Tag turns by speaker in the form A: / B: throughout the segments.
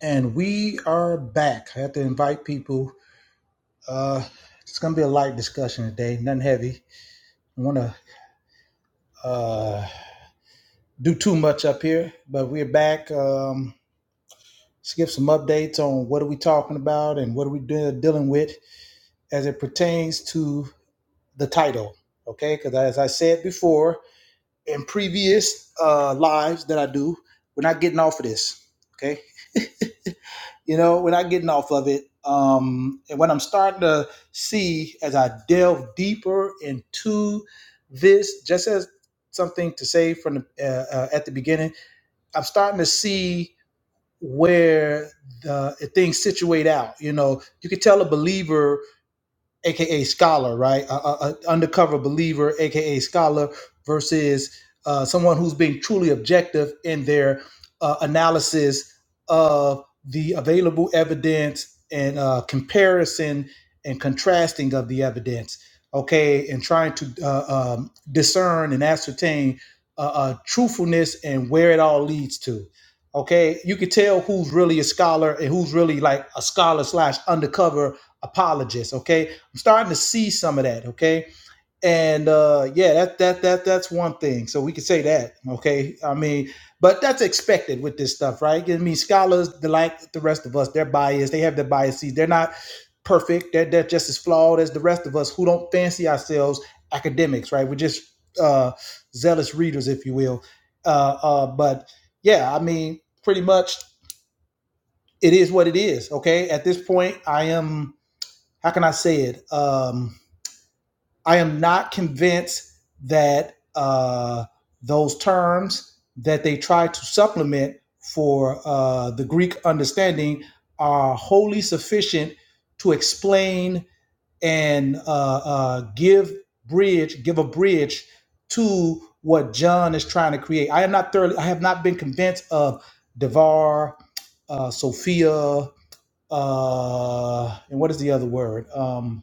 A: And we are back. I have to invite people. Uh, it's going to be a light discussion today, nothing heavy. I want to uh, do too much up here, but we're back. Um, let's give some updates on what are we talking about and what are we de- dealing with as it pertains to the title. Okay, because as I said before in previous uh, lives that I do, we're not getting off of this. Okay, you know, we're not getting off of it. Um, and what I'm starting to see as I delve deeper into this, just as something to say from the, uh, uh, at the beginning, I'm starting to see where the things situate out. You know, you can tell a believer aka scholar, right? A, undercover believer, aka scholar, versus uh, someone who's being truly objective in their uh, analysis of the available evidence and uh, comparison and contrasting of the evidence. Okay, and trying to uh, um, discern and ascertain uh, uh, truthfulness and where it all leads to. Okay, you can tell who's really a scholar and who's really like a scholar slash undercover apologist. Okay, I'm starting to see some of that. Okay, and uh, yeah, that that that that's one thing. So we could say that. Okay, I mean, but that's expected with this stuff, right? I mean, scholars, like the rest of us, they're biased. They have their biases. They're not perfect. They're, they're just as flawed as the rest of us who don't fancy ourselves academics, right? We're just uh, zealous readers, if you will. Uh, uh, but yeah, I mean, pretty much it is what it is. Okay, at this point, I am. How can I say it? Um, I am not convinced that uh, those terms that they try to supplement for uh, the Greek understanding are wholly sufficient to explain and uh, uh, give bridge, give a bridge to what John is trying to create. I am not thoroughly, I have not been convinced of Devar, uh, Sophia, uh, and what is the other word? Um,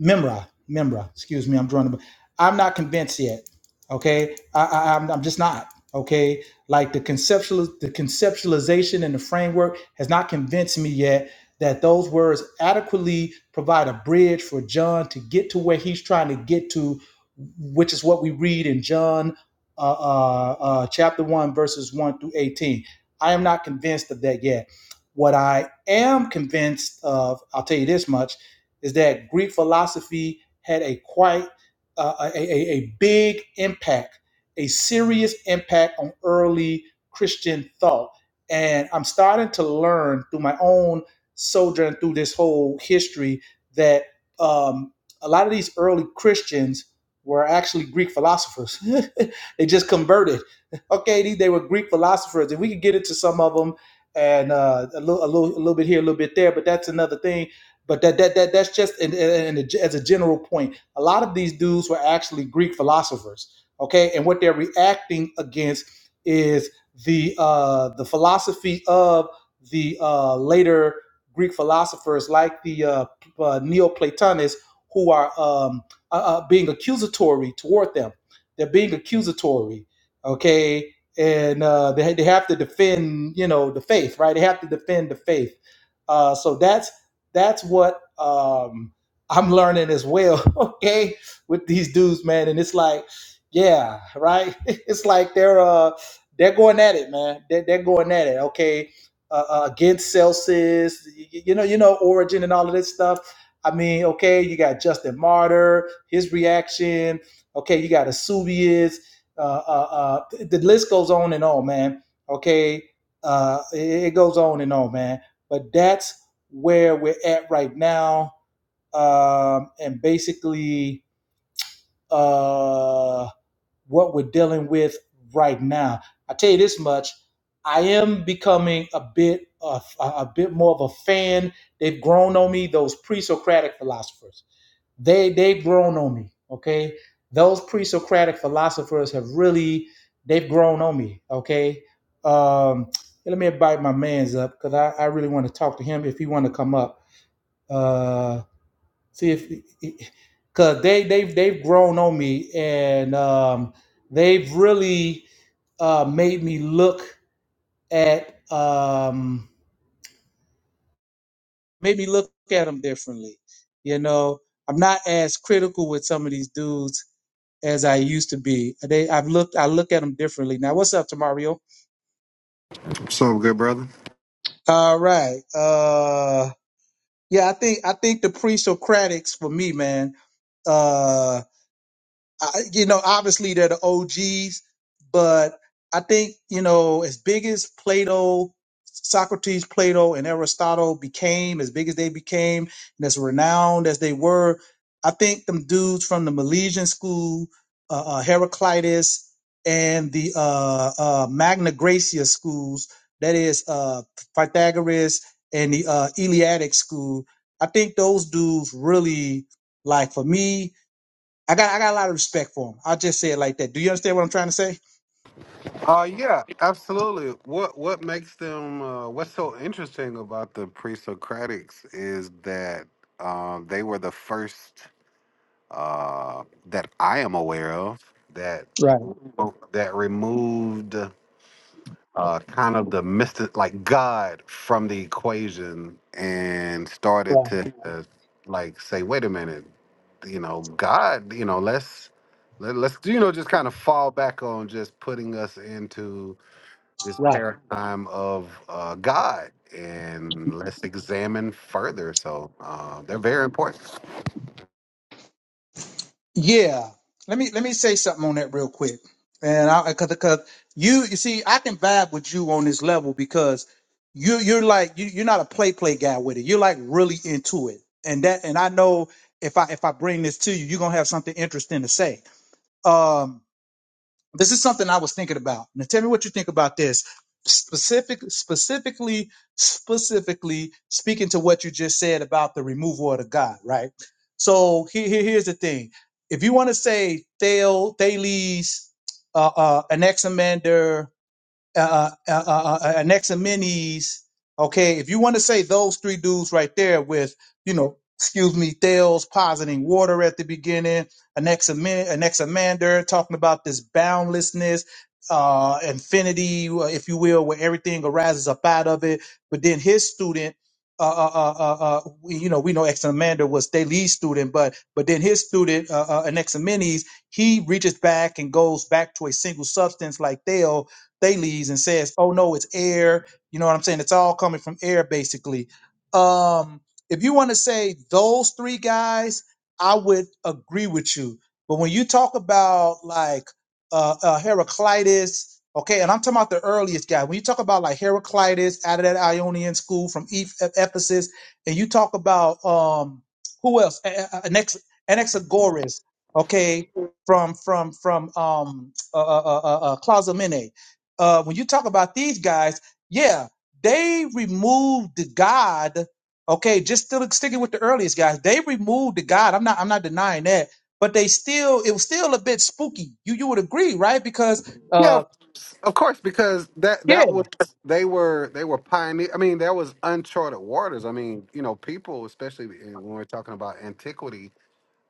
A: Memra, Memra. Excuse me, I'm drawing. a I'm not convinced yet. Okay, I, I, I'm, I'm just not. Okay, like the conceptual, the conceptualization and the framework has not convinced me yet that those words adequately provide a bridge for John to get to where he's trying to get to, which is what we read in John, uh, uh, uh, chapter one, verses one through eighteen. I am not convinced of that yet. What I am convinced of, I'll tell you this much is that Greek philosophy had a quite uh, a, a, a big impact, a serious impact on early Christian thought. And I'm starting to learn through my own sojourn through this whole history that um, a lot of these early Christians were actually Greek philosophers. they just converted. Okay, they, they were Greek philosophers. and we could get into some of them and uh, a, little, a, little, a little bit here, a little bit there, but that's another thing but that that, that that's just and, and and as a general point, a lot of these dudes were actually Greek philosophers, okay? And what they're reacting against is the uh, the philosophy of the uh, later Greek philosophers, like the uh, uh, Neoplatonists, who are um, uh, uh, being accusatory toward them. They're being accusatory, okay? And uh, they they have to defend, you know, the faith, right? They have to defend the faith. Uh, so that's that's what um, I'm learning as well. Okay, with these dudes, man, and it's like, yeah, right. It's like they're uh they're going at it, man. They're, they're going at it. Okay, uh, uh, against Celsius, y- you know, you know, Origin and all of this stuff. I mean, okay, you got Justin Martyr, his reaction. Okay, you got Asubius. Uh, uh, uh, the list goes on and on, man. Okay, uh, it it goes on and on, man. But that's where we're at right now um, and basically uh, what we're dealing with right now. I tell you this much: I am becoming a bit of, a, bit more of a fan. They've grown on me. Those pre-Socratic philosophers, they they've grown on me. Okay, those pre-Socratic philosophers have really they've grown on me. Okay. Um, let me invite my man's up because I, I really want to talk to him if he want to come up. Uh, See if because they they've they've grown on me and um, they've really uh, made me look at um, made me look at them differently. You know, I'm not as critical with some of these dudes as I used to be. They I've looked I look at them differently now. What's up, Tamario?
B: What's up, good brother?
A: All right. Uh, yeah, I think I think the pre-Socratics for me, man. Uh, I, you know, obviously they're the OGs, but I think, you know, as big as Plato, Socrates, Plato, and Aristotle became, as big as they became, and as renowned as they were, I think them dudes from the Milesian school, uh, uh, Heraclitus, and the uh, uh, Magna Graecia schools, that is uh, Pythagoras and the uh, Eleatic school, I think those dudes really, like for me, I got I got a lot of respect for him. I'll just say it like that. Do you understand what I'm trying to say?
B: Uh yeah, absolutely. What what makes them uh, what's so interesting about the pre-Socratics is that um, they were the first uh, that I am aware of that
A: Right,
B: that removed. uh, kind of the mystic, like God from the equation, and started
A: right,
B: to uh, like say, wait a minute, you know, God, you know, let's let, let's you know just kind of fall back on just putting us into this
A: right.
B: paradigm of uh, God, and let's examine further. So uh, they're very important.
A: Yeah, let me let me say something on that real quick, and I because because you you see I can vibe with you on this level because you you're like you you're not a play play guy with it. You're like really into it, and that and I know if I if I bring this to you, you're gonna have something interesting to say. Um, this is something I was thinking about. Now tell me what you think about this. Specific, specifically, specifically speaking to what you just said about the removal of the God, right? So here, here- here's the thing. If you want to say Thales, Thales, uh, uh, Anaximander, uh, uh, uh, uh, uh, uh, an ex and minis. Okay, if you want to say those three dudes right there with, you know, excuse me, Thales positing water at the beginning, an ex an examander talking about this boundlessness, uh, infinity, uh, if you will, where everything arises up out of it. But then his student, uh, uh, uh, uh, uh, we- you know, we know Examander was their lead student, but but then his student, uh, uh, Anaximenes, he reaches back and goes back to a single substance like Thales they leaves and says, "Oh no, it's air." You know what I'm saying? It's all coming from air, basically. Um, if you want to say those three guys, I would agree with you. But when you talk about like uh, uh, Heraclitus, okay, and I'm talking about the earliest guy. When you talk about like Heraclitus out of that Ionian school from Eph- Ephesus, and you talk about um, who else? A- a- Anax- Anaxagoras, okay, from from from um, uh, uh, uh, uh, Clazomenae uh, when you talk about these guys, yeah, they removed the God. Okay, just still sticking with the earliest guys, they removed the God. I'm not I'm not denying that, but they still it was still a bit spooky. You you would agree, right? Because
B: Yeah,
A: uh,
B: of course, because that
A: yeah,
B: that was they were they were pioneer. I mean, that was uncharted waters. I mean, you know, people, especially when we're talking about antiquity,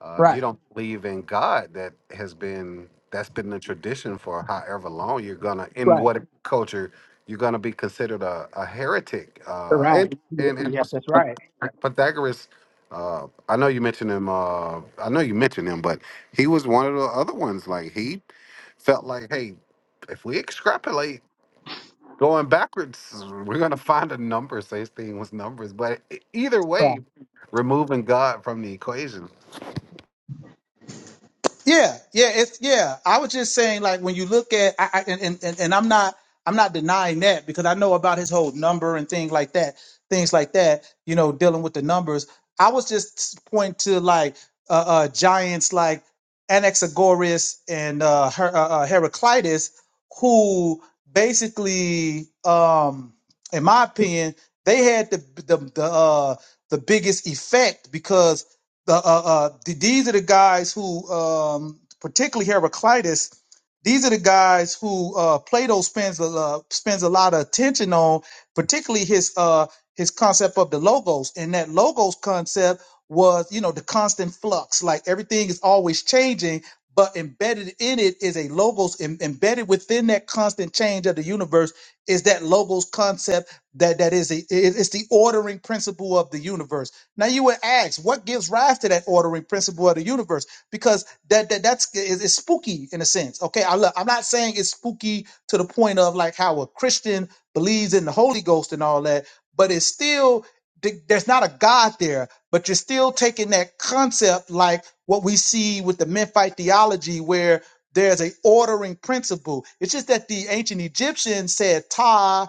B: uh, if you
A: Right,
B: don't believe in God, that has been that's been the tradition for however long. You're gonna in
A: right,
B: what culture you're gonna be considered a, a heretic. Uh,
A: right.
B: and
A: Yeah,
B: and, and
A: yeah,
B: also
A: that's right.
B: Pythagoras. Uh, I know you mentioned him. Uh, I know you mentioned him, but he was one of the other ones. Like he felt like, hey, if we extrapolate going backwards, we're gonna find a number. So Same thing was numbers, but e- either
A: Right.
B: way, removing God from the equation.
A: Yeah, yeah, it's yeah. I was just saying, like when you look at, I, I and, and and and I'm not, I'm not denying that because I know about his whole number and things like that, things like that. You know, dealing with the numbers. I was just pointing to like uh, uh giants like Anaxagoras and uh, Her, uh, uh Heraclitus, who basically, um, in my opinion, they had the the the uh, the biggest effect because the uh, uh, th- these are the guys who, um, particularly Heraclitus, these are the guys who uh, Plato spends a uh, spends a lot of attention on, particularly his uh, his concept of the logos. And that logos concept was, you know, the constant flux, like everything is always changing. But embedded in it is a logos em- embedded within that constant change of the universe is that logos concept that that is a, it- it's the ordering principle of the universe. Now you would ask, what gives rise to that ordering principle of the universe? Because that that that's is it's spooky in a sense. Okay, I look, I'm not saying it's spooky to the point of like how a Christian believes in the Holy Ghost and all that, but it's still th- there's not a God there, but you're still taking that concept like what we see with the Memphite theology, where there's a ordering principle. It's just that the ancient Egyptians said Ptah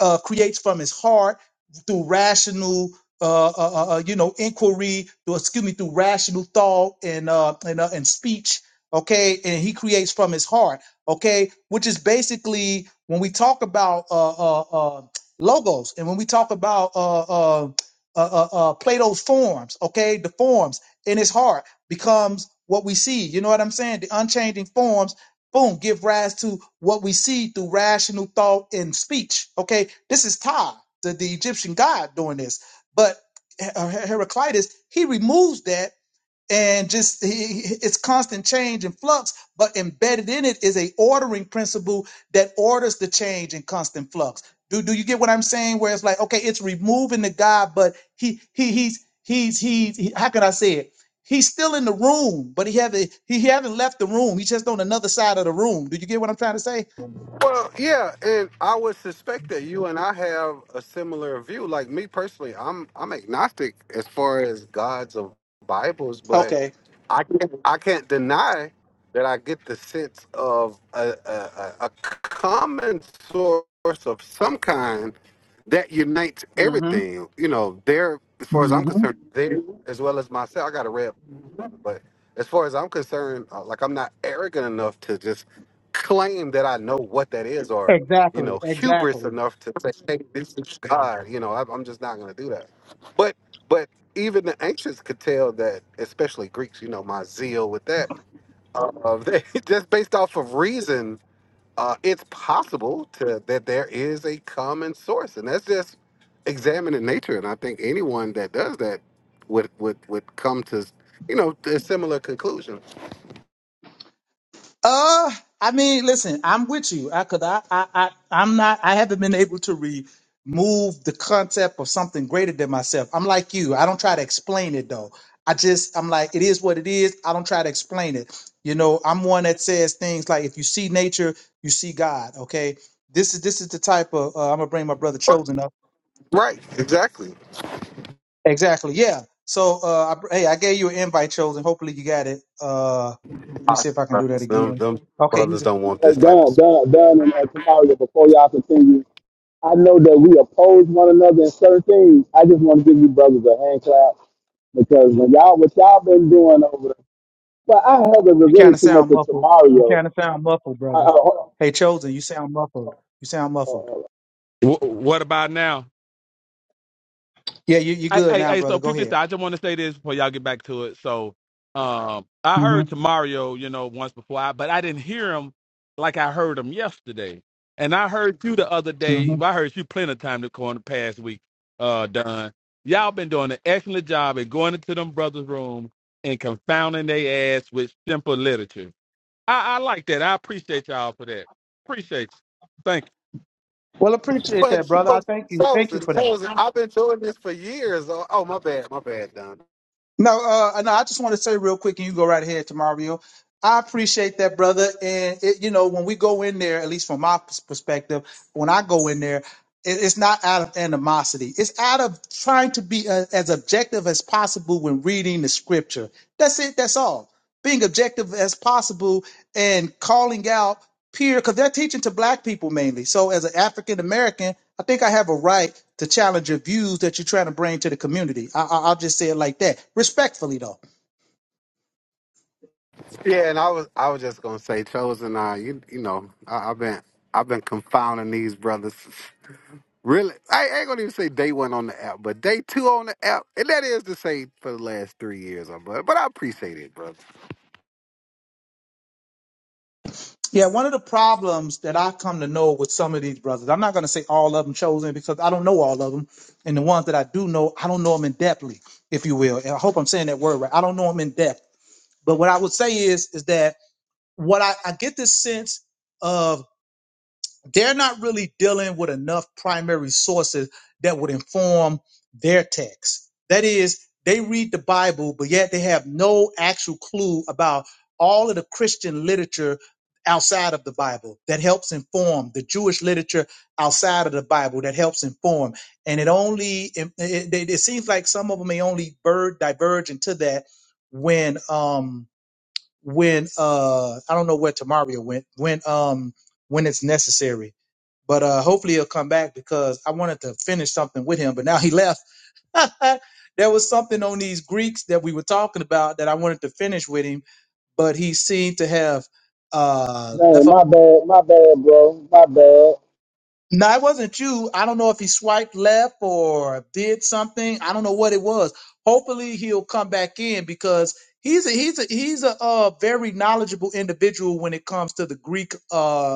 A: uh, creates from his heart through rational, uh, uh, uh, uh, you know, inquiry. Through, excuse me, through rational thought and uh, and uh, and speech. Okay, and he creates from his heart. Okay, which is basically when we talk about uh, uh, uh, logos, and when we talk about uh, uh, uh, uh, uh, Plato's forms. Okay, the forms in his heart becomes what we see. You know what I'm saying? The unchanging forms, boom, give rise to what we see through rational thought and speech. Okay, this is Ptah, the, the Egyptian god, doing this. But Her- Heraclitus, he removes that and just he, it's constant change and flux but embedded in it is a ordering principle that orders the change and constant flux do, do you get what i'm saying where it's like okay it's removing the God, but he he he's he's he's he, how can i say it he's still in the room but he haven't he, he haven't left the room he's just on another side of the room do you get what i'm trying to say
B: Well, yeah, and I would suspect that you and I have a similar view. Like me personally, I'm I'm agnostic as far as gods of Bibles, but
A: okay
B: I can't I can't deny that I get the sense of a, a, a a common source of some kind that unites
A: hmm
B: everything. You know, there as far as I'm
A: hmm
B: concerned, there as well as myself. I got a red but as far as I'm concerned, uh, like I'm not arrogant enough to just claim that I know what that is, or you
A: exactly
B: know, hubris
A: exactly
B: enough to say, "Hey, this is God." You know, I, I'm just not going to do that. But but even the ancients could tell that, especially Greeks. You know, my zeal with that. Uh, they just based off of reason uh, it's possible to that there is a common source, and that's just examining nature. And I think anyone that does that would would would come to you know to a similar conclusion.
A: Uh, I mean, listen, I'm with you. I could, I, I, I, I'm not. I haven't been able to remove the concept of something greater than myself. I'm like you. I don't try to explain it though. I just, I'm like, it is what it is. I don't try to explain it. You know, I'm one that says things like, if you see nature, you see God. Okay, this is this is the type of. Uh, I'm gonna bring my brother
B: Right,
A: Chosen up.
B: Right, exactly.
A: Exactly. Yeah. So, uh, I, br- hey, I gave you an invite, Chosen. Hopefully, you got it. Uh, let me see if I can do that
B: Them,
A: again.
B: them
A: Okay,
B: brothers don't want
C: Hey,
B: this type
C: Don,
B: of.
C: Don, Don, and uh, Kamaria, before y'all continue, I know that we oppose one another in certain things. I just want to give you brothers a hand clap because when y'all, what y'all been doing over there, but I haven't
A: You
C: really
A: kind of
C: too much
A: sound
C: of
A: muffled. You
C: Tamario.
A: kind of sound muffled,
C: Uh,
A: brother.
C: uh, hold
A: Hey, Chosen, you sound muffled. You sound muffled.
C: on. uh,
A: Yeah, you you good now, brother. Go ahead. hmm hmm Well, appreciate that,
B: But you
A: brother. I
B: know,
A: thank you.
B: so
A: Thank you for that.
B: so I've been doing this for years. Oh, oh, my bad, my bad, Don.
A: No, uh, no, I just want to say real quick, and you go right ahead to Mario. I appreciate that, brother. And it, you know, when we go in there, at least from my pers- perspective, when I go in there. It- It's not out of animosity. It's out of trying to be uh, as objective as possible when reading the scripture. That's it. That's all. Being objective as possible and calling out peer, because they're teaching to black people mainly. So as an African American, I think I have a right to challenge your views that you're trying to bring to the community. I, I, I'll just say it like that, respectfully though.
B: Yeah, and I was I was just gonna say, chosen. I you you know I, I've been I've been confounding these brothers Really, I ain't gonna even say day one on the app, but day two on the app, and that is to say for the last three years, or but but I appreciate it, brother.
A: Yeah, one of the problems that I come to know with some of these brothers, I'm not going to say all of them chosen because I don't know all of them. And the ones that I do know, I don't know them in depthly, if you will. And I hope I'm saying that word right. I don't know them in depth. But what I would say is, is that what I, I get this sense of they're not really dealing with enough primary sources that would inform their text. That is, they read the Bible, but yet they have no actual clue about all of the Christian literature outside of the Bible that helps inform the Jewish literature outside of the Bible that helps inform. And it only, it, it, it seems like some of them may only bird diverge into that when, um, when, uh, I don't know where Tamaria went, when, um, when it's necessary but uh, hopefully he'll come back because I wanted to finish something with him, but now he left. there was something on these Greeks that we were talking about that I wanted to finish with him, but he seemed to have uh,
C: uh, dang,
A: left up.
C: my bad, my bad, bro, my bad.
A: No, it wasn't you. I don't know if he swiped left or did something. I don't know what it was. Hopefully he'll come back in because he's a he's a he's a uh, very knowledgeable individual when it comes to the Greek uh,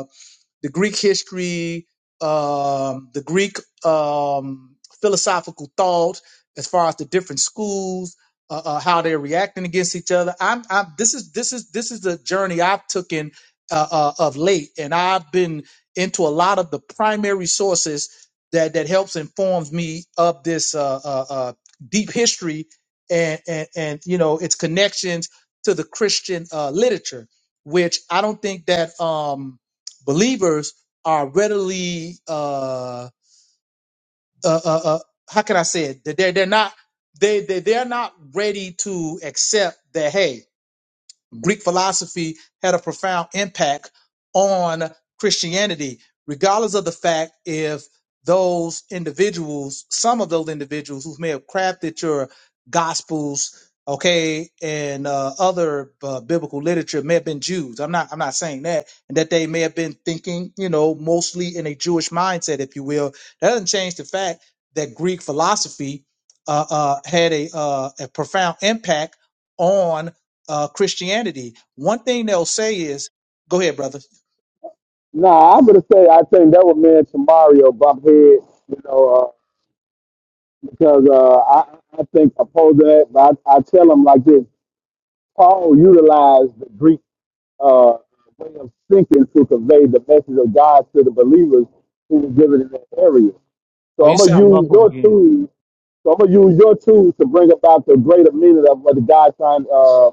A: the Greek history, um, the Greek um, philosophical thought, as far as the different schools, uh, uh, how they're reacting against each other. I'm, I'm this is this is this is the journey I've taken uh, uh, of late, and I've been into a lot of the primary sources that that helps informs me of this uh, uh, uh, deep history and, and and you know its connections to the Christian uh, literature, which I don't think that. Um, believers are readily uh, uh, uh, uh how can I say it? They're they're not they they they're not ready to accept that. Hey, Greek philosophy had a profound impact on Christianity, regardless of the fact if those individuals, some of those individuals who may have crafted your gospels, okay, and uh, other uh, biblical literature may have been Jews. I'm not, I'm not saying that, and that they may have been thinking, you know, mostly in a Jewish mindset, if you will. That doesn't change the fact that Greek philosophy uh, uh, had a, uh, a profound impact on uh, Christianity, one thing they'll say is, "Go ahead, brother."
C: Nah, I'm gonna say I think that was me and Tamario bump head, you know, uh, because uh, I, I think oppose that, but I, I tell him like this: Paul utilized the Greek. uh, way of thinking to convey the message of God to the believers who were given in that area.
A: Oh,
C: So I'm
A: you
C: gonna
A: sound
C: use
A: muffled
C: your
A: again.
C: tools so I'm gonna use your tools to bring about the greater meaning of what the God trying uh,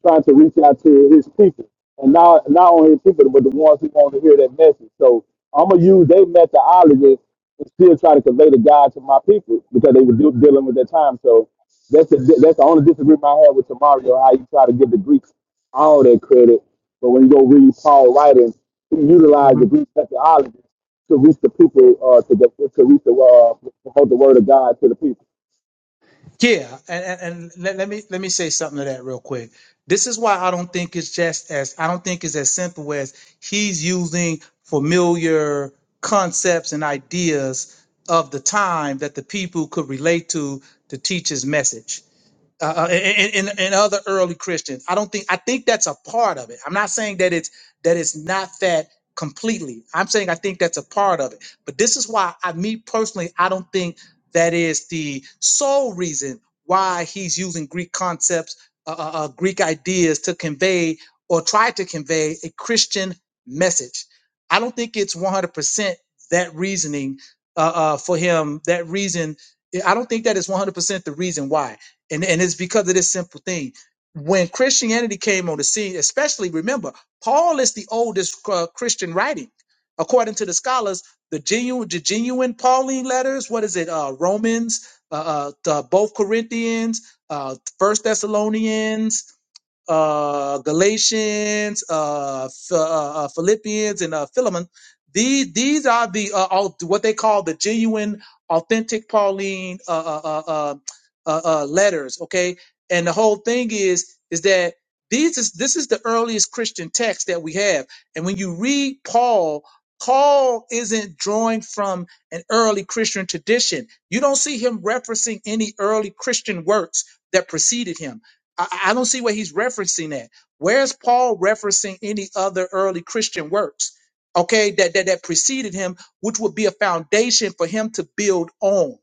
C: trying to reach out to his people, and not not only his people, but the ones who want to hear that message. So I'm gonna use their methodology and still try to convey the God to my people because they were de- dealing with their time. So that's the that's the only disagreement I had with Tamario, how you try to give the Greeks all that credit, but when you go read Paul writings, he utilized
A: hmm
C: the Greek methodology to reach the people, uh, to, the, to reach the uh, promote the word of God to the people.
A: Yeah, and, and, and let, let me let me say something to that real quick. This is why I don't think it's just as I don't think it's as simple as he's using familiar concepts and ideas of the time that the people could relate to to teach his message. uh, and, and, and other early Christians. I don't think I think that's a part of it. I'm not saying that it's that it's not that completely. I'm saying I think that's a part of it. But this is why I me personally I don't think that is the sole reason why he's using Greek concepts, uh, uh, uh, Greek ideas to convey or try to convey a Christian message. I don't think it's 100% that reasoning uh, uh, for him. That reason, I don't think that is 100% the reason why and and it's because of this simple thing. When Christianity came on the scene, especially remember, Paul is the oldest uh, Christian writing, according to the scholars. The genuine, the genuine Pauline letters. What is it? Uh, Romans, uh, uh, the, both Corinthians, uh, First Thessalonians uh, Galatians, uh, Ph- uh, uh, Philippians, and uh, Philemon. These these are the uh, au- what they call the genuine, authentic Pauline uh, uh, uh, uh, uh, uh, letters. Okay, and the whole thing is is that these is this is the earliest Christian text that we have, and when you read Paul. Paul isn't drawing from an early Christian tradition. You don't see him referencing any early Christian works that preceded him I, I don't see where he's referencing at. Where's Paul referencing any other early Christian works? Okay, that, that that preceded him, which would be a foundation for him to build on.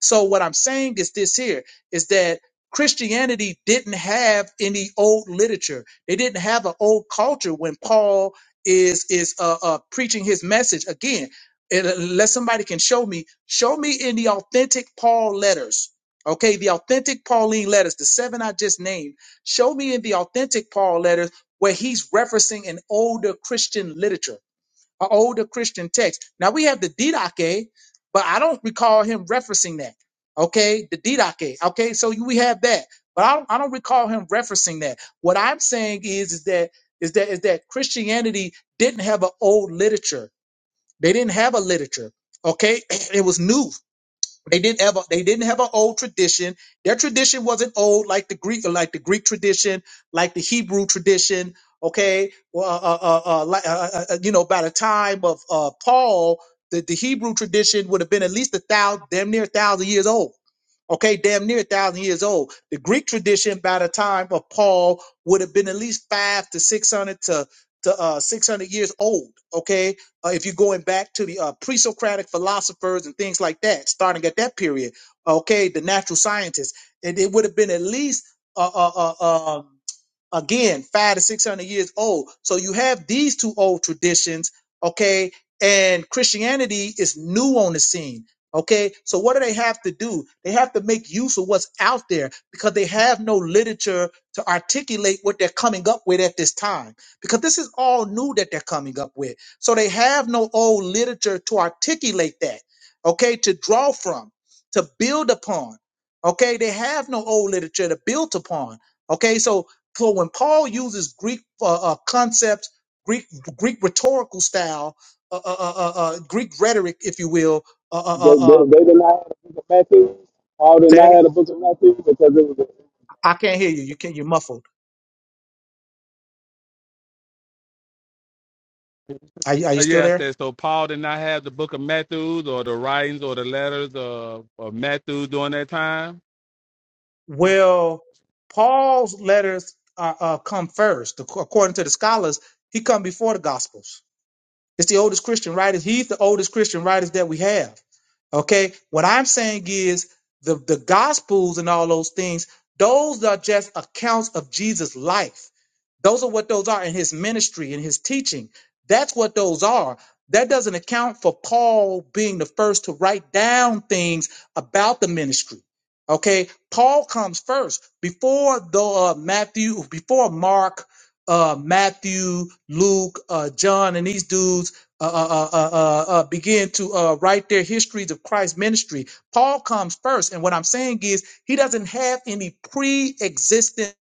A: So what I'm saying is this here is that Christianity didn't have any old literature. They didn't have an old culture when Paul is is uh, uh, preaching his message again. Unless somebody can show me, show me in the authentic Paul letters Okay, the authentic Pauline letters, the seven I just named, show me in the authentic Paul letters where he's referencing an older Christian literature, an older Christian text. Now we have the Didache, but I don't recall him referencing that. Okay, the Didache. Okay, so you- we have that, but I don't, I don't recall him referencing that. What I'm saying is, is that is that is that Christianity didn't have an old literature. They didn't have a literature. Okay, it was new. They didn't have a, they didn't have an old tradition. Their tradition wasn't old like the Greek like the Greek tradition, like the Hebrew tradition. Okay, well, uh, uh, uh, uh, like, uh, uh, uh, you know, by the time of uh, Paul, the, the Hebrew tradition would have been at least a thousand, damn near a thousand years old. Okay, damn near a thousand years old. The Greek tradition by the time of Paul would have been at least five to six hundred to to uh, six hundred years old. Okay, uh, if you're going back to the uh, pre-Socratic philosophers and things like that, starting at that period, okay, the natural scientists, and it would have been at least uh, uh, uh, um, again five to six hundred years old. So you have these two old traditions, okay, and Christianity is new on the scene. Okay, so what do they have to do? They have to make use of what's out there because they have no literature to articulate what they're coming up with at this time. Because this is all new that they're coming up with. So they have no old literature to articulate that, okay, to draw from, to build upon. Okay, they have no old literature to build upon. Okay, so so when Paul uses Greek uh, uh, concepts, Greek Greek rhetorical style, uh, uh, uh, uh, uh, Greek rhetoric, if you will, uh, uh,
C: They,
A: uh,
C: they,
A: uh,
C: they did not have a book of Matthew. Paul did
A: say that
C: not
A: ag-
C: have a book of Matthew because it was a
A: I can't hear you. You can You're muffled. Are you, are you still there? Well, Paul's letters are, uh, come first, ac- according to the scholars. He come before the Gospels It's the oldest Christian writers. He's the oldest Christian writers that we have. Okay. What I'm saying is the, the gospels and all those things, those are just accounts of Jesus' life. Those are what those are in his ministry in his teaching. That's what those are. That doesn't account for Paul being the first to write down things about the ministry. Okay, Paul comes first before the uh, Matthew, before Mark, uh, Matthew, Luke, uh, John, and these dudes uh, uh, uh, uh, uh, uh, begin to uh, write their histories of Christ's ministry. Paul comes first, and what I'm saying is he doesn't have any pre-existent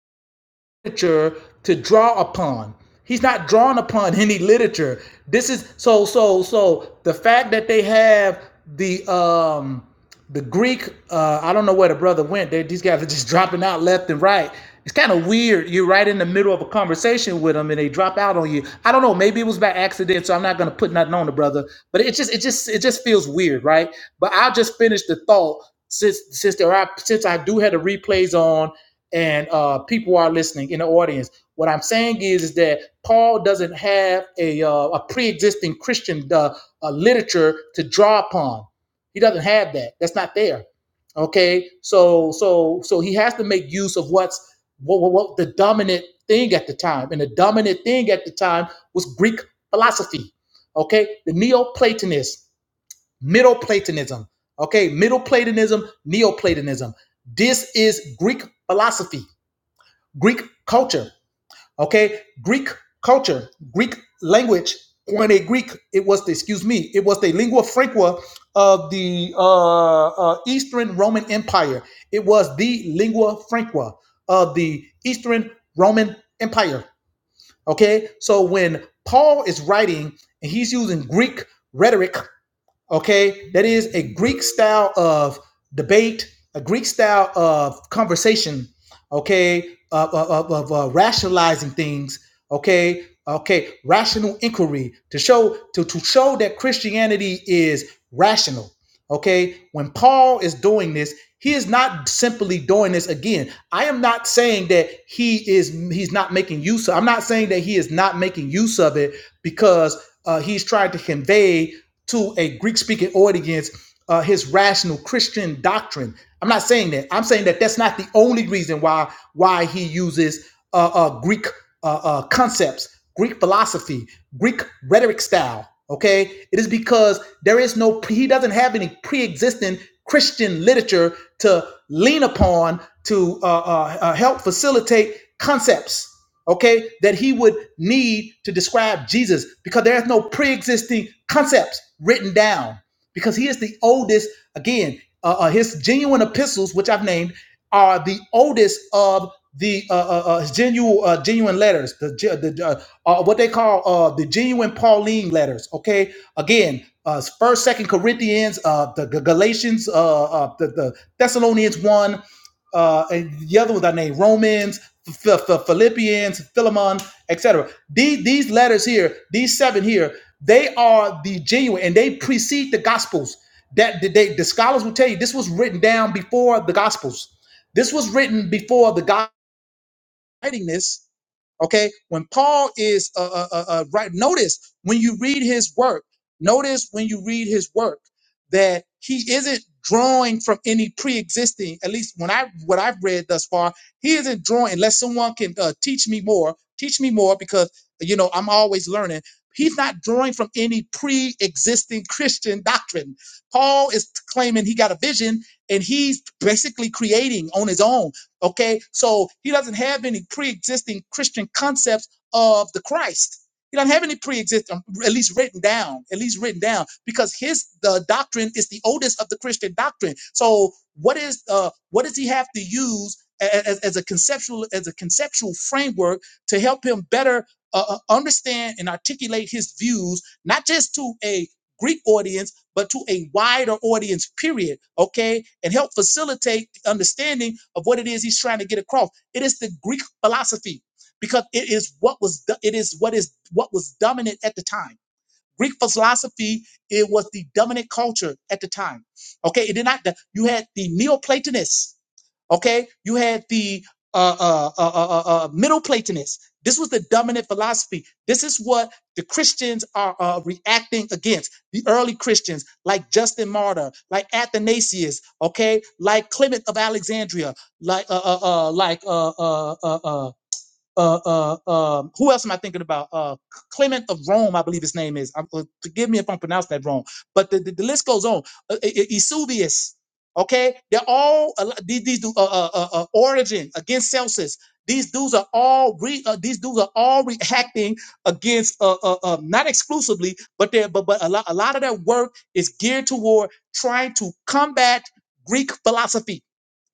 A: literature to draw upon. He's not drawn upon any literature. This is so so so the fact that they have the um the Greek uh I don't know where the brother went. They, these guys are just dropping out left and right. It's kind of weird. You're right in the middle of a conversation with them and they drop out on you. I don't know, maybe it was by accident, so I'm not going to put nothing on the brother, but it just it just it just feels weird, right? But I'll just finish the thought since since there are since I do have the replays on and uh, people are listening in the audience. What I'm saying is, is that Paul doesn't have a, uh, a pre-existing Christian uh, uh, literature to draw upon. He doesn't have that. That's not there. Okay, so so so he has to make use of what's what, what, what the dominant thing at the time, and the dominant thing at the time was Greek philosophy. Okay, the Neoplatonists, Middle Platonism. Okay, Middle Platonism, Neoplatonism. This is Greek philosophy Greek culture. Okay, Greek culture, Greek language. Koine Greek. It was the excuse me. It was the lingua franca of the uh, uh, Eastern Roman Empire. It was the lingua franca of the Eastern Roman Empire. Okay, so when Paul is writing and he's using Greek rhetoric Okay, that is a Greek style of debate, a Greek style of conversation. Okay, of of, of, of, uh, rationalizing things. Okay, okay, rational inquiry to show to to show that Christianity is rational. Okay, when Paul is doing this, he is not simply doing this again. I am not saying that he is he's not making use of. I'm not saying that he is not making use of it because uh, he's trying to convey to a Greek-speaking audience uh, his rational Christian doctrine. I'm not saying that. I'm saying that that's not the only reason why why he uses uh, uh, Greek uh, uh, concepts Greek philosophy, Greek rhetoric style. Okay, it is because there is no he doesn't have any pre-existing Christian literature to lean upon to uh, uh, uh, help facilitate concepts. Okay, that he would need to describe Jesus because there is no pre-existing concepts written down because he is the oldest. Again, uh, uh, his genuine epistles, which I've named, are the oldest of the uh, uh, uh, genuine uh, genuine letters, the, ge- the uh, uh, what they call uh, the genuine Pauline letters. Okay, again, uh, First, Second Corinthians, uh, the G- Galatians, uh, uh, the, the Thessalonians one uh, and the other ones I named Romans, Ph- Philippians, Philemon, etc. These these letters here, these seven here, they are the genuine, and they precede the Gospels. That that they, the scholars will tell you this was written down before the Gospels. This was written before the Gospels writing this, okay when paul is uh, uh, uh, uh, right notice when you read his work notice when you read his work that he isn't drawing from any pre-existing at least when i what i've read thus far he isn't drawing unless someone can uh, teach me more teach me more because you know i'm always learning he's not drawing from any pre-existing christian doctrine paul is claiming he got a vision and he's basically creating on his own Okay, so he doesn't have any pre-existing Christian concepts of the Christ. He doesn't have any pre-existing, at least written down, at least written down, because his the doctrine is the oldest of the Christian doctrine. So what is uh what does he have to use a- as, as a conceptual as a conceptual framework to help him better uh, uh, understand and articulate his views, not just to a Greek audience? but to a wider audience, period, okay, and help facilitate the understanding of what it is he's trying to get across. It is the Greek philosophy because it is what was it is what is what was dominant at the time. Greek philosophy it was the dominant culture at the time. Okay, it did not. You had the Neoplatonists Okay, you had the uh, uh, uh, uh, uh, uh, Middle Platonists. This was the dominant philosophy. This is what the Christians are uh, reacting against. The early Christians, like Justin Martyr, like Athanasius, okay, like Clement of Alexandria, like uh, uh, uh, like uh, uh, uh, uh, uh, uh, uh, who else am I thinking about? Uh, Clement of Rome, I believe his name is. I'm, uh, forgive me if I'm pronouncing that wrong, but the, the, the list goes on. Uh, E- E- Eusebius, okay? They're all a lot- these these du- uh, uh, uh, uh, Origin against Celsus. These dudes are all re, uh, these dudes are all reacting against uh, uh, uh, not exclusively, but they but but a lot a lot of their work is geared toward trying to combat Greek philosophy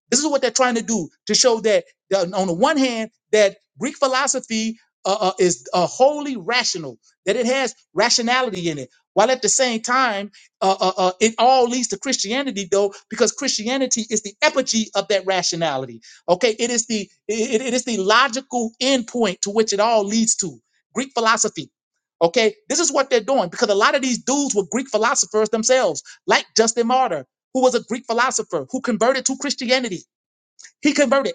A: this is what they're trying to do to show that, that on the one hand, that Greek philosophy uh, uh, is uh, wholly rational, that it has rationality in it, while at the same time, uh, uh, uh, it all leads to Christianity, though, because Christianity is the epigee of that rationality. Okay, it is the it, it is the logical endpoint to which it all leads to Greek philosophy. Okay, this is what they're doing because a lot of these dudes were Greek philosophers themselves, like Justin Martyr who was a Greek philosopher who converted to Christianity. He converted.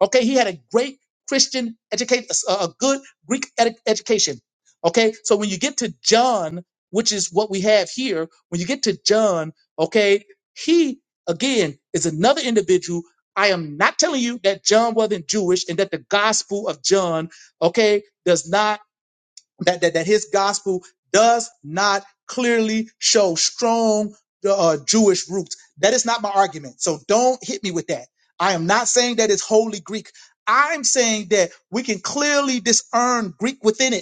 A: Okay, he had a great Christian education, a a good Greek ed- education. Okay, so when you get to John, which is what we have here, when you get to John, okay, he again is another individual. I am not telling you that John wasn't Jewish and that the gospel of John, okay, does not that that, that his gospel does not clearly show strong uh, Jewish roots. That is not my argument. So don't hit me with that. I am not saying that it's wholly Greek. I'm saying that we can clearly discern Greek within it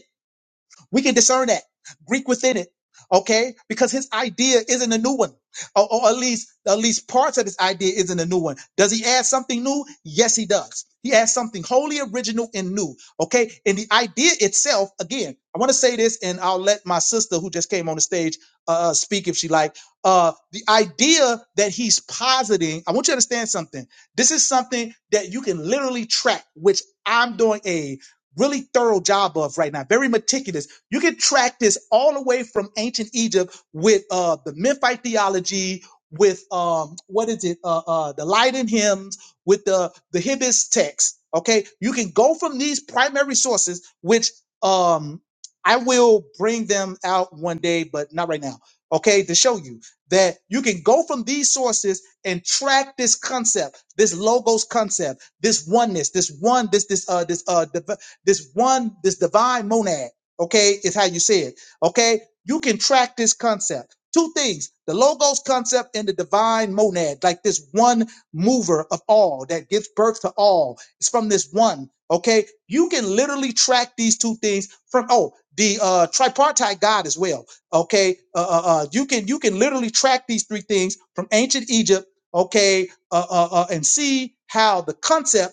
A: we can discern that Greek within it. Okay, because his idea isn't a new one, or, or at least at least parts of his idea isn't a new one. Does he add something new? Yes, he does. He adds something wholly original and new. Okay, and the idea itself, again, I want to say this, and I'll let my sister who just came on the stage uh, uh, speak if she like. Uh, the idea that he's positing, I want you to understand something. This is something that you can literally track, which I'm doing a really thorough job of right now, very meticulous you can track this all the way from ancient Egypt with uh, the Memphite theology, with um, what is it, uh, uh, the Leiden hymns, with the the Hibbis text. Okay, you can go from these primary sources, which um, I will bring them out one day, but not right now. Okay, to show you that you can go from these sources and track this concept, this logos concept, this oneness, this one, this this uh this uh div- this one, this divine monad okay, is how you say it. Okay, you can track this concept. Two things the logos concept and the divine monad, like this one mover of all that gives birth to all. It's from this one, okay? You can literally track these two things from oh, the uh tripartite God as well. Okay, uh, uh, uh you can you can literally track these three things from ancient Egypt, okay, uh, uh, uh and see how the concept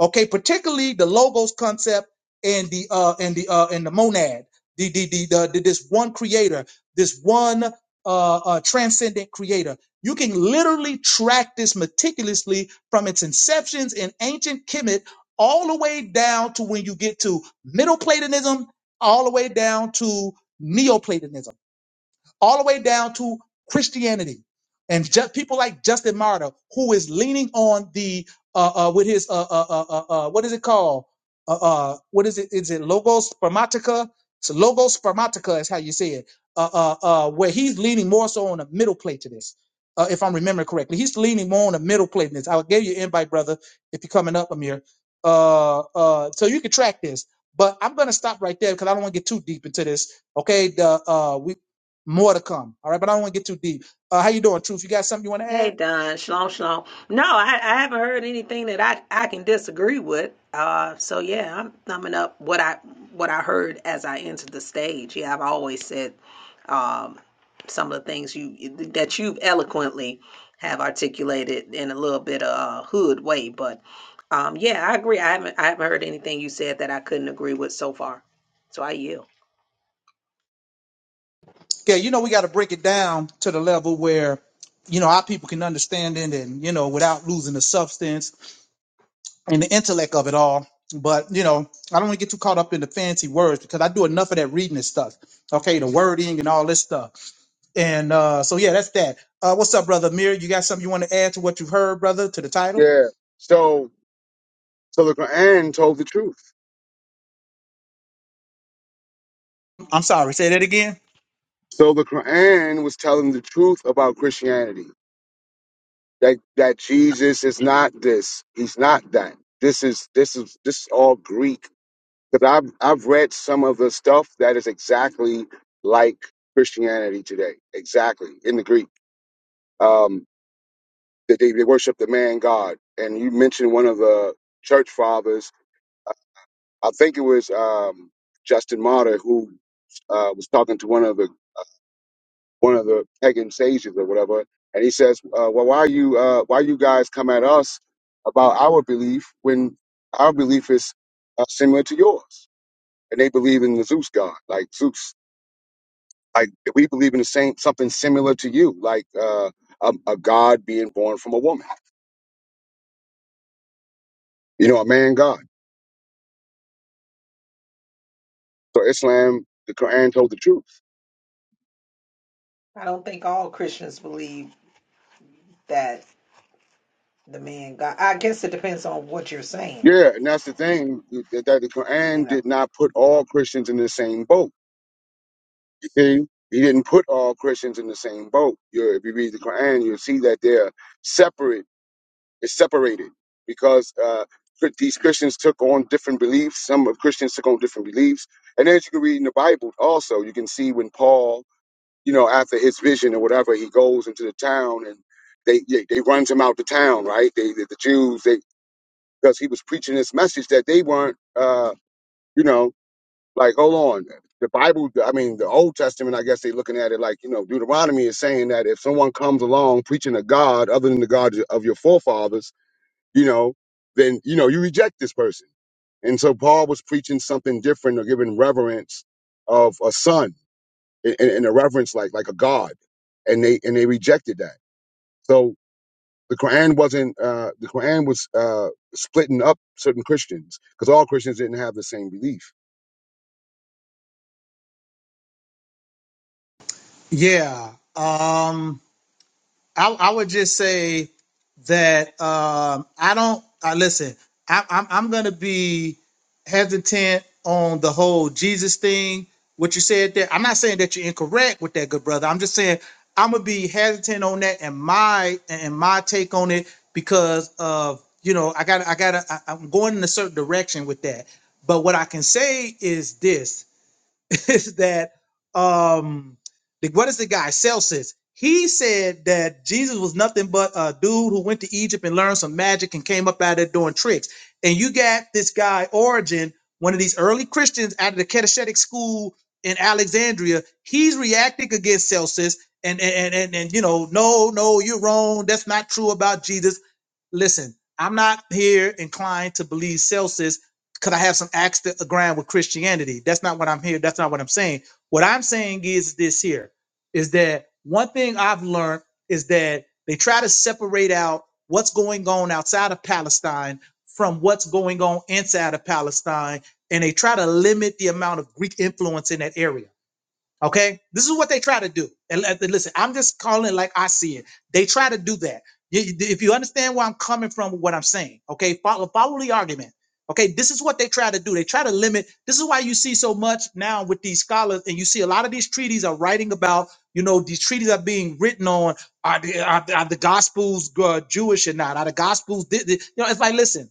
A: okay particularly the logos concept and the uh and the uh and the monad the the the, the, the this one creator this one uh, uh transcendent creator you can literally track this meticulously from its inceptions in ancient kemet all the way down to when you get to middle platonism all the way down to neoplatonism all the way down to Christianity. And just people like Justin Martyr, who is leaning on the uh, uh, with his uh, uh, uh, uh, uh, what is it called? Uh, uh, what is it? Is it logos spermatica? So logos spermatica is how you say it. Uh, uh, uh, where he's leaning more so on the middle plate to this, uh, if I'm remembering correctly. He's leaning more on the middle plate. to this. I'll give you an invite, brother, if you're coming up, Amir. Uh, uh, so you can track this. But I'm gonna stop right there because I don't want to get too deep into this. Okay, the, uh, we more to come. All right, but I don't want to get too deep. Uh, how you doing, Truth? You got something you want to
D: Hey
A: add?
D: Don, shalom, shalom. No, I, I haven't heard anything that I, I can disagree with. Uh, so yeah, I'm thumbing up what I what I heard as I entered the stage. Yeah, I've always said um, some of the things you that you've eloquently have articulated in a little bit of uh, hood way, but um, yeah, I agree. I haven't I haven't heard anything you said that I couldn't agree with so far. So I yield.
A: Yeah, you know we got to break it down to the level where you know our people can understand it, and you know without losing the substance and the intellect of it all. But you know, I don't want to get too caught up in the fancy words because I do enough of that reading and stuff. Okay, the wording and all this stuff. And uh, so yeah, that's that. Uh, what's up, brother Amir? You got something you want to add to what you've heard, brother, to the title?
E: Yeah. So, so the Quran told the truth.
A: I'm sorry, say that again.
E: So the Quran was telling the truth about Christianity. That that Jesus is not this. He's not that. This is this is this is all Greek. Because I've I've read some of the stuff that is exactly like Christianity today. Exactly in the Greek. Um, that they, they worship the man God. And you mentioned one of the church fathers. I think it was um, Justin Martyr who uh, was talking to one of the one of the pagan sages or whatever, and he says, uh, "Well, why you uh, why you guys come at us about our belief when our belief is uh, similar to yours?" And they believe in the Zeus god, like Zeus. Like we believe in the same something similar to you, like uh, a, a god being born from a woman, you know, a man god. So Islam, the Quran told the truth.
D: I don't think all Christians believe that the man God. I guess it depends on what you're saying.
E: Yeah, and that's the thing that the
D: You
E: Quran
D: know,
E: did not put all Christians in the same boat You See, he didn't put all Christians in the same boat. you if you read the Quran, you'll see that they're separate. It's separated because uh, Chri- these Christians took on different beliefs. Some of Christians took on different beliefs, and as you can read in the Bible, also you can see when Paul, you know, after his vision or whatever, he goes into the town and they they, they runs him out the town, right? They the, the Jews they because he was preaching this message that they weren't. Uh, you know like, hold on. The Bible, I mean, the Old Testament, I guess they're looking at it like, you know, Deuteronomy is saying that if someone comes along preaching a God other than the God of your forefathers, you know, then, you know, you reject this person. And so Paul was preaching something different or giving reverence of a son and, and a reverence like like a god. And they and they rejected that. So the Quran wasn't uh the Quran was uh splitting up certain Christians because all Christians didn't have the same belief.
A: Yeah. Um I, I would just say that um, I don't. Uh, listen, I, I'm I'm gonna be hesitant on the whole Jesus thing. What you said there, I'm not saying that you're incorrect with that, good brother. I'm just saying I'm gonna be hesitant on that and my and my take on it because of you know I got I got I'm going in a certain direction with that. But what I can say is this. is that um the, what is the guy Celsus? He said that Jesus was nothing but a dude who went to Egypt and learned some magic and came up out of it doing tricks. And you got this guy Origin, one of these early Christians out of the Catechetic school in Alexandria. He's reacting against Celsus and and and and, and you know, no, no, you're wrong. That's not true about Jesus listen, I'm not here inclined to believe Celsus because I have some axe to grind with Christianity. That's not what I'm here. That's not what I'm saying. What I'm saying is this here is that one thing I've learned is that they try to separate out what's going on outside of Palestine from what's going on inside of Palestine, and they try to limit the amount of Greek influence in that area Okay, this is what they try to do. And let- listen, I'm just calling it like I see it. They try to do that. You- you- If you understand where I'm coming from, with what I'm saying, okay, follow follow the argument. Okay, this is what they try to do. They try to limit. This is why you see so much now with these scholars, and you see a lot of these treaties are writing about. You know, these treaties are being written on. Are the, are, the- are the gospels uh, Jewish or not? Are the gospels? thi- thi- You know, it's like listen.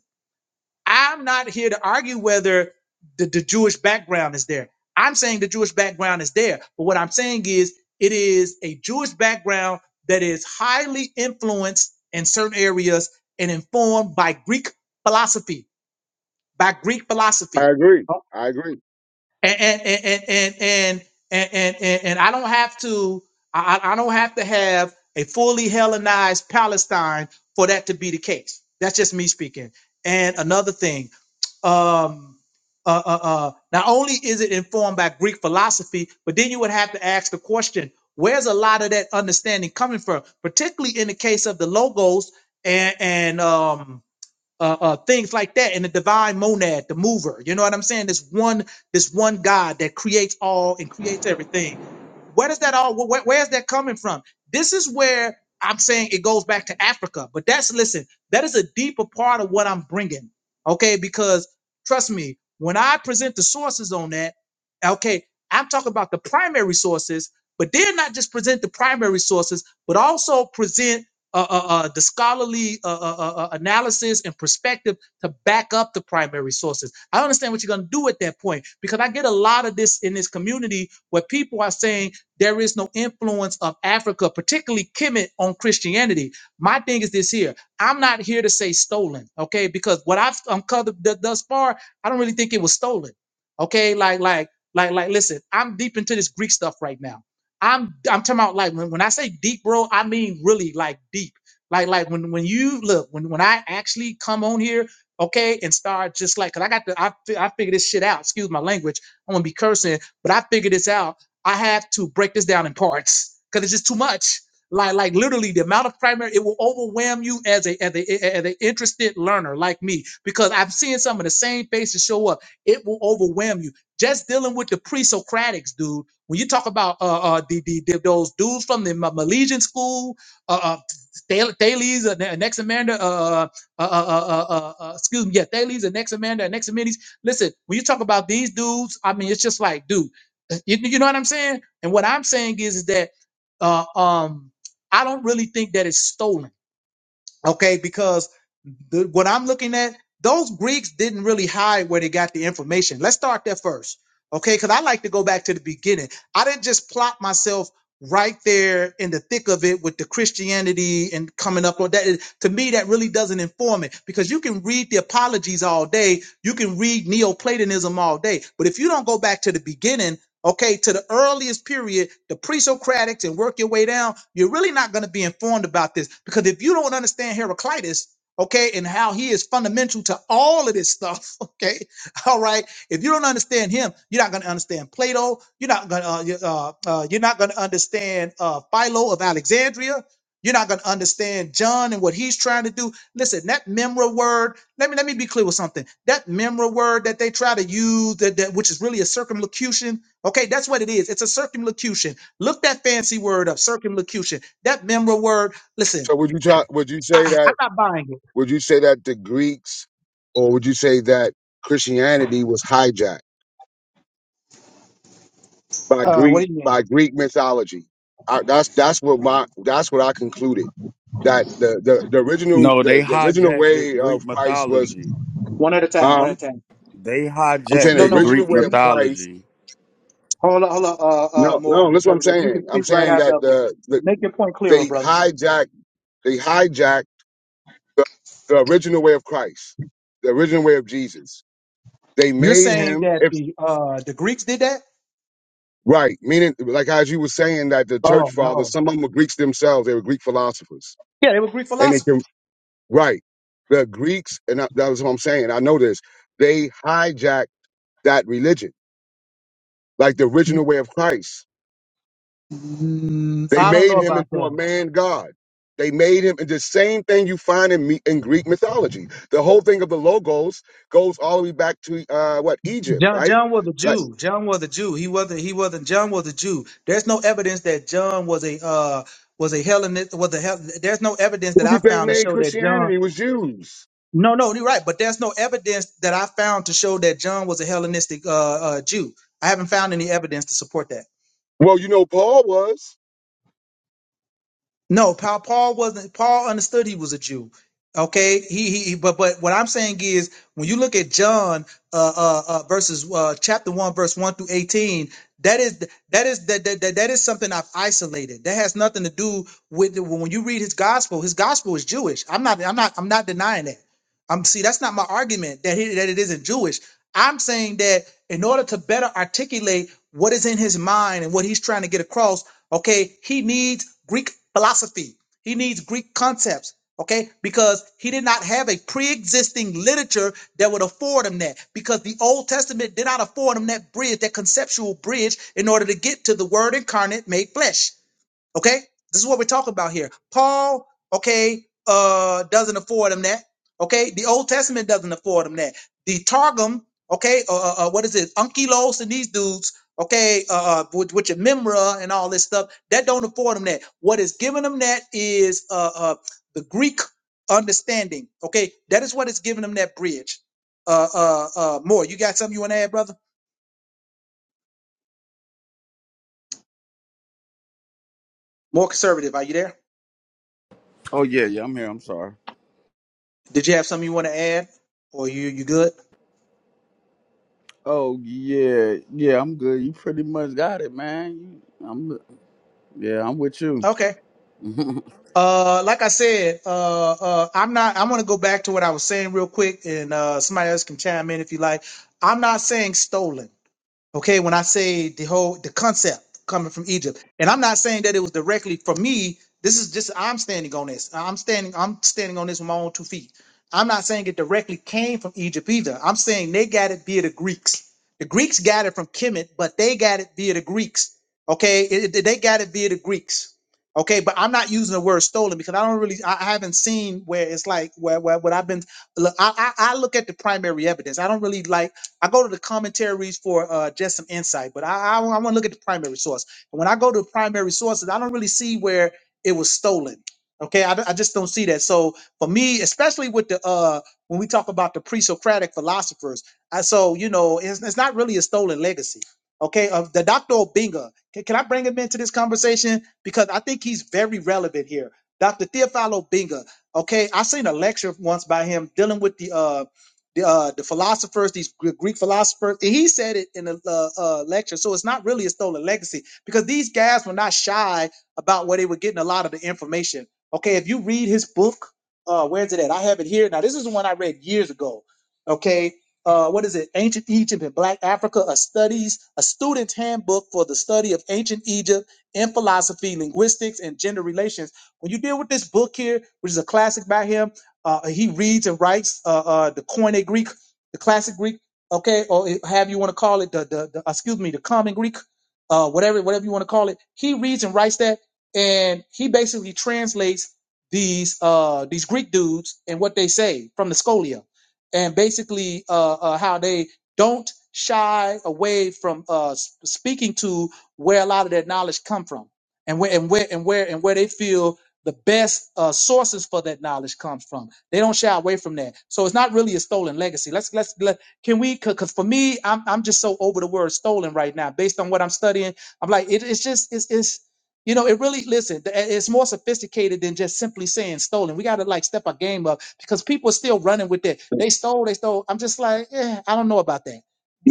A: I'm not here to argue whether the, the Jewish background is there. I'm saying the Jewish background is there. But what I'm saying is it is a Jewish background that is highly influenced in certain areas and informed by Greek philosophy, by Greek
E: I
A: philosophy.
E: agree.
A: Oh.
E: I agree.
A: And and and and and and and, and, and I don't have to I, I I don't have to have a fully Hellenized Palestine for that to be the case. That's just me speaking. And another thing, um uh, uh, uh, not only is it informed by Greek philosophy, but then you would have to ask the question: Where's a lot of that understanding coming from? Particularly in the case of the logos and and um, uh, uh, things like that, and the divine monad, the mover. You know what I'm saying? This one, this one God that creates all and creates everything. Where does that all? wh- where's that coming from? This is where I'm saying it goes back to Africa. But that's listen, that is a deeper part of what I'm bringing. Okay, because trust me, when I present the sources on that, okay, I'm talking about the primary sources, but then not just present the primary sources, but also present uh, uh, uh, the scholarly uh, uh, uh, uh, analysis and perspective to back up the primary sources. I understand what you're going to do at that point because I get a lot of this in this community where people are saying there is no influence of Africa, particularly Kemet, on Christianity. My thing is this here. I'm not here to say stolen, okay? Because what I've uncovered th- thus far, I don't really think it was stolen, okay? Like, like, like, like. Listen, I'm deep into this Greek stuff right now. I'm, I'm talking about like when, when I say deep, bro, I mean really like deep. Like, like when when you look when when I actually come on here, okay, and start just like, cause I got the I fi- I figure this shit out. Excuse my language. I'm gonna be cursing, but I figured this out I have to break this down in parts because it's just too much. Like, like literally the amount of primary, it will overwhelm you as a as a as an interested learner like me because I'm seeing some of the same faces show up. It will overwhelm you. Just dealing with the pre-Socratics, dude. When you talk about uh, uh the, the, the those dudes from the Ma- Milesian school, uh, uh Thales, Thales, uh, Ne- Anaximander, uh, uh, uh, uh, uh, uh, uh, excuse me, yeah, Thales, and Anaximander, Anaximenes. Listen, when you talk about these dudes, I mean, it's just like, dude. You, you know what I'm saying? And what I'm saying is, is that uh, um, I don't really think that it's stolen, okay? Because the, what I'm looking at, those Greeks didn't really hide where they got the information. Let's start there first, okay? Because I like to go back to the beginning. I didn't just plot myself right there in the thick of it with the Christianity and coming up on that. Is- To me, that really doesn't inform it because you can read the apologies all day, you can read Neoplatonism all day, but if you don't go back to the beginning okay, to the earliest period, the pre-Socratics, and work your way down, you're really not going to be informed about this because if you don't understand Heraclitus, okay, and how he is fundamental to all of this stuff, okay, all right, if you don't understand him, you're not going to understand Plato. You're not going to uh, you- uh, uh, you're not going to understand uh, Philo of Alexandria. You're not going to understand John and what he's trying to do. Listen, that memra word. Let me let me be clear with something. That memra word that they try to use, that, that which is really a circumlocution Okay, that's what it is. It's a circumlocution. Look that fancy word up, circumlocution. That memorable word. Listen,
E: So would you try, would you say
A: I, I- I'm
E: that
A: not buying it.
E: would you say that the Greeks or would you say that Christianity was hijacked by
A: Uh,
E: Greek
A: what do you mean?
E: by Greek mythology? I, that's that's what my that's what I concluded that the the, the original
F: No, they
E: the, the original
F: hijacked the
E: way
F: Greek
E: of Christ was
F: mythology.
A: One at a time. One at
E: um
A: a time.
F: They
E: I'm
F: hijacked
E: saying the
A: No,
F: the
A: no.
E: original
F: Greek
E: way of Christ
F: mythology.
A: Hold on, hold on. Uh, uh,
E: no
A: more
E: no that's what I'm
A: conservative. You can
E: saying I'm
A: speak right
E: saying
A: after
E: that
A: them.
E: the, the
A: Make your point clearer,
E: they
A: brother.
E: hijacked they hijacked the, the original way of Christ the original way of Jesus they
A: You're
E: made
A: saying
E: him.
A: that the uh, the Greeks did that?
E: Right. Meaning, like as you were saying, that the church
A: Oh
E: fathers,
A: no.
E: some of them were Greeks themselves. They were Greek philosophers.
A: Yeah, they were Greek
E: And they can,
A: philosophers.
E: right. The Greeks, and I- that was what I'm saying. I know this. They hijacked that religion, like the original way of Christ.
A: Mm,
E: They
A: I don't
E: made
A: know
E: him
A: about
E: into a
A: that.
E: man God. They made him and the same thing you find in, me, in Greek mythology. The whole thing of the logos goes all the way back to uh, what Egypt,
A: John,
E: right?
A: John was a
E: Like,
A: Jew. John was a Jew. He wasn't. He wasn't. John was a Jew. There's no evidence that John was a uh, was a Hellenist. Was a Hel- There's no evidence that
E: who do
A: I
E: you think
A: found to
E: made
A: show that John.
E: Christianity? It was Jews.
A: No, no, you're right. But there's no evidence that I found to show that John was a Hellenistic uh, uh, Jew. I haven't found any evidence to support that.
E: Well, you know, Paul was.
A: No, Paul, Paul wasn't. Paul understood he was a Jew. Okay, he, he he- But but what I'm saying is, when you look at John, uh, uh, uh verses uh, chapter one, verse one through eighteen, that is that is that that, that that is something I've isolated. That has nothing to do with the, when you read his gospel. His gospel is Jewish. I'm not I'm not I'm not denying that. I'm see that's not my argument that he, that it isn't Jewish. I'm saying that in order to better articulate what is in his mind and what he's trying to get across, okay, he needs Greek philosophy. He needs Greek concepts, okay? Because he did not have a pre-existing literature that would afford him that. Because the Old Testament did not afford him that bridge, that conceptual bridge in order to get to the word incarnate made flesh. Okay? This is what we're talking about here. Paul, okay, uh, doesn't afford him that. Okay? The Old Testament doesn't afford him that. The Targum, okay, uh, uh, uh, what is it? Unkilos and these dudes, okay, uh, uh, with, with your Memra and all this stuff, that don't afford him that. What is giving him that is uh, uh, the Greek understanding. Okay? That is what is giving him that bridge. Uh, uh, uh, more. You got something you want to add, brother? More conservative. Are you there?
F: Oh yeah, yeah, I'm here. I'm sorry.
A: Did you have something you want to add? Or you you good?
F: Oh yeah, yeah, I'm good. You pretty much got it, man. You- I'm yeah, I'm with you.
A: Okay. Uh, like I said, uh, uh, I'm not. I'm gonna go back to what I was saying real quick, and uh, somebody else can chime in if you like. I'm not saying stolen okay when i say the whole the concept coming from egypt and i'm not saying that it was directly from me this is just i'm standing on this i'm standing i'm standing on this with my own two feet i'm not saying it directly came from egypt either i'm saying they got it via the greeks the greeks got it from kemet but they got it via the greeks okay It- it- they got it via the greeks okay but i'm not using the word stolen because i don't really i I haven't seen where it's like where, where what i've been look I, I i look at the primary evidence i don't really like I go to the commentaries for uh, just some insight, but I, I, I want to look at the primary source. And when I go to primary sources, I don't really see where it was stolen. Okay, I, I just don't see that. So for me, especially with the uh, when we talk about the pre-Socratic philosophers, I, so you know, it's, it's not really a stolen legacy. Okay, of the Dr. Obinga, can, can I bring him into this conversation because I think he's very relevant here. Dr. Theophilo Obinga. Okay, I seen a lecture once by him dealing with the uh, the, uh, the philosophers, these Gr- Greek philosophers. and he said it in a uh, uh, lecture, so it's not really a stolen legacy because these guys were not shy about where they were getting a lot of the information. Okay, if you read his book, uh, where's it at? I have it here. Now, this is the one I read years ago. Okay, uh, what is it? Ancient Egypt and Black Africa: A Studies, a Student's Handbook for the Study of Ancient Egypt in Philosophy, Linguistics, and Gender Relations. When you deal with this book here, which is a classic by him uh, he reads and writes uh, uh, the Koine Greek, the classic Greek, okay, or have you want to call it the, the, the excuse me, the common Greek, uh, whatever whatever you want to call it. He reads and writes that, and he basically translates these uh, these Greek dudes and what they say from the Scolia, and basically uh, uh, how they don't shy away from uh, s- speaking to where a lot of their knowledge come from, and where and where and where and where they feel the best uh, sources for that knowledge comes from they don't shy away from that. So it's not really a stolen legacy. Let's let's let, can we because for me, I'm I'm just so over the word stolen right now based on what I'm studying. I'm like it, it's just it's it's you know it really listen. th- It's more sophisticated than just simply saying stolen. We got to like step our game up because people are still running with that. They stole, they stole. I'm just like eh, I don't know about that.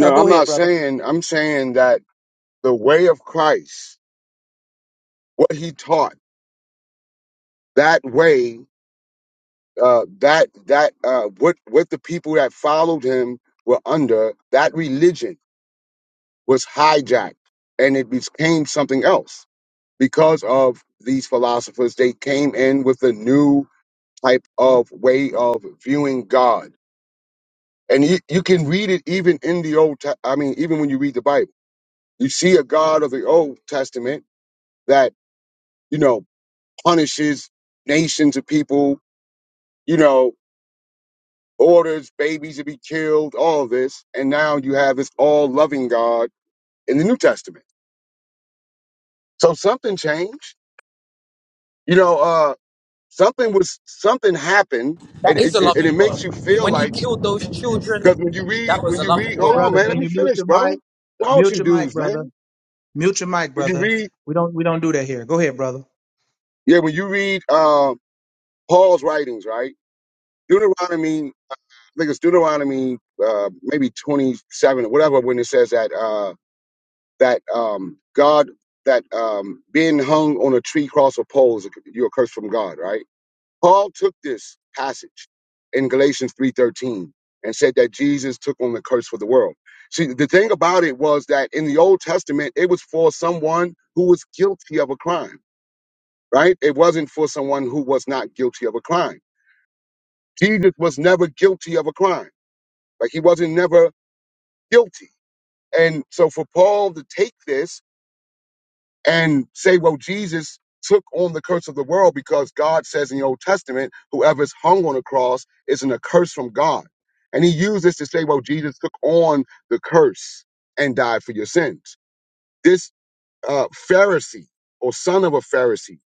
A: Uh, go
E: I'm
A: ahead,
E: not
A: brother.
E: saying, I'm saying that the way of Christ, what he taught, that way, uh, that, that, uh, what, what the people that followed him were under, that religion was hijacked and it became something else because of these philosophers. They came in with a new type of way of viewing God. And you, you can read it even in the Old, Te- I mean, even when you read the Bible, you see a God of the Old Testament that you know, punishes nations of people, you know, orders babies to be killed, all of this. And now you have this all loving God in the New Testament. So something changed. You know, uh, something was, something happened. And
G: That is
E: it,
G: a
E: it, and it
G: loving God.
E: makes you feel
G: When he
E: like,
G: killed those
E: because when you
G: children,
E: read,
G: that was
E: when
G: a
E: you read,
G: loving
A: Hey,
E: hold on,
A: brother,
G: God.
E: man,
A: can
E: let me
A: you mute
E: finish,
A: your
E: bro.
A: mic?
E: Don't
A: Mute
E: you
A: your mic,
E: dudes,
A: brother.
E: man.
A: Mute your mic,
E: When you
A: brother.
E: read,
A: We don't we don't do that here. Go ahead, brother.
E: yeah, when you read uh, Paul's writings, right? Deuteronomy, I think it's Deuteronomy, uh, maybe 27 or whatever, when it says that. Uh, that um, God, that um, being hung on a tree, cross, or pole is a, you're a curse from God, right? Paul took this passage in Galatians 3.13 and said that Jesus took on the curse for the world. See, the thing about it was that in the Old Testament, it was for someone who was guilty of a crime, right? It wasn't for someone who was not guilty of a crime. Jesus was never guilty of a crime. Like he wasn't never guilty. And so for Paul to take this and say, well, Jesus took on the curse of the world because God says in the Old Testament, whoever is hung on a cross is in a curse from God. And he used this to say, well, Jesus took on the curse and died for your sins. This uh, Pharisee or son of a Pharisee,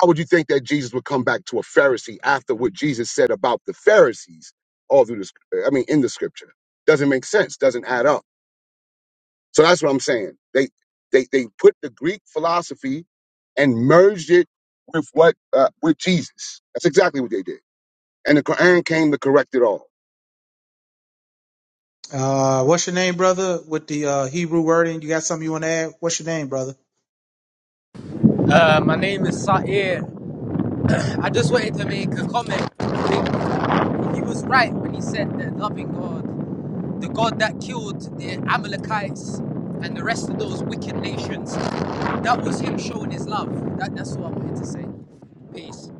E: how would you think that Jesus would come back to a Pharisee after what Jesus said about the Pharisees all through this? I mean, in the scripture? Doesn't make sense, doesn't add up. So that's what I'm saying. They they they put the Greek philosophy and merged it with what uh, with Jesus. That's exactly what they did. And the Quran came to correct it all.
A: Uh, what's your name, brother? With the uh, Hebrew wording, you got something you want to add? What's your name, brother?
G: Uh, my name is Sair. I just wanted to make a comment. he was right when he said that loving God, the God that killed the Amalekites and the rest of those wicked nations, that was him showing his love. That, that's what I wanted to say. Peace.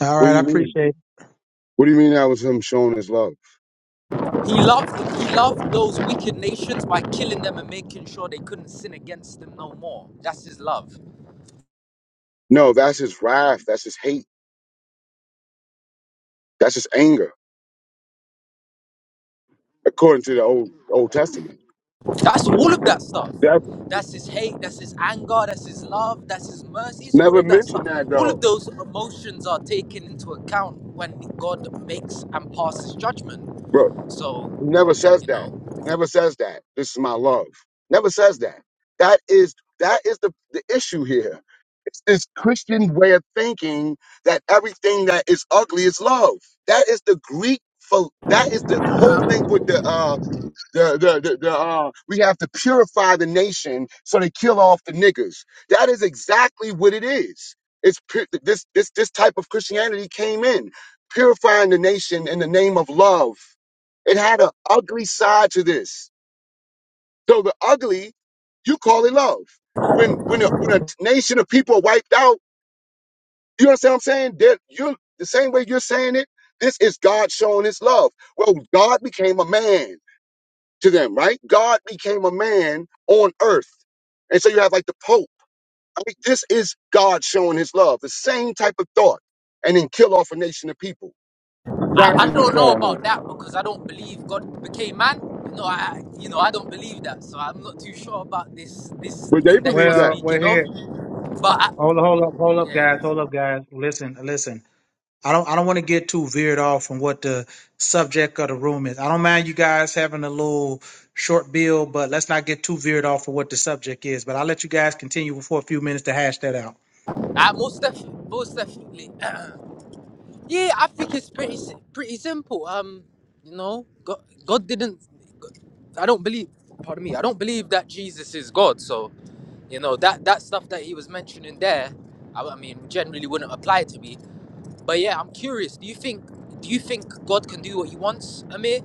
A: All
E: What do
A: right, I
E: you mean?
A: appreciate. it.
E: What do you mean that was him showing his love?
G: He loved he loved those wicked nations by killing them and making sure they couldn't sin against them no more. That's his love.
E: No, that's his wrath. That's his hate. That's his anger, according to the old Old Testament.
G: That's all of that stuff.
E: That's
G: That's his hate, that's his anger, that's his love, that's his mercy. It's all
E: never
G: of that
E: mentioned
G: stuff.
E: that
G: All
E: though.
G: of those emotions are taken into account when God makes and passes judgment.
E: He
G: So,
E: never says
G: you
E: that.
G: know,
E: He never says that. This is my love. Never says that. That is that is the, the issue here. It's this Christian way of thinking that everything that is ugly is love. That is the Greek. pho- That is the whole thing with the uh, the, the, the, the, uh, we have to purify the nation so they kill off the niggers. That is exactly what it is. It's pu- this, this, this type of Christianity came in, purifying the nation in the name of love. It had an ugly side to this. So the ugly, you call it love. When, when, a, when a nation of people are wiped out, you understand what I'm saying? That you're the same way you're saying it. This is God showing his love. Well, God became a man to them, right? God became a man on earth. And so you have like the Pope. I mean, this is God showing his love, the same type of thought, and then kill off a nation of people.
G: I, I
E: Exactly what's
G: don't know
E: going on.
G: about that because I don't believe God became man. No, I you know, I don't believe that. So I'm not too sure about this this
E: But they
G: thing that you're
E: believe
A: Well,
E: that
A: we're
G: speaking of.
A: here.
G: But I,
A: Hold up, hold up, hold up,
G: yeah.
A: guys. Hold up, guys. Listen, listen. I don't I don't want to get too veered off from what the subject of the room is. I don't mind you guys having a little short bill, but let's not get too veered off from what the subject is. But I'll let you guys continue for a few minutes to hash that out.
G: I most definitely most definitely Yeah, I think it's pretty si- pretty simple. Um, you know, God, God didn't. God- I don't believe. Pardon me. I don't believe that Jesus is God. So you know that that stuff that he was mentioning there, I, I mean, generally wouldn't apply to me. But yeah, I'm curious. Do you think do you think God can do what he wants, Amir?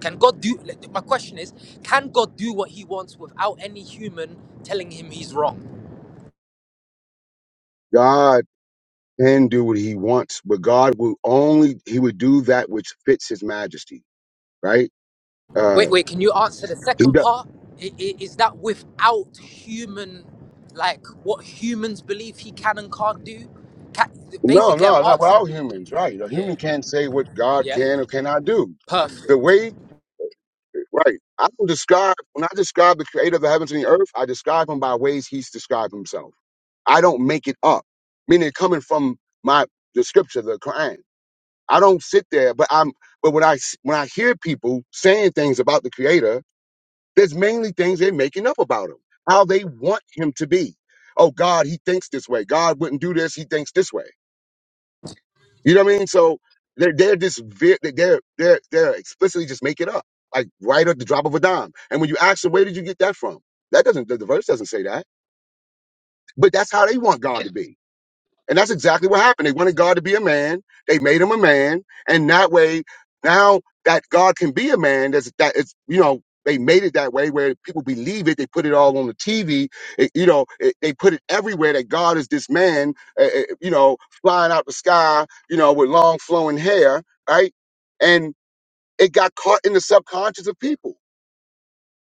G: Can God do? like, My question is, can God do what he wants without any human telling him he's wrong?
E: God can do what he wants, but God will only, he would do that which fits his majesty, right?
G: Wait,
E: Uh,
G: wait. Can you answer the
E: he
G: second
E: does.
G: part? I- i- Is that without human, like what humans believe he can and can't do? Ca
E: No,
G: basically, I'm
E: no, not with
G: asking
E: all
G: you.
E: humans, right? A
G: Yeah.
E: human can't say what God
G: Yeah.
E: can or cannot do. The
G: Perfect.
E: way Right. I don't describe when I describe the creator of the heavens and the earth, I describe him by ways he's described himself. I don't make it up. Meaning coming from my the scripture, the Quran. I don't sit there, but I'm but when I s- when I hear people saying things about the creator, there's mainly things they're making up about him. How they want him to be. Oh God, he thinks this way. God wouldn't do this, he thinks this way. You know what I mean? So they're they're just ve- they're they're they're explicitly just make it up, like right at the drop of a dime. And when you ask them, where did you get that from? That doesn't the the verse doesn't say that, but that's how they want God to be. And that's exactly what happened. They wanted God to be a man. They made him a man. And that way, now that God can be a man, that's, that is, you know, they made it that way where people believe it. They put it all on the TV. It- you know, it, they put it everywhere that God is this man, uh, uh, you know, flying out the sky, you know, with long flowing hair, right? And it got caught in the subconscious of people.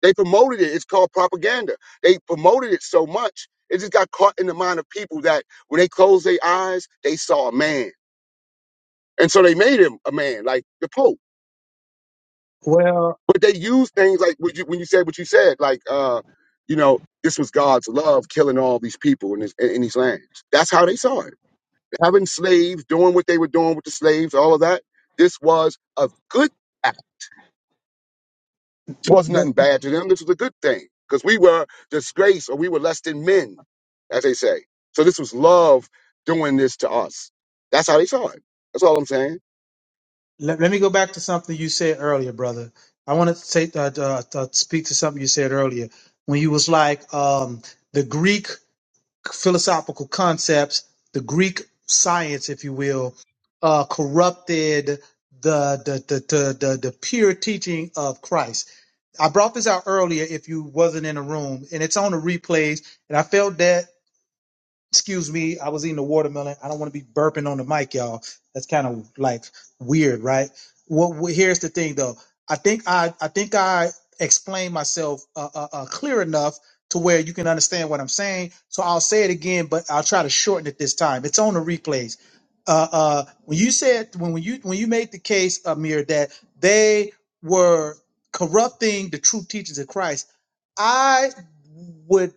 E: They promoted it. It's called propaganda. They promoted it so much, it just got caught in the mind of people that when they closed their eyes, they saw a man. And so they made him a man, like the Pope.
A: Well,
E: But they used things like what you, when you said what you said, like, uh, you know, this was God's love killing all these people in, this, in, in these lands. That's how they saw it. Having slaves, doing what they were doing with the slaves, all of that. This was a good act It wasn't
A: let,
E: nothing bad to them. This was a good thing because we were disgraced or we were less than men, as they say. So this was love doing this to us. That's how they saw it. That's all I'm saying.
A: let, let me go back to something you said earlier, brother. I want to say uh, uh, uh, speak to something you said earlier when you was like um, the Greek. philosophical concepts, the Greek science, if you will, uh, corrupted the the, the the the the pure teaching of Christ. I brought this out earlier if you wasn't in the room, and it's on the replays. And I felt that Excuse me, I was eating a watermelon. I don't want to be burping on the mic, y'all. That's kind of like weird, right? Well, well, here's the thing, though. I think I I think I explained myself uh, uh, uh, clear enough to where you can understand what I'm saying. So I'll say it again, but I'll try to shorten it this time. It's on the replays. Uh, uh, when you said when when you when you made the case, Amir, that they were corrupting the true teachings of Christ, I would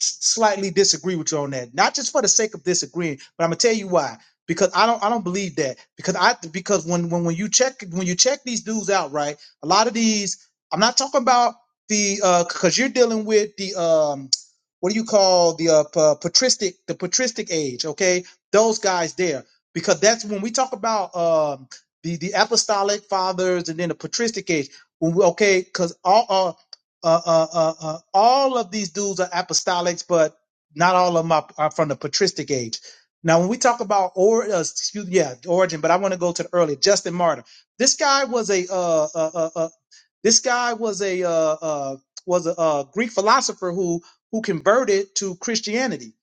A: s- slightly disagree with you on that. Not just for the sake of disagreeing, but I'm gonna tell you why. Because I don't I don't believe that. Because I because when when when you check when you check these dudes out, right? A lot of these I'm not talking about the uh because you're dealing with the um what do you call the uh pa- patristic the patristic age, okay? Those guys there. Because that's when we talk about um the the apostolic fathers and then the patristic age. when we- Okay, because all uh uh, uh, uh, uh, all of these dudes are apostolics, but not all of them are, are from the patristic age. Now, when we talk about or uh, excuse, yeah origin, but I want to go to the earlier Justin Martyr. This guy was a uh, uh, uh, uh, this guy was a uh, uh, was a uh, Greek philosopher who who converted to Christianity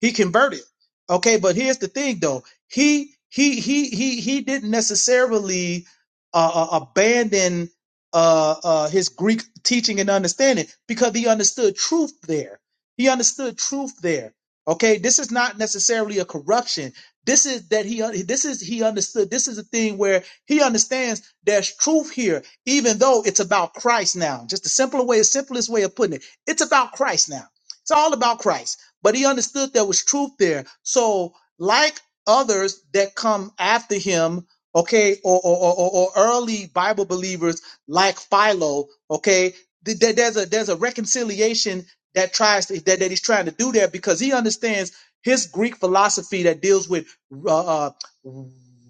A: he converted. Okay, but here's the thing though. He he he he he didn't necessarily uh, uh, abandon uh, uh, his Greek teaching and understanding because he understood truth there. He understood truth there. Okay, this is not necessarily a corruption. This is that he un- this is he understood. This is a thing where he understands there's truth here, even though it's about Christ now. Just the simpler way, simplest way of putting it. It's about Christ now. It's all about Christ but he understood there was truth there. So, like others that come after him, okay, or or, or, or or early Bible believers like Philo, okay, th- th- there's a there's a reconciliation that tries to that, that he's trying to do there because he understands his Greek philosophy that deals with uh, uh,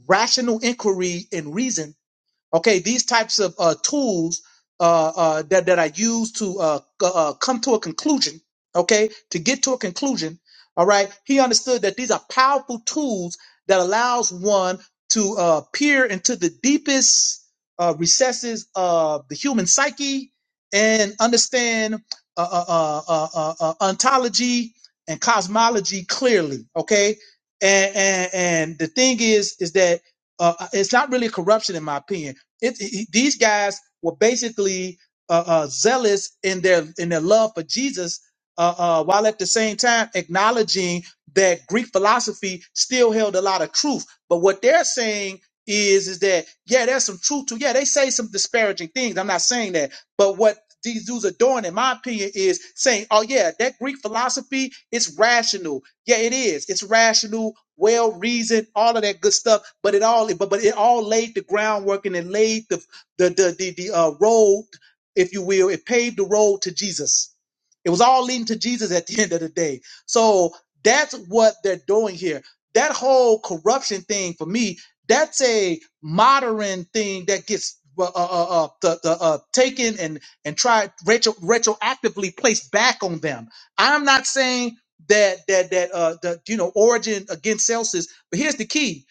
A: rational inquiry and reason okay these types of uh, tools uh, uh, that, that are used to uh, c- uh, come to a conclusion okay to get to a conclusion all right he understood that these are powerful tools that allows one to uh, peer into the deepest uh, recesses of the human psyche and understand uh, uh, uh, uh, uh, uh, ontology and cosmology clearly okay and, and and the thing is is that uh, it's not really corruption in my opinion it, it- these guys were basically uh, uh, zealous in their in their love for Jesus, uh, uh, while at the same time acknowledging that Greek philosophy still held a lot of truth. But what they're saying is is that yeah, there's some truth to yeah. They say some disparaging things. I'm not saying that, but what these dudes are doing, in my opinion, is saying, oh yeah, that Greek philosophy it's rational yeah, it is. It's rational, well reasoned, all of that good stuff. But it all, but but it all laid the groundwork and it laid the the the the, the uh, road, if you will. It paved the road to Jesus. It was all leading to Jesus at the end of the day. So that's what they're doing here. That whole corruption thing for me, that's a modern thing that gets uh, uh, uh, uh, the, the, uh, taken and and tried retro, retroactively placed back on them. I'm not saying that that that uh the you know origin against celsius but here's the key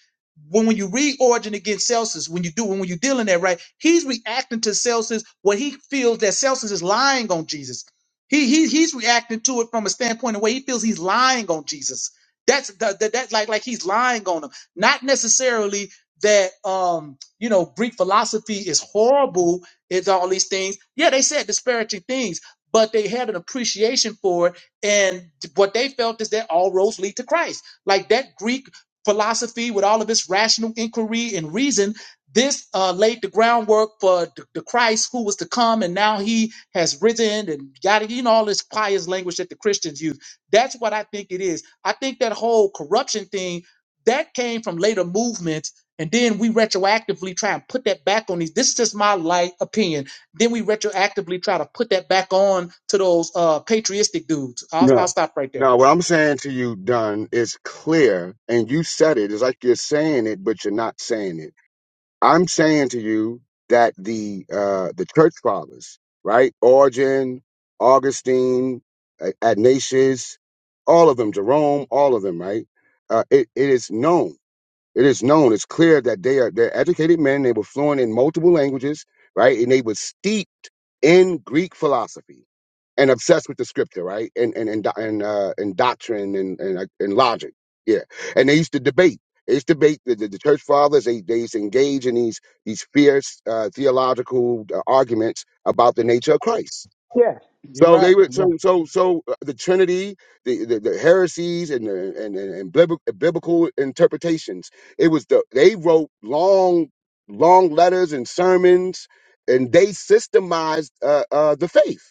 A: when when you read origin against celsius when you do when when you are dealing that right he's reacting to celsius what he feels that celsius is lying on jesus he, he he's reacting to it from a standpoint of where he feels he's lying on jesus that's the, the, that's like like he's lying on him not necessarily that um you know greek philosophy is horrible it's all these things yeah they said disparaging things but they had an appreciation for it and what they felt is that all roads lead to Christ. Like that Greek philosophy with all of its rational inquiry and reason, this uh, laid the groundwork for the, the Christ who was to come. And now he has risen and yada, you know, all this pious language that the Christians use. That's what I think it is. I think that whole corruption thing that came from later movements. And then we retroactively try and put that back on these. This is just my light opinion then we retroactively try to put that back on to those uh, patriotic dudes. I'll, I'll
E: No.
A: stop right there.
E: no. what I'm saying to you, Dunn, is clear, and you said it. It's like you're saying it, but you're not saying it. I'm saying to you that the uh, the church fathers, right? Origen, Augustine, A- Ignatius, all of them, Jerome, all of them, right? Uh, it, it is known. It is known, it's clear that they are they're educated men, they were fluent in multiple languages, right? And they were steeped in Greek philosophy and obsessed with the scripture, right? And and and do- and, uh, and doctrine and, and uh, and logic, yeah. And they used to debate. They used to debate the, the, the church fathers. They they used to engage in these these fierce uh, theological uh, arguments about the nature of Christ
A: Yeah, you're
E: so they
A: right.
E: were
A: Yeah.
E: so so so uh, the Trinity, the the, the heresies and the, and and, and bibl- biblical interpretations. It was the they wrote long long letters and sermons, and they systemized uh, uh, the faith.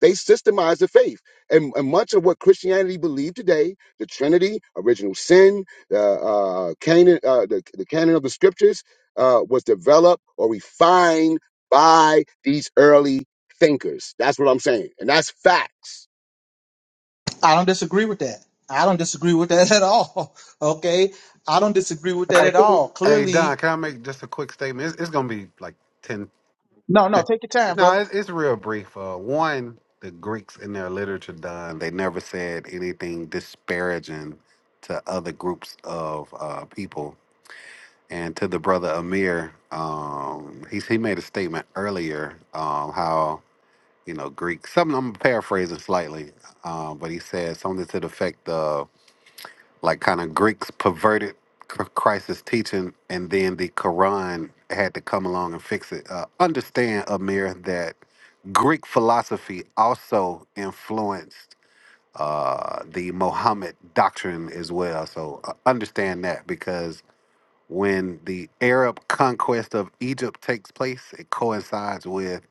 E: They systemized the faith, and, and much of what Christianity believed today, the Trinity, original sin, the uh, canon, uh, the, the canon of the Scriptures, uh, was developed or refined by these early thinkers. That's what I'm saying. And that's facts.
A: I don't disagree with that. I don't disagree with that at all. Okay, I don't disagree with that
B: Hey,
A: at all.
B: hey, Don,
A: Clearly,
B: can I make just a quick statement? It's, it's gonna be like ten.
A: no, no. Take your time,
B: No,
A: brother.
B: it's, it's real brief. Uh, one, the Greeks in their literature, Don, they never said anything disparaging to other groups of uh, people. And to the brother Amir, um, he he made a statement earlier um, how you know, Greek. Something I'm paraphrasing slightly, uh, but he said something to the effect of like kind of Greeks perverted Chr- Christ's teaching, and then the Quran had to come along and fix it. Uh, understand, Amir, that Greek philosophy also influenced uh, the Mohammed doctrine as well. So uh, understand that because when the Arab conquest of Egypt takes place, it coincides with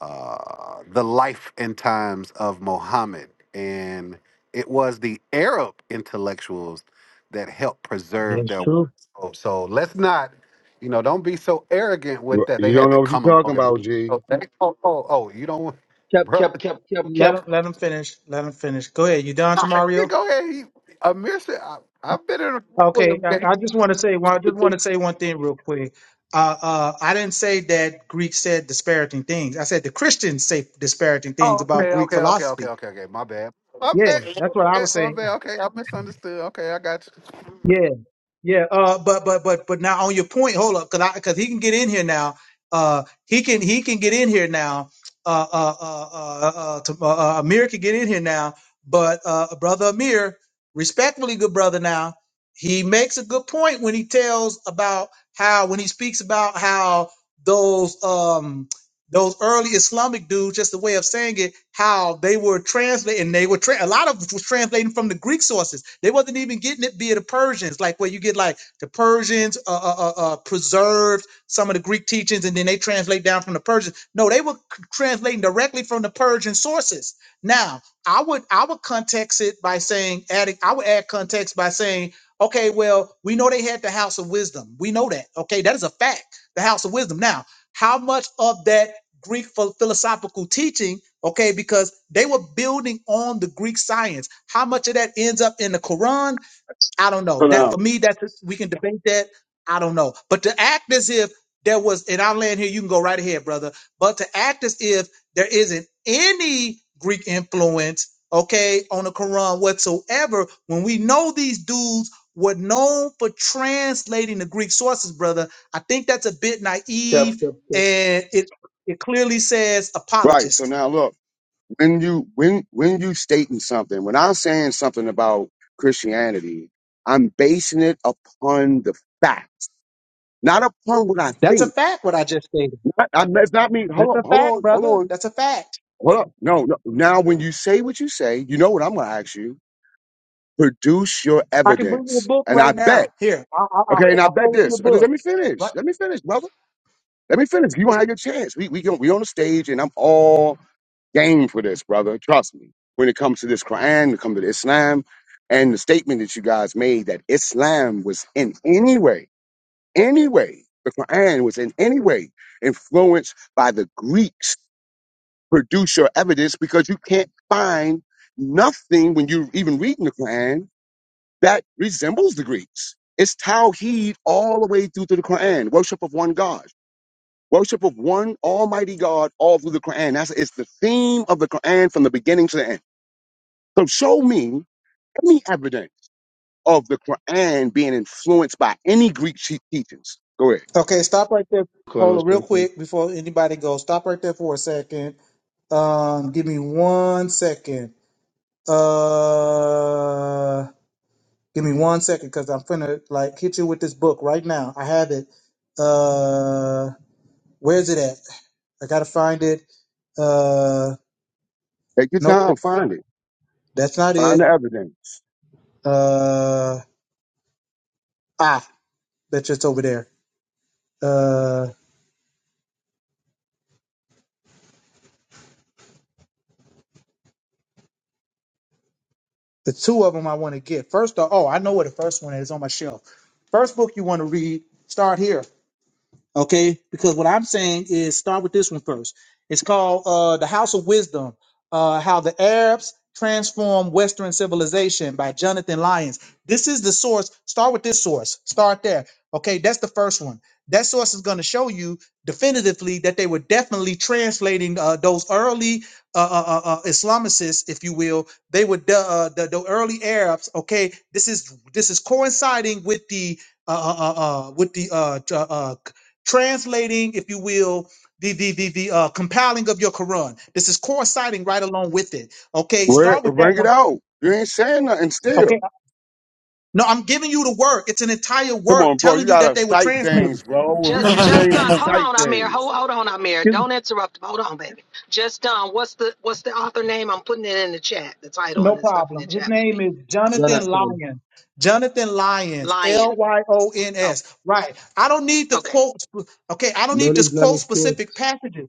B: uh, the life and times of Muhammad. And it was the Arab intellectuals that helped preserve their work. So, so let's not, you know, don't be so arrogant with that. They
E: You don't
B: had to
E: know what you're
B: come along
E: talking about,
B: and
E: G.
B: oh, they- oh, oh, oh, you don't,
H: Cap,
B: bro.
H: cap, cap, cap,
A: Let him,
H: cap,
A: let him finish. Let him finish. Go ahead. You done,
B: You
A: Tamario?
B: go ahead. He, Amir said, I, I've been in a with
A: Okay.
B: him.
A: I, I just want to say one. I just want to say one thing real quick. Uh, uh, I didn't say that Greek said disparaging things. I said the Christians say disparaging things
B: Oh,
A: about
B: okay,
A: Greek
B: okay, okay, okay,
A: philosophy.
B: okay, okay. My bad. My
A: Yeah,
B: bad. My
A: that's what I
B: bad.
A: was
B: My
A: saying.
B: bad. Okay, I misunderstood. Okay, I got you.
A: Yeah, yeah. Uh, but but but but now on your point, hold up, because I because he can get in here now. Uh, he can he can get in here now. Uh, uh, uh, uh, uh, to, uh, uh Amir can get in here now. But uh, brother Amir, respectfully, good brother. Now he makes a good point when he tells about how when he speaks about how those um those early Islamic dudes, just a way of saying it, how they were translating. They were tra- a lot of it was translating from the Greek sources. They wasn't even getting it via the Persians, like where you get like the Persians uh, uh, uh, uh, preserved some of the Greek teachings, and then they translate down from the Persians. No, they were c- translating directly from the Persian sources. Now, I would I would context it by saying adding. I would add context by saying, okay, well, we know they had the House of Wisdom. We know that. Okay, that is a fact. The House of Wisdom. Now how much of that Greek ph- philosophical teaching, okay, because they were building on the Greek science. How much of that ends up in the Quran? I don't know.
E: So
A: That for
E: now,
A: me, that's we can debate that. I don't know. But to act as if there was, and I'll land here, you can go right ahead, brother. But to act as if there isn't any Greek influence, okay, on the Quran whatsoever, when we know these dudes were known for translating the Greek sources, brother, I think that's a bit
H: cap,
A: naive
H: cap, cap.
A: and it it clearly says
E: right. So
A: apologist.
E: now, look, when you when when you stating something, when I'm saying something about Christianity, I'm basing it upon the facts, not upon what I
A: That's a
E: think.
A: fact, what I just stated.
E: Not, I, that's not me. Hold
A: That's
E: on,
A: a
E: hold
A: fact,
E: on, hold
A: brother.
E: on,
A: That's a fact.
E: hold up. No, no. Now, when you say what you say, you know what I'm going to ask you: produce your
A: I can bring you a
E: evidence.
A: book
E: And I
A: right
E: bet.
A: now. Here, I, I, I'll,
E: Okay, and I
A: I'll
E: bet
A: quote you a
E: this. Let
A: book.
E: me
A: Right.
E: finish. Let me finish, brother. Let me finish. You gonna have your chance. We we can, we on the stage, and I'm all game for this, brother. Trust me. When it comes to this Quran, when it comes to the Islam, and the statement that you guys made that Islam was in any way, any way, the Quran was in any way influenced by the Greeks. Produce your evidence because you can't find nothing when you're even reading the Quran that resembles the Greeks. It's Tawheed all the way through to the Quran, worship of one God. Worship of one Almighty God all through the Quran. That's it's the theme of the Quran from the beginning to the end. So show me any evidence of the Quran being influenced by any Greek te- teachings. Go ahead.
A: Okay, stop right there.
H: Colonel
A: Hold on, real
H: Strickland.
A: quick before anybody goes. Stop right there for a second. Um, give me one second. Uh, give me one second because I'm finna like hit you with this book right now. I have it. Uh, where's it at? I gotta find it. Uh,
E: Take your
A: nope,
E: time. Find it.
A: that's not
E: Find the
A: it.
E: evidence.
A: Uh, ah, bet you it's over there. Uh, The two of them I want to get. First, off- oh, I know where the first one is on my shelf. First book you want to read, start here. Okay, because what I'm saying is start with this one first. It's called uh, The House of Wisdom uh, How the Arabs Transformed Western Civilization by Jonathan Lyons. This is the source. Start with this source. Start there. Okay, that's the first one. That source is going to show you definitively that they were definitely translating uh, those early uh, uh, uh, uh, Islamicists, if you will. They were the, uh, the the early Arabs. Okay, this is this is coinciding with the uh, uh, uh, uh, with the uh, uh, translating, if you will, the the the, the uh, compiling of your Quran. This is coinciding right along with it. Okay,
E: Where,
A: start with that
E: bring it
A: one.
E: out. You ain't saying nothing
A: Okay,
E: still.
A: no, I'm giving you the work. It's an entire
E: Come
A: work
E: on, bro. You
A: telling you that
E: gotta
A: they were
E: cite
A: translating.
E: things, bro. When we
I: Bro,
D: Just,
E: do
D: just
E: things,
D: done.
E: we
D: Hold
E: cite
D: on, Amir.
E: things.
D: Hold, hold on, Amir.
A: His-
D: Don't interrupt. Hold on, baby. Just done. What's the, what's the author name? I'm putting it in the chat. The title
A: No
D: and the stuff in the
A: problem. His
D: chat for
A: name
D: people.
A: is Jonathan
H: Jonathan.
A: Lyons. Jonathan Lyons, L
D: Lion.
A: Y O N
D: Oh,
A: S. Right. I don't need to
D: okay.
A: quote. sp- Okay, I don't need to quote
H: Non-Islamic source.
A: specific passages.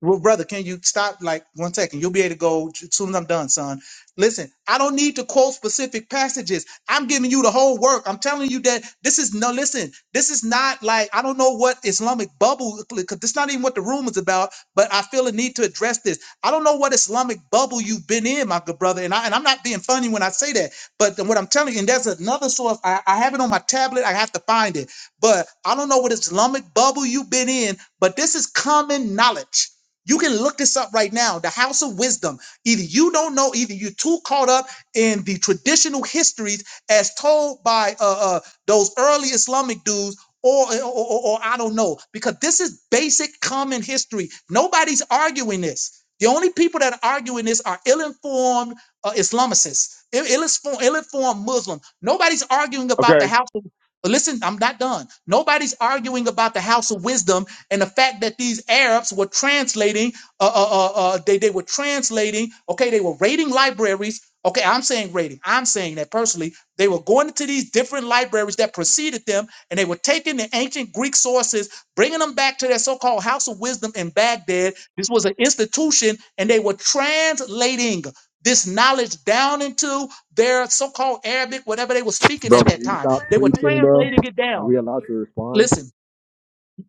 A: Well, brother, can you stop like one second? You'll be able to go j- soon as I'm done, son. Listen, I don't need to quote specific passages. I'm giving you the whole work. I'm telling you that this is no, listen, this is not like I don't know what Islamic bubble, because this not even what the room is about, but I feel a need to address this. I don't know what Islamic bubble you've been in, my good brother. And, I, and I'm not being funny when I say that, but what I'm telling you, and there's another source, I, I have it on my tablet, I have to find it, but I don't know what Islamic bubble you've been in, but this is common knowledge. You can look this up right now. The House of Wisdom. Either you don't know, either you're too caught up in the traditional histories as told by uh, uh, those early Islamic dudes, or, or, or, or I don't know, because this is basic common history. Nobody's arguing this. The only people that are arguing this are ill-informed uh, Islamicists, ill- ill-informed, ill-informed Muslim. Nobody's arguing about the
E: Okay,
A: House of. But Listen, I'm not done. Nobody's arguing about the House of Wisdom and the fact that these Arabs were translating, uh, uh, uh, uh, they, they were translating, okay, they were raiding libraries. Okay, I'm saying raiding. I'm saying that personally, they were going into these different libraries that preceded them, and they were taking the ancient Greek sources, bringing them back to their so-called House of Wisdom in Baghdad. This was an institution, and they were translating this knowledge down into their so-called Arabic, whatever they were speaking at
I: can
A: that
I: you
A: time.
I: stop
A: They were
I: preaching, bro?
A: translating it
I: Are
A: down.
I: we allowed to respond?
A: Listen,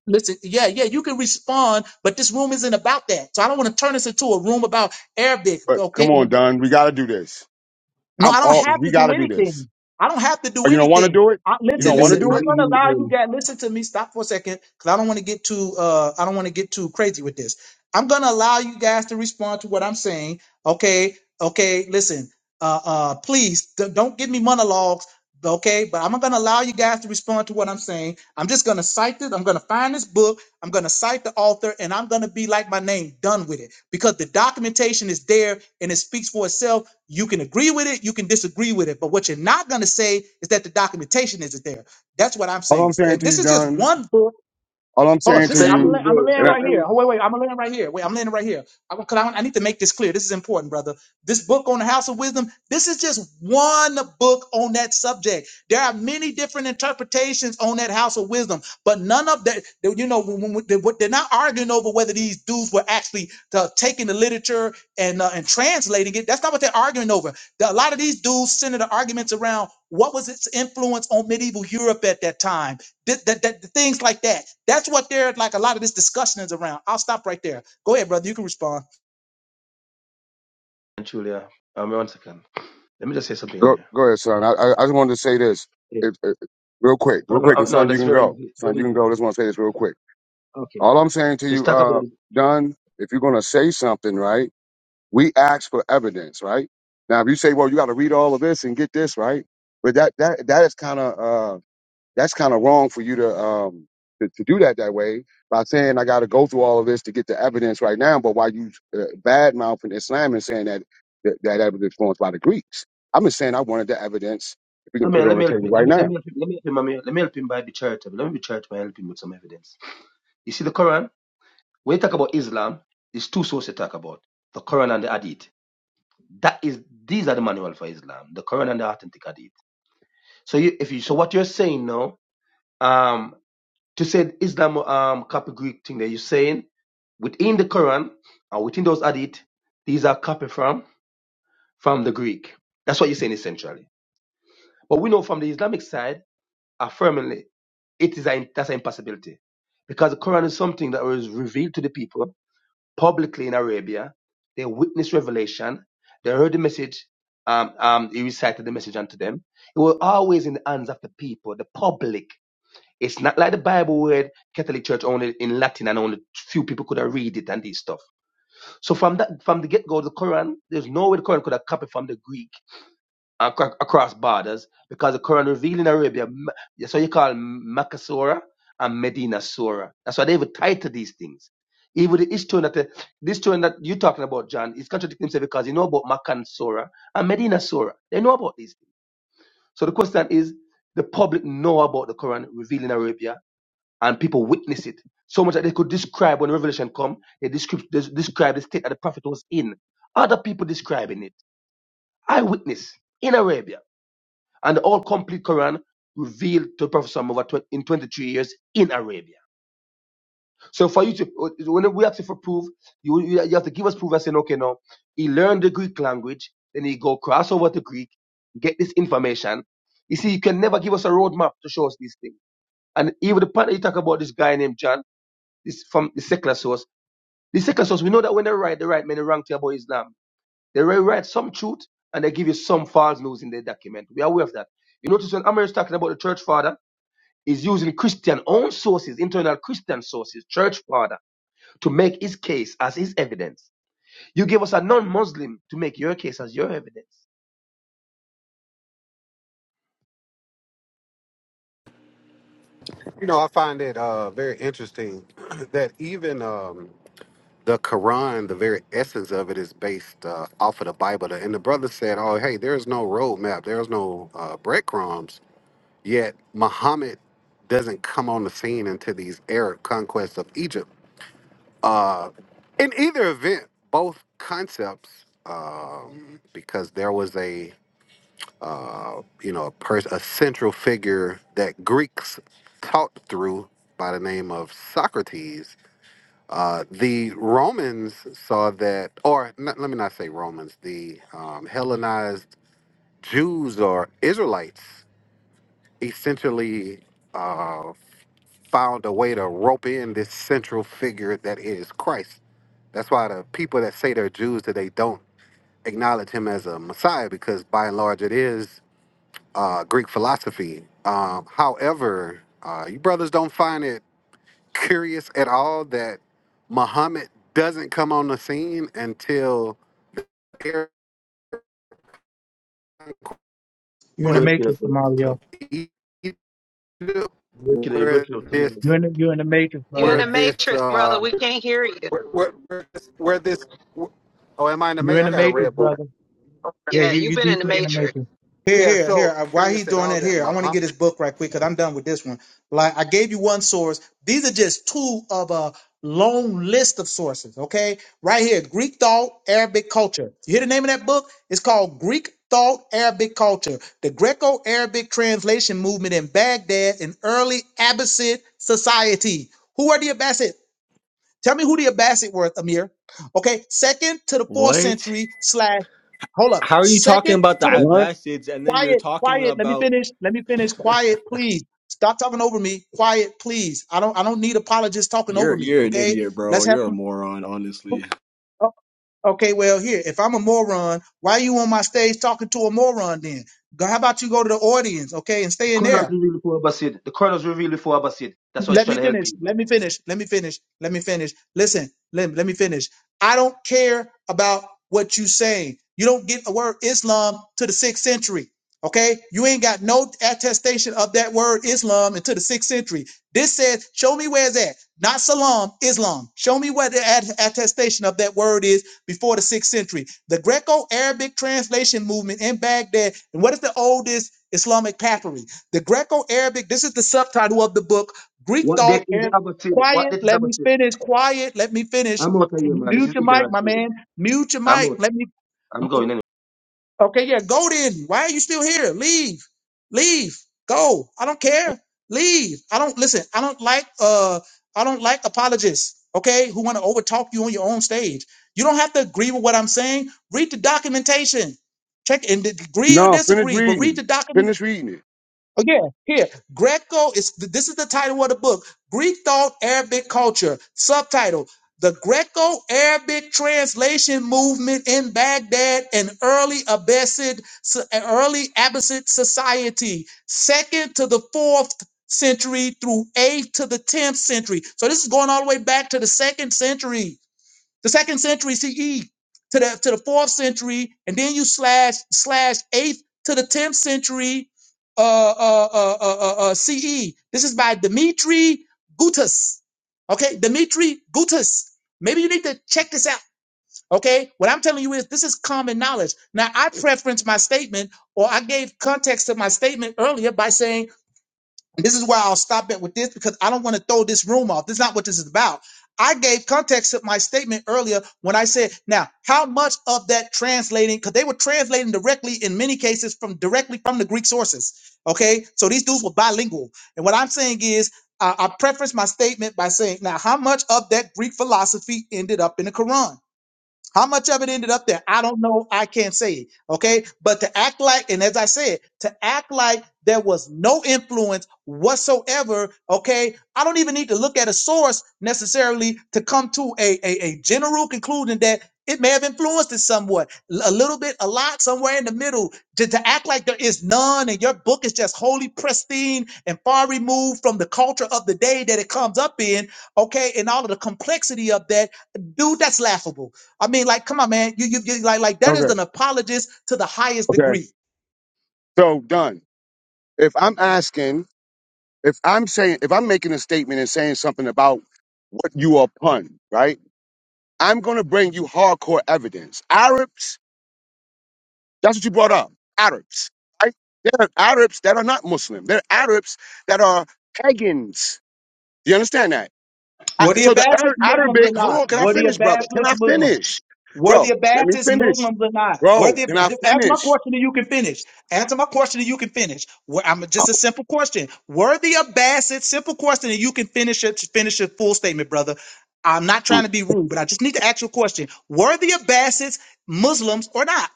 A: Listen, yeah, yeah, you can respond, but this room isn't about that. So I don't want to turn this into a room about Arabic,
E: but come
A: okay? And
E: on,
A: ab-
E: Don. We gotta do this.
A: No,
E: I'm
A: I don't
E: all.
A: have
E: We
A: to do
E: gotta do this.
A: anything. I don't have to do
E: Oh, you don't want to
A: anything.
E: do it?
A: I,
E: You
H: You
A: listen,
E: don't
H: big,
E: want to
A: listen.
H: you
E: do
A: I'm
E: it?
A: gonna
H: big
A: allow you
H: them.
A: guys. Listen to me. Stop for a second, because I don't want to get too. Uh, I don't want to get too crazy with this. I'm gonna allow you guys to respond to what I'm saying okay, okay, listen, uh, uh, please d- don't give me monologues, okay? But I'm not gonna allow you guys to respond to what I'm saying. I'm just gonna cite this. I'm gonna find this book. I'm gonna cite the author, and I'm gonna be like my name, done with it, because the documentation is there and it speaks for itself. You can agree with it, you can disagree with it, but what you're not gonna say is that the documentation isn't there. That's what I'm
E: All
A: saying.
E: I'm saying
A: And
E: to you,
A: this is just
E: Don.
A: one book.
E: All I'm
A: Hold up.
E: saying
H: It's
E: to
A: This is
H: fake
A: I'm
E: you,
H: news,
A: la- I'm
H: bro.
A: gonna
H: It's
A: land
E: and I,
H: fake
A: right here. Oh, wait,
H: news.
A: wait. I'm gonna land right here. Wait, I'm landing right here. I, Cause I, I need to make this clear. This is important, brother. This book on the House of Wisdom. This is just one book on that subject. There are many different interpretations on that House of Wisdom, but none of that. that, You know, when, when, they, what- they're not arguing over whether these dudes were actually uh, taking the literature and uh, and translating it. That's not what they're arguing over. The- a lot of these dudes centered the arguments around what was its influence on medieval Europe at that time Th- that, that, things like that. That's what they're like. A lot of this discussion is around. I'll stop right there. Go ahead, brother. You can respond.
H: And Julia, um, one second. Let me just say something,
E: go,
H: Amir.
E: go ahead, son. I, I, I just wanted to say this
H: Yeah.
E: if, if, real quick, real
H: Um,
E: quick,
H: uh,
E: and
H: no,
E: son, you
H: that's
E: can
H: very
E: go.
H: easy.
E: Son,
H: Very
E: you can
H: easy.
E: go. I just want to say this real quick.
H: Okay.
E: All I'm saying to
H: So let's
E: you,
H: talk about
E: uh,
H: it.
E: Dunn, if you're going to say something, right, we ask for evidence, right? Now, if you say, well, you got to read all of this and get this, right? But that, that, that is kind of, that's kind of wrong for you to um to, to do that that way by saying I got to go through all of this to get the evidence right now. But why you uh, bad mouthing Islam and saying that that, that evidence was by the Greeks? I'm just saying I wanted the evidence. If we can put
H: Amir,
E: it on
H: let me
E: the
H: help
E: table
H: you. Let
E: right
H: me, let
E: now.
H: me help you. Let me help him, Amir. Let me help him by be charitable. Let me be charitable and help him with some evidence. You see, the Quran. When you talk about Islam, there's two sources to talk about: the Quran and the Hadith. That is, these are the manual for Islam, the Quran and the authentic Hadith. So you, if you, so what you're saying now, um, to say Islam um copy Greek thing that you're saying within the Quran and within those Hadith, these are copied from from the Greek. That's what you're saying essentially. But we know from the Islamic side, affirmingly, it is a, that's an impossibility because the Quran is something that was revealed to the people publicly in Arabia. They witnessed revelation. They heard the message. Um, um, he recited the message unto them. It was always in the hands of the people, the public. It's not like the Bible where Catholic Church only in Latin and only few people could have read it and this stuff. So from that, from the get go, the Quran, there's no way the Quran could have copied from the Greek acro- across borders because the Quran revealed in Arabia, M- that's what you call Makkah Surah and Medina Surah. That's why they even title these things. Even the Ishtun that the, this tune that you're talking about, John, is contradicting himself because you know about Makkah Surah and Medina Surah. They know about these things. So the question is, the public know about the Quran revealed in Arabia and people witness it so much that they could describe when revelation come, they describe, they describe the state that the prophet was in. Other people describing it. Eyewitness in Arabia and the whole complete Quran revealed to Prophet Muhammad twen- in 23 years in Arabia. So for you to, when we ask you for proof, you, you you have to give us proof and saying, okay, no, he learned the Greek language, then he go cross over to Greek, get this information. You see, you can never give us a roadmap to show us these things. And even the part that you talk about this guy named John, this from the secular source. The secular source, we know that when they write, they write many wrong things about Islam. They will write some truth and they give you some false news in their document. We are aware of that. You notice when Amir is talking about the church father, is using Christian own sources, internal Christian sources, church father, to make his case as his evidence. You give us a non-Muslim to make your case as your evidence.
B: You know, I find it uh, very interesting that even um, the Quran, the very essence of it, is based uh, off of the Bible. And the brother said, "Oh, hey, there is no roadmap. There is no uh, breadcrumbs." Yet Muhammad doesn't come on the scene until these Arab conquests of Egypt. Uh, in either event, both concepts, um, because there was a uh, you know, a person, a central figure that Greeks taught through by the name of Socrates. Uh, the Romans saw that, or n- let me not say Romans, the um, Hellenized Jews or Israelites essentially uh, found a way to rope in this central figure that is Christ. That's why the people that say they're Jews that they don't acknowledge him as a Messiah because by and large it is uh, Greek philosophy. Um, however, uh, you brothers don't find it curious at all that Muhammad doesn't come on the scene until conquest
A: You're in the
H: Breaking up,
A: matrix,
H: bro.
A: Mario.
B: of Egypt,
H: Breaking up,
B: where
H: breaking up
B: this,
H: tomorrow.
A: You're in the, you're in the matrix,
D: You're in
B: where
A: brother.
D: the
B: this,
D: matrix, brother.
B: uh,
D: We can't hear you.
B: where, where, where this, where this. Oh, am I in the
A: You're
B: mail?
A: in
B: I
A: the
B: got a
A: matrix,
B: red bar.
A: brother. Yeah,
D: Yeah,
A: you
D: you've
A: you
D: been in the
A: deeply in the
D: matrix.
A: matrix. Here,
B: Yeah,
A: here, here.
B: so
A: Uh, Why
B: curious
A: he's
B: at
A: doing
B: all
A: that
B: that
A: here? I want to
B: Muhammad.
A: get his book right quick because I'm done with this one. Like I gave you one source. These are just two of a long list of sources. Okay, right here, Greek thought, Arabic culture. You hear the name of that book? It's called Greek thought, Arabic culture: The Greco-Arabic Translation Movement in Baghdad and Early Abbasid Society. Who are the Abbasid? Tell me who the Abbasid were, Amir. Okay, second to the fourth
I: What?
A: century slash. Hold up,
I: How are you talking
A: second
I: about the
A: to the
E: What?
I: Abbasids and then you're
A: quiet,
I: talking
A: quiet. Let me
I: about
A: finish. Let me finish. Quiet, please. Stop talking over me. Quiet, please. I don't. I don't need apologists talking
I: you're
A: over me.
I: you're an
A: Okay,
I: idiot,
A: let's
I: bro.
A: have
I: You're a
A: some.
I: moron, honestly.
A: oh, Okay, well here, if I'm a moron, why are you on my stage talking to a moron then? Go- How about you go to the audience, okay, and
H: The
A: stay in
H: Quran is
A: there?
H: revealed before Abbasid. The Quran is revealed before Abbasid. That's why he's
A: Let
H: trying
A: me
H: to help
A: finish.
H: you, bro.
A: Let me finish. Let me finish. Let me finish. Listen, let, let me finish. I don't care about what you saying. You don't get the word Islam to the sixth century. Okay? You ain't got no attestation of that word Islam until the sixth century. This says, show me where it's at. Not Salam, Islam. Show me where the att- attestation of that word is before the sixth century. The Greco Arabic translation movement in Baghdad. And what is the oldest Islamic papyri? The Greco Arabic, this is the subtitle of the book Greek
H: What
A: thought
H: date is
A: and
H: Abbasid? What
A: quiet,
H: date is
A: let me
H: Abbasid?
A: finish, quiet, let me finish.
H: I'm out of here, man. This
A: Mute
H: is
A: your mic,
H: ignorance,
A: my
H: really.
A: man. Mute your
H: I'm
A: mic.
H: out.
A: Let me
H: I'm going anyway.
A: okay, yeah, go then. Why are you still here? Leave. Leave. Go. I don't care. Leave. I don't listen, I don't like uh I don't like apologists, okay, who want to overtalk you on your own stage. You don't have to agree with what I'm saying. Read the documentation. Check and agree or
E: No, finish
A: disagree, but read
E: reading.
A: the document.
E: Finish reading it.
A: Again, here, Greco is this is the title of the book Greek Thought, Arabic Culture. Subtitle The Greco Arabic Translation Movement in Baghdad and Early Abbasid, Early Abbasid Society, second to the fourth century through eighth to the tenth century. So this is going all the way back to the second century the second century CE to the to the fourth century, and then you slash slash eighth to the tenth century uh, uh, uh, uh, uh, uh, CE. This is by Dimitri Gutas. Okay, Dimitri Gutas. Maybe you need to check this out. Okay, what I'm telling you is this is common knowledge. Now I preference my statement, or I gave context to my statement earlier by saying this is where I'll stop it with this because I don't want to throw this room off. This is not what this is about. I gave context to my statement earlier when I said, now, how much of that translating, because they were translating directly in many cases from directly from the Greek sources. Okay. So these dudes were bilingual. And what I'm saying is, I I preface my statement by saying, now, how much of that Greek philosophy ended up in the Quran? How much of it ended up there? I don't know. I can't say. Okay. But to act like, and as I said, to act like there was no influence whatsoever. Okay. I don't even need to look at a source necessarily to come to a, a, a general conclusion that it may have influenced it somewhat, l- a little bit, a lot, somewhere in the middle. To, to act like there is none and your book is just wholly pristine and far removed from the culture of the day that it comes up in. Okay. And all of the complexity of that, dude, that's laughable I mean, like, come on, man. You, you, you like, like that is
E: Okay.
A: an apologist to the highest
E: Okay.
A: degree.
E: So done. If I'm asking, if I'm saying, if I'm making a statement and saying something about what you are upon, right? I'm going to bring you hardcore evidence. Arabs That's what you brought up. Arabs. Right? There are Arabs that are not Muslim. There are Arabs that are pagans. Do you understand that? I,
A: Were the
E: so the
A: Abbasist
E: Ar-
A: Muslims or
E: Arabic, hold
A: not?
E: on, can I
A: Were the
E: finish, brother? Can
A: Abbasist
E: I
A: Muslims?
E: finish?
A: Were
E: Bro,
A: the
E: let me
A: Abbasist
E: finish.
A: Muslims or not? Were
E: Bro,
A: the
E: can I
A: just ask my
E: finish?
A: question and you can finish. Answer my question and you can finish. Were, I'm just a simple question. Were the Abbasists simple question and you can finish it finish your full statement, brother. I'm not trying to be rude, but I just need to ask you a question. Were the Abbasists Muslims or not?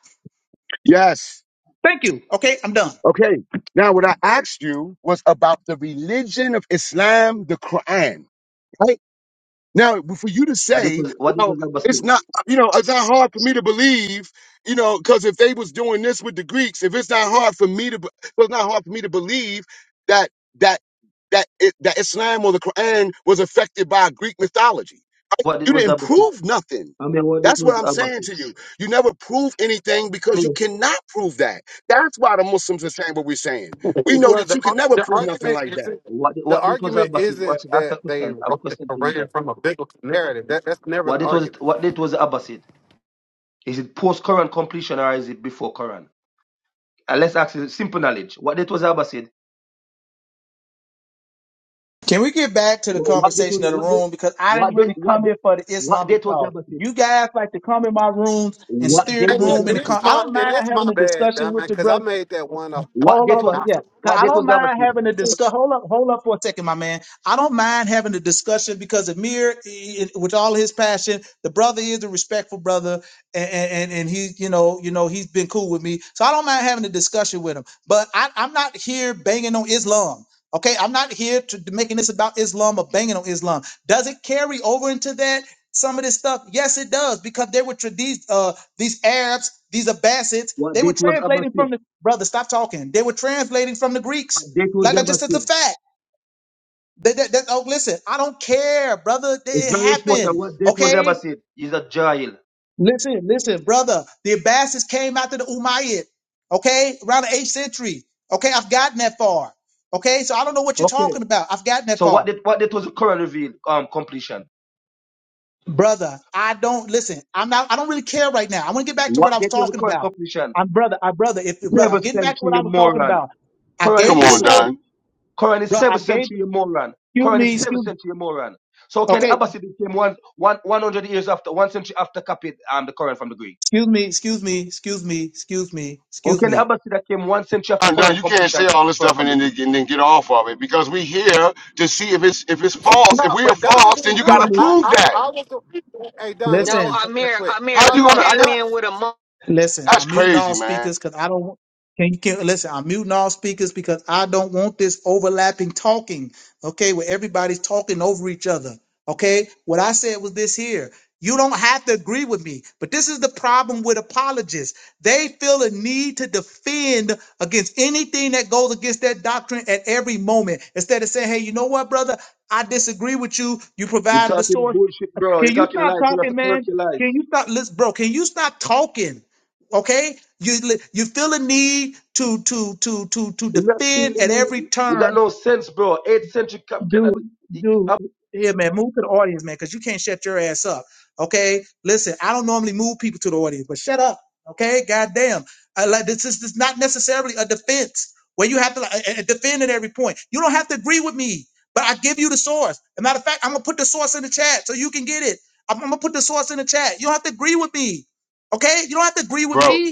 E: Yes.
A: Thank you. Okay, I'm done.
E: Okay. Now, what I asked you was about the religion of Islam, the Quran. Right? Now, for you to
H: What date
E: say,
H: was, what date
E: well,
H: was Abbasid?
E: it's not, you know, it's not hard for me to believe, you know, because if they was doing this with the Greeks, if it's not hard for me to, be- if it's not hard for me to believe that that that it, that Islam or the Quran was affected by Greek mythology.
H: What date
E: You
H: was
E: didn't
H: Abbasid?
E: prove nothing.
H: I mean, what date
E: That's
H: was
E: what I'm saying
H: Abbasid?
E: to you. You never prove anything
H: I
E: because you
H: mean,
E: cannot prove that. That's why the Muslims are saying what we're saying. We know
B: Well,
E: that
B: the,
E: you can never
B: the
E: prove nothing
B: argument
E: like that.
B: isn't
H: what,
B: the
H: what date was
B: argument
H: Abbasid? What's,
B: isn't
H: ask
B: that
H: a
B: they
H: question. I have a
B: wrote the
H: question for you guys.
B: Quran from a biblical narrative. That that's never
H: What
B: the
H: date was it?
B: argument.
H: What date was the Abbasid? Is it post Quran completion or is it before Quran? And let's ask you simple knowledge. What date was the Abbasid?
A: Can we get back to the
H: So what date
A: conversation
H: was
A: of the
H: what date?
A: room? Because I didn't
H: What date?
A: really
H: What
A: come
H: date?
A: here for the
H: What
A: Islamic
H: date was the
A: talk.
H: Abbasid?
A: You guys like to come in my rooms and
H: What
A: steer the
H: date
B: And,
H: was the
B: that,
A: room in
B: and
A: the
H: Abbasid?
A: con-
B: it's
A: I
B: my
A: don't
B: and
A: mind
B: it's
A: having
B: my
A: a
B: bad,
A: discussion
B: Don,
A: with your
B: because I
A: brother.
B: made that one up.
H: What
A: Hold up,
H: date
A: hold
H: was
A: up. Yeah. 'Cause
H: what
A: I
H: date
A: don't
H: was the
A: mind
H: Abbasid?
A: having a discuss. Hold up, hold up for a second, my man. I don't mind having a discussion because Amir, i- i- with all his passion, the brother is a respectful brother, and and and he, you know, you know, he's been cool with me, so I don't mind having a discussion with him. But I, I'm not here banging on Islam. Okay, I'm not here to to making this about Islam or banging on Islam. Does it carry over into that? Some of this stuff, yes, it does, because there were traditions. These Arabs, these Abbasids,
H: What
A: they were
H: date was
A: translating
H: Abbasid?
A: from the brother. Stop talking. They were translating from the Greeks.
H: What date was the
A: Like I just said, the
H: Abbasid?
A: fact. That, that, that- oh, listen, I don't care, brother.
H: It's
A: It
H: very important.
A: happened.
H: What date was the
A: Okay,
H: Abbasid? Is a jail.
A: listen, listen, brother. The Abbasids came after the Umayyad. Okay, around the eighth century. Okay, I've gotten that far. Okay, so I don't know what you're
H: Okay.
A: talking about. I've gotten that
H: So
A: far.
H: what date? What date was the Quran revealed? Um, completion.
A: brother i don't listen i'm not i don't really care right now i want to get back to
H: What
A: what i was
H: date was the
A: talking
H: Quran
A: about
H: completion?
A: i'm brother i brother if if- brother i'm
H: Seventh
A: getting back to
H: century,
A: what i
H: you
A: was talking
H: moron.
A: about i
H: Quran is
E: Come
A: gave the
E: on,
H: 7th century.
A: source
E: Don.
H: Quran is
A: bro i
H: seventh
A: gave
H: century Moran.
A: excuse
H: Quran is
A: me
H: seventh
A: excuse me.
H: century Moran. So can the
A: okay
H: Abbasid came one one 100 years after, one century after copied um, the Quran from the Greek.
A: excuse me excuse me excuse me excuse me
H: How
A: excuse
H: can the
A: me
H: Abbasid that came one century after
E: And then
H: Quran
E: you can't
H: completion
E: say all
H: copied the
E: this
H: Quran
E: stuff
H: from
E: and
H: the
E: then,
H: Greek?
E: and then get off of it because we here to see if it's if it's false. If
B: No,
E: we are
B: but Don
E: false, then
B: didn't
E: you got
B: do
A: excuse
E: to
B: it.
A: me
B: I
E: prove
B: I,
E: that.
B: I was the, hey Don, let me
D: No,
B: say
A: listen
B: something real
D: Amir,
B: quick.
D: Amir,
E: How
B: No,
E: you
D: you
E: gonna?
B: no,
E: I,
D: came
B: Don.
D: in with a
A: Listen,
E: that's
A: I'm muting
E: crazy,
A: all
E: man,
A: speakers because I don't. Can you can listen? I'm muting all speakers because I don't want this overlapping talking. Okay, where everybody's talking over each other. Okay, what I said was this here. You don't have to agree with me, but this is the problem with apologists. They feel a need to defend against anything that goes against their doctrine at every moment. Instead of saying, "Hey, you know what, brother? I disagree with you. You
H: You're
A: provided the
H: talking
A: source.
H: bullshit, bro. You're
A: Can you
H: talking
A: stop
H: lies. You have to
A: talking,
H: correct
A: man?
H: your lies.
A: Can you stop, listen, bro? Can you stop talking? Okay, you you feel a need to to to to to
H: You're not
A: defend
H: feeling
A: at
H: me.
A: every
H: You got
A: turn,
H: no sense, bro. Eighth century cap cannot.
A: dude. Dude, here, man, move to the audience, man, because you can't shut your ass up. Okay, listen, I don't normally move people to the audience, but shut up. Okay, goddamn, I like this is this is not necessarily a defense where you have to like, uh, uh, defend at every point. You don't have to agree with me, but I give you the source. As a matter of fact, I'm gonna put the source in the chat so you can get it. I'm, I'm gonna put the source in the chat. You don't have to agree with me. Okay, you don't have to agree with
E: bro.
A: me.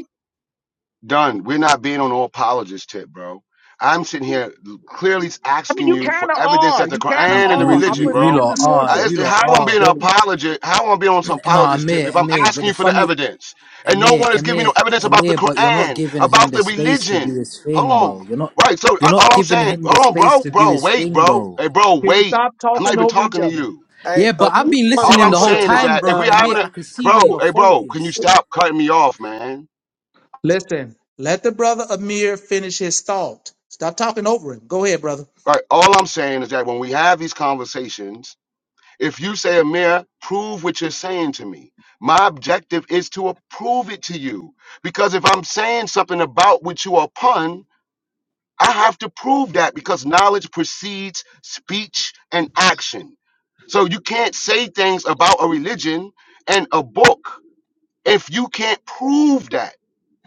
E: Done. We're not being on an apologist tip, bro. I'm sitting here clearly
A: I mean,
E: asking
A: you
E: you for
A: kind of
E: evidence
A: are.
E: that the
A: You kind of
E: Quran and the
A: are.
G: You,
A: I
G: you,
E: religion,
G: you
E: bro.
A: presented the
G: lot are,
E: I,
A: sources.
G: you
E: it's,
G: lot
E: how I'm
G: are.
E: being an apologist? How I'm being on some
G: No,
E: apologist tip
G: Amir,
E: if I'm
G: Amir, but
E: asking
G: the
E: you for the
G: funny,
E: evidence and no
G: Amir,
E: one is giving you
G: Amir,
E: evidence about the
G: Amir, but you're not
E: Quran,
G: giving him
E: about
G: the
E: the
G: space to do
E: religion?
G: his
E: Hold
G: thing,
E: on,
G: though. You're not,
E: right? So
G: you're
E: I,
G: not
E: all I'm
G: giving
E: saying,
G: him the
E: hold on,
G: space
E: bro,
G: to do
E: bro,
G: his
E: wait,
G: thing,
E: bro,
G: though.
E: hey, bro,
A: Can we
E: wait.
A: stop
E: I'm not
A: talking
E: even
A: over each
E: talking to
A: other?
E: you.
B: Hey,
G: Yeah,
B: uh,
G: but I've
B: me,
G: been
B: I'm
E: All
G: listening
E: I'm
G: the whole
B: gonna
E: saying is
G: time,
E: that if
G: bro, and
E: we're
B: apologize to
E: having
G: Amir,
E: a,
G: I
B: you.
G: can see
E: bro,
G: where your
E: hey,
G: fault
E: bro, can you
G: is.
E: stop cutting me off, man?
A: Listen, let the brother Amir finish his thought. Stop talking over him. Go ahead, brother.
E: Right. All I'm saying is that when we have these conversations, if you say, Amir, prove what you're saying to me, my objective is to prove it to you. Because if I'm saying something about what you are upon, I have to prove that because knowledge precedes speech and action. So you can't say things about a religion and a book if you can't prove that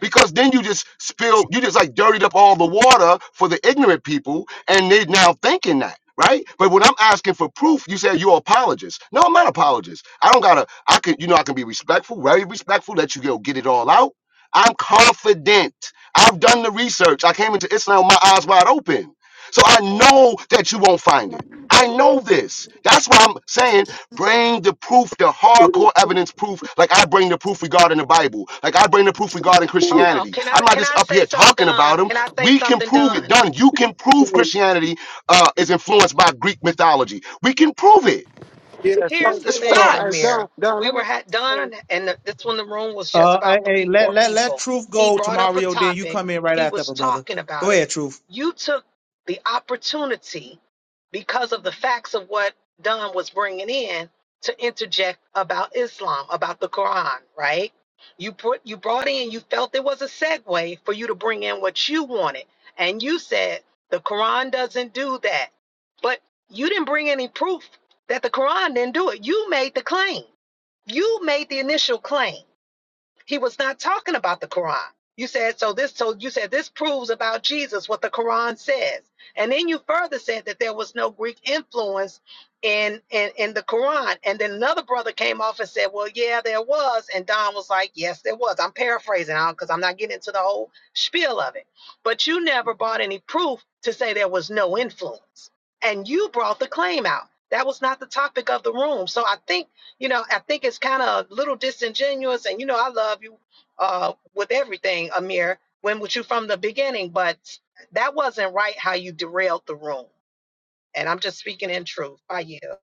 E: because then you just spilled you just like dirtied up all the water for the ignorant people and they now thinking that right but when i'm asking for proof you say you're apologist no i'm not apologist i don't gotta i can you know i can be respectful very respectful let you go get it all out i'm confident i've done the research i came into islam with my eyes wide open so i know that you won't find it i know this that's why i'm saying Bring the proof, the hardcore evidence proof, like I bring the proof regarding the Bible, like I bring the proof regarding
D: Hold on.
E: Christianity.
D: Can
E: I'm
D: I
E: not
D: can
E: just
D: I
E: up
D: say
E: here
D: something,
E: talking about
D: Don?
E: them.
D: Can I say
E: We can
D: something,
E: prove it.
D: Don?
E: Done. You can prove Christianity uh, is influenced by Greek mythology. We can prove it.
B: Yeah,
D: Here's
B: so,
D: the
E: It's
B: so
D: thing,
B: hey
E: facts.
B: Don,
D: Amir.
B: Don,
D: We
B: let me
D: were had Don, and the, this one the room was just
A: Uh, hey,
D: about
A: hey,
D: three,
A: let
D: four
A: let let
D: people.
A: truth
D: He
A: go to
D: brought up a
A: Mario. Then you
D: topic.
A: come in right
D: He
A: after,
D: was
A: my brother.
D: talking
A: Go
D: about it.
A: ahead, truth.
D: You took the opportunity because of the facts of what Don was bringing in to interject about Islam, about the Quran, right? You put you brought in, you felt there was a segue for you to bring in what you wanted, and you said the Quran doesn't do that, but you didn't bring any proof that the Quran didn't do it. You made the claim. You made the initial claim. He was not talking about the Quran. You said so this so you said this proves about Jesus what the Quran says. And then you further said that there was no Greek influence in in, in the Quran. And then another brother came off and said, Well, yeah, there was. And Don was like, Yes, there was. I'm paraphrasing now because I'm not getting into the whole spiel of it. But you never brought any proof to say there was no influence. And you brought the claim out. That was not the topic of the room. So I think you know, I think it's kind of a little disingenuous. And you know, I love you uh, with everything, Amir. When with you from the beginning, but that wasn't right how you derailed the room. And I'm just speaking in truth. I yield.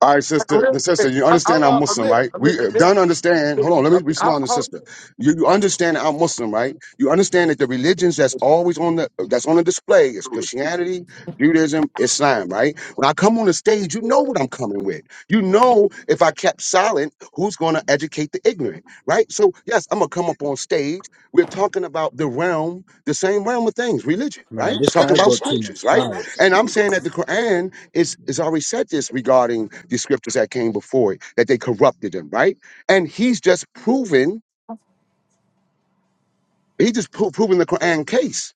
E: All right, sister, the
B: real
E: sister,
B: quick.
E: you
B: I,
E: understand I'm
B: I'll
E: Muslim,
B: admit,
E: right?
B: admit
E: We uh,
B: this.
E: don't understand. Hold on, let me respond to
B: Hold
E: sister. You, you understand that I'm Muslim, right? You understand that the religions that's always on the that's on the display is Christianity, Judaism, Islam, right? When I come on the stage, you know what I'm coming with. You know if I kept silent, who's going to educate the ignorant, right? So yes, I'm gonna come up on stage. We're talking about the realm, the same realm of things, religion, right?
G: Man, this guy
E: Talking about
G: got too much
E: scriptures, right?
G: pride.
E: And I'm saying that the Quran it's, it's already said this regarding the scriptures that came before it, that they corrupted them, right? And he's just proven, he just pro- proven the Quran case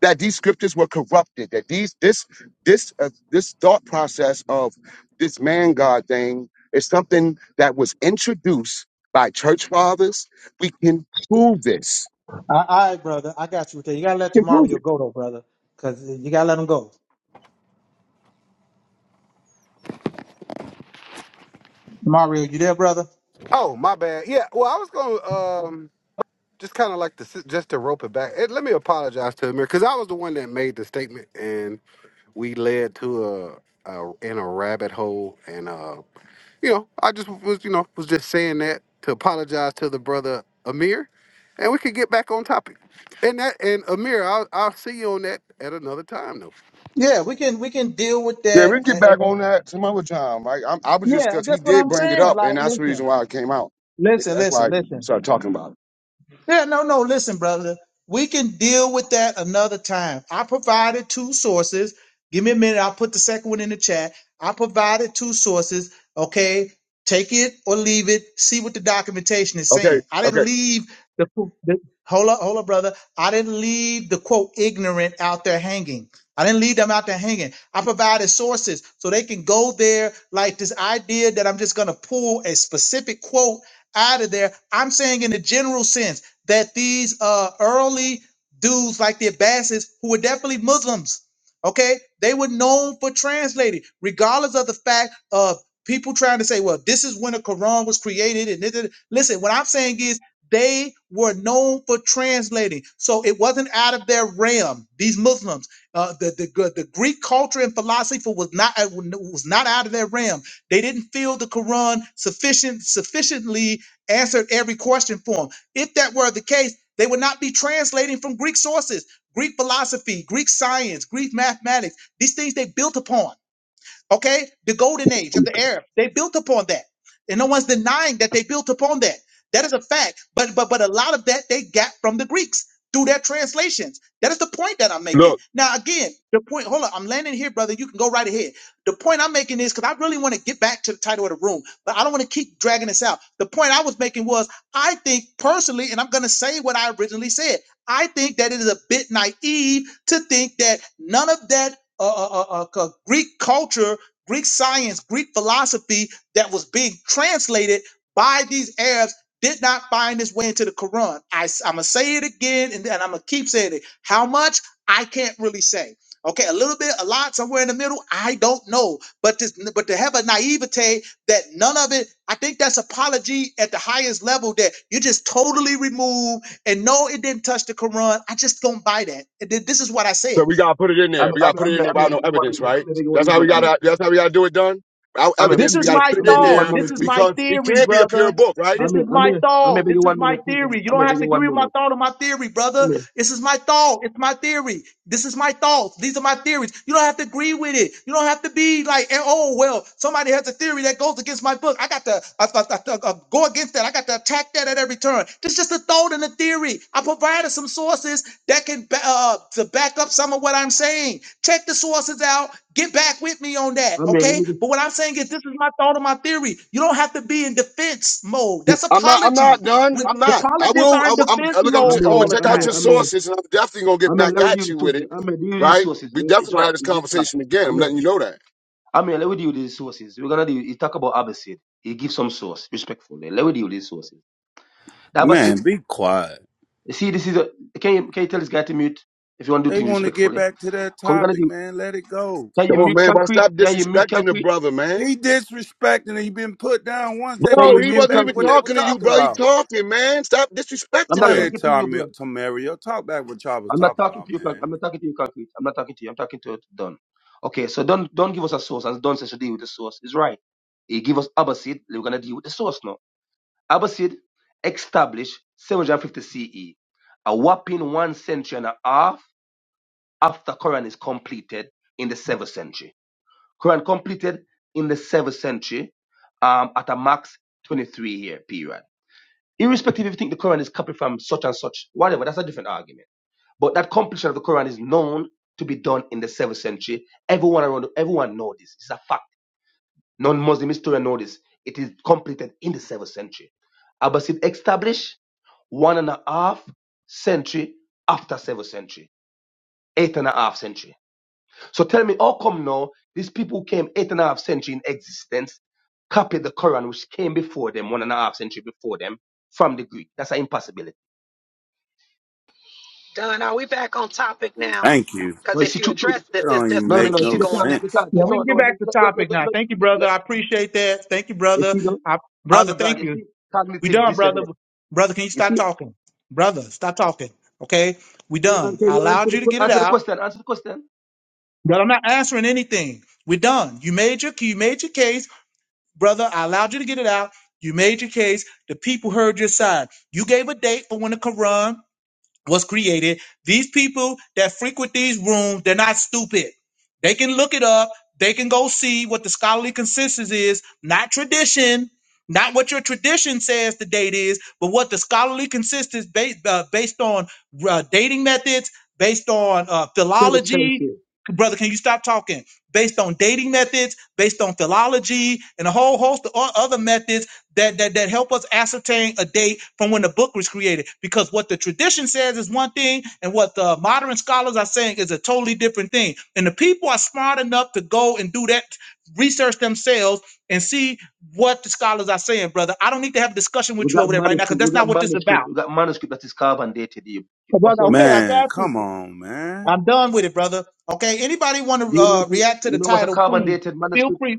E: that these scriptures were corrupted, that these this this uh, this thought process of this man God thing is something that was introduced by church fathers. We can prove this.
A: All right, brother. I got you. With that. You gotta let
E: We can prove
A: Tamario
E: it.
A: go though, brother, because you gotta let him go. Mario, you there, brother?
B: Oh, my bad. Yeah, well, I was gonna um just kind of like to just to rope it back. And let me apologize to Amir because I was the one that made the statement, and we led to a, a in a rabbit hole, and uh, you know, I just was you know was just saying that to apologize to the brother Amir, and we could get back on topic. And that and Amir, I'll I'll see you on that at another time though.
A: Yeah, we can we can deal with
E: Yeah,
A: that.
E: we can get
A: Eh, eh,
E: back
A: eh.
E: on that some other time. Right? I'm, I was just
A: Yeah,
E: because he
A: that's what
E: did
A: I'm
E: bring it
A: saying.
E: up, and
A: Like,
E: that's the reason
A: listen,
E: why it came out. Yeah,
A: listen,
E: That's why
A: listen,
E: I
A: listen.
E: started talking about it.
A: Yeah, no, no. Listen, brother, we can deal with that another time. I provided two sources. Give me a minute. I'll put the second one in the chat. I provided two sources. Okay, take it or leave it. See what the documentation is
E: Okay,
A: saying. I didn't
E: okay.
A: leave the, the hold up, hold up, brother. I didn't leave the quote ignorant out there hanging. I didn't leave them out there hanging. I provided sources so they can go there. Like this idea that I'm just gonna pull a specific quote out of there. I'm saying in the general sense that these uh early dudes like the Abbasids, who were definitely Muslims, okay, they were known for translating, regardless of the fact of people trying to say, well, this is when the Quran was created. And this, this- listen, what I'm saying is they were known for translating, so it wasn't out of their realm. These Muslims, uh, the the the Greek culture and philosophy was not uh, was not out of their realm they didn't feel the Quran sufficient sufficiently answered every question for them. If that were the case, they would not be translating from Greek sources, Greek philosophy, Greek science, Greek mathematics, these things they built upon. Okay, the golden age of the Arab, they built upon that, and no one's denying that they built upon that. That is a fact. But but but a lot of that they got from the Greeks through their translations. That is the point that I'm making.
E: Look,
A: Now again, the point. Hold on, I'm landing here, brother. You can go right ahead. The point I'm making is because I really want to get back to the title of the room, but I don't want to keep dragging this out. The point I was making was I think personally, and I'm going to say what I originally said. I think that it is a bit naive to think that none of that uh, uh, uh, uh, uh, Greek culture Greek science, Greek philosophy that was being translated by these Arabs did not find its way into the Quran. I, am gonna say it again, and, and I'm gonna keep saying it. How much I can't really say. Okay, a little bit, a lot, somewhere in the middle. I don't know, but this, but to have a naivete that none of it. I think that's apology at the highest level. That you just totally remove and no, it didn't touch the Quran. I just don't buy that. And th- This is what I said.
E: so we gotta put it in
H: I'm,
E: there.
H: I'm,
E: We gotta put
H: I'm,
E: it in there
H: I'm, i
E: without no
H: beg you one
E: evidence,
H: moment.
E: right?
H: I'm a beg you one
E: That's how we
H: moment. I'm here.
E: gotta. That's how we gotta do it, done. Without
H: am here.
A: This
E: evidence,
H: Please
E: we
A: is
H: beg.
E: gotta
A: my
E: put it
H: I'm a
E: in
H: beg you
A: thought.
H: one
E: there
A: This
H: moment,
A: is
H: please.
A: my
E: because it
A: theory,
E: can't be a pure
A: brother.
E: book, right?
A: This
H: I'm
A: is
H: here. I'm
A: my
H: here. am a
A: thought.
H: beg
A: This
H: you
A: is
H: one
A: my
H: moment, please. I'm here.
A: theory. You
H: I'm a
A: don't
H: beg
A: have to
H: you one
A: agree with my
H: moment.
A: thought or my theory,
H: I'm
A: brother.
H: here.
A: This is my thought. It's my theory. This is my thoughts. These are my theories. You don't have to agree with it. You don't have to be like, eh, oh, well, somebody has a theory that goes against my book. I got to uh, uh, uh, uh, uh, go against that. I got to attack that at every turn. It's just a thought and a theory. I provided some sources that can ba- uh, to back up some of what I'm saying. Check the sources out. Get back with me on that,
H: am here. Let
A: okay?
H: me get.
A: But what I'm saying is, this is my thought and my theory. You don't have to be in defense mode. That's
E: I'm not. I'm not
A: apology.
E: done.
A: When
E: I'm
A: the
E: not. I
A: apologists
E: will.
A: are
E: I
A: in
E: will I'm
A: defense
E: uh, look. I'm,
A: mode
E: t- I'm
H: Amen.
E: gonna
A: all
H: let-
A: the
E: check out
H: Amen.
A: time.
E: your
H: Amen.
E: sources, and I'm definitely gonna get
H: Amen.
E: back
H: Let me deal
E: at
H: with
E: you
H: the
E: with
H: sources.
E: it,
H: Amen. Deal with these
E: right?
H: sources.
E: We
H: You- It's
E: definitely gonna
H: right.
E: have this
H: It's this time.
E: conversation again. I'm
H: Amen.
E: letting you know that.
H: Amen. Let me deal with these sources. We're gonna do. He talk about Abbasid. He gives some source respectfully. Let me deal with these sources. The
J: Man,
H: Abbasid.
J: be quiet.
H: See, this is a. Can you can you tell this guy to mute if you want to do
J: They
H: things
J: want to get
H: respectfully?
J: back to that
H: Cause we're gonna
J: topic,
H: do.
J: man. Let it go.
H: Can you
E: Come on,
H: mute
E: man. Why
H: concrete?
E: stop
H: Can you mute
E: disrespecting the
H: concrete?
E: brother, man?
J: He disrespecting. and he been put down once. They
H: Can
J: want
H: you
E: Bro,
J: to
E: he
J: get
H: mute
E: wasn't
J: back to
E: even
J: what
H: concrete?
J: they were
E: talking to you,
J: talking
E: bro. He
J: about.
E: talking, man. Stop
H: I'm
E: disrespecting
J: Go
H: not
E: him.
J: ahead,
H: talking to you,
J: Tom
H: bro.
J: Tamario. Talk back what y'all was
H: I'm not
J: talking
H: talking
J: about,
H: to you. conc-
J: man.
H: I'm not talking to you, concrete. I'm not talking to you. I'm talking to Don. Okay, so Don, Don give us a source, and Don says to deal with the source. He's right. He give us Abbasid. We're gonna deal with the source now. Abbasid established 750 CE, a whopping one century and a half after Quran is completed in the seventh century. Quran completed in the seventh century, um, at a max 23 year period. Irrespective if you think the Quran is copied from such and such, whatever, that's a different argument. But that completion of the Quran is known to be done in the seventh century. Everyone around, everyone knows this. It's a fact. Non-Muslim historian know this. It is completed in the seventh century. Abbasid established one and a half century after seventh century, eight and a half century. So tell me, how come now these people who came eight and a half century in existence copied the Quran, which came before them, one and a half century before them, from the Greek? That's an impossibility.
D: Done. Are we back on topic now?
J: Thank you.
H: No,
D: Because
H: you
D: if
H: see,
D: you
H: true,
D: address
H: true.
D: this,
J: That
D: it's
J: don't
D: just
J: even
H: No,
D: going
H: no,
D: to
J: make
H: no. See
D: keep
J: no
H: the
D: going
H: Quran,
D: back.
H: the
J: sense.
H: Quran.
A: Yeah, we
H: No,
A: can get
H: no, no.
A: back to
H: no, no, no,
A: topic
H: no,
A: now. Thank you,
H: no.
A: brother. I appreciate that. Thank you,
H: You
A: brother.
H: see, no,
A: I, brother,
H: Arrogant.
A: thank
H: You see,
A: you. We
H: cognitive
A: done, brother.
H: dissonance.
A: Brother, can you
H: You
A: stop
H: see?
A: talking? Brother, stop talking. Okay, we
H: You- uh,
A: done.
H: Can
A: I
H: you answer
A: allowed
H: the
A: you to get
H: question?
A: it
H: Answer the
A: out.
H: question. Answer the question.
A: But I'm not answering anything. We're done. You made your you made your case, brother. I allowed you to get it out. You made your case. The people heard your side. You gave a date for when the Quran was created. These people that frequent these rooms, they're not stupid. They can look it up. They can go see what the scholarly consensus is, not tradition, not what your tradition says the date is, but what the scholarly consensus based uh, based on uh, dating methods, based on uh,
H: Say with sense
A: philology.
H: here.
A: Brother, can you stop talking? Based on dating methods, based on philology, and a whole host of o- other methods that, that that help us ascertain a date from when the book was created because what the tradition says is one thing and what the modern scholars are saying is a totally different thing and the people are smart enough to go and do that research themselves and see what the scholars are saying brother i don't need to have a discussion
H: We
A: with you
H: got
A: over there right now because
H: manuscript. We
A: that's
H: got
A: not what this is
H: manuscript.
A: about
H: We got manuscript that is carbon dated. You.
A: But
H: What's
A: brother
H: wrong with
A: okay
H: it?
A: i
J: Man,
A: got you
J: come on, man.
A: i'm done with it brother okay anybody want
H: Do
A: to
H: you know?
A: uh,
H: What you,
A: react to
H: you
A: the
H: know what's a
A: title
H: carbon
A: please
H: dated manuscript?
A: feel free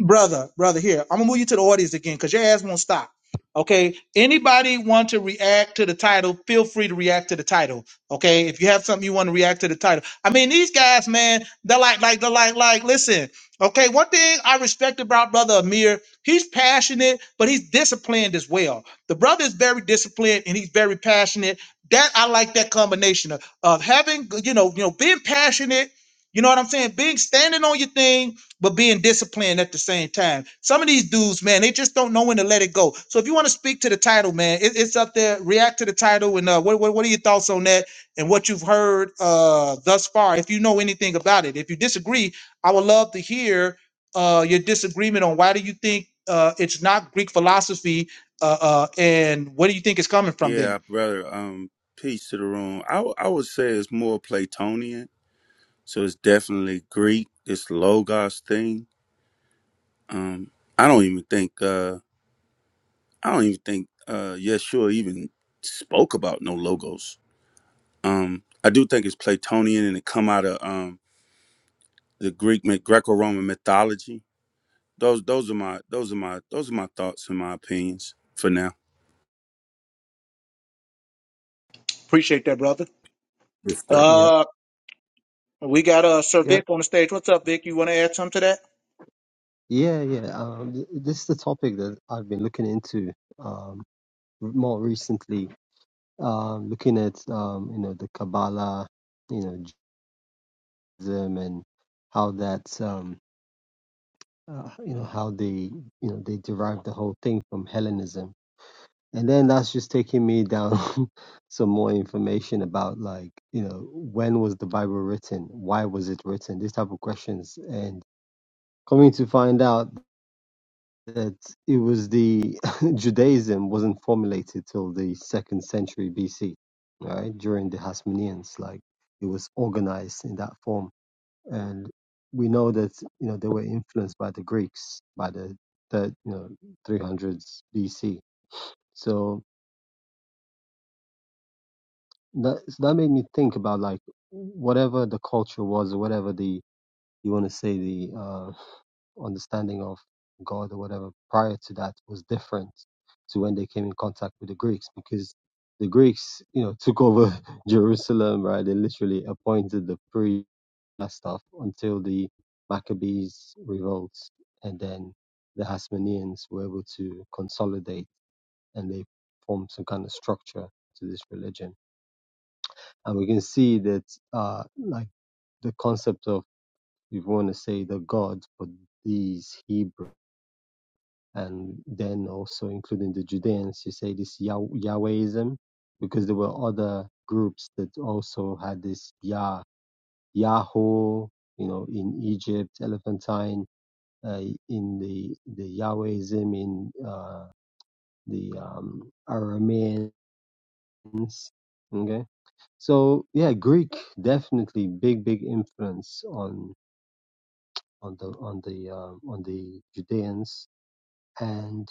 A: brother, brother, here. I'm gonna move you to the audience again because your ass won't stop. Okay. Anybody want to react to the title? Feel free to react to the title. Okay. If you have something you want to react to the title. I mean, these guys, man, they're like, like, they're like, like, listen. Okay. One thing I respect about brother Amir, he's passionate, but he's disciplined as well. The brother is very disciplined and he's very passionate. That I like that combination of, of having, you know, you know, being passionate. You know what I'm saying? Being standing on your thing but being disciplined at the same time. Some of these dudes, man, they just don't know when to let it go. So if you want to speak to the title, man, it, it's up there. React to the title, and uh, what, what what are your thoughts on that and what you've heard uh thus far? If you know anything about it, if you disagree, I would love to hear uh your disagreement on why do you think uh it's not Greek philosophy, uh, uh and where do you think it's coming from then?
J: Yeah, brother. Um, peace to the room. I w- I would say it's more Platonian. So it's definitely Greek, this logos thing. Um, I don't even think Uh, I don't even think uh Yeshua even spoke about no logos. Um I do think it's Platonian and it come out of um the Greek myth- Greco-Roman mythology. Those those are my those are my those are my thoughts and my opinions for now.
A: Appreciate that, brother.
J: Yes, sir.
K: Yep.
A: Uh, We got uh Sir
K: Yep.
A: Vic on the stage. What's up, Vic? You want to add something to that?
K: Yeah. Yeah. Um, th- this is the topic that I've been looking into um, r- more recently, um, looking at um, you know the Kabbalah, you know Judaism, and how that um, uh, you know how they you know they derived the whole thing from Hellenism, and then that's just taking me down some more information about like you know when was the Bible written, why was it written, these type of questions, and coming to find out that it was the Judaism wasn't formulated till the second century BC, right? During the Hasmoneans, like it was organized in that form, and we know that you know they were influenced by the Greeks by the third, you know 300s BC. So that so that made me think about like whatever the culture was, or whatever the you want to say the uh, understanding of God or whatever prior to that was different to when they came in contact with the Greeks because the Greeks, you know, took over Jerusalem, right? They literally appointed the priests that stuff until the Maccabees revolts and then the Hasmoneans were able to consolidate and they formed some kind of structure to this religion. And we can see that uh like the concept of if you want to say the God for these Hebrew. and then also including the Judeans, you say this Yah- Yahwehism, because there were other groups that also had this Yah, Yahoo, you know, in Egypt, Elephantine, uh, in the the Yahwehism in uh, the um, Arameans. Okay, so yeah, Greek definitely big big influence on on the on the uh, on the Judeans, and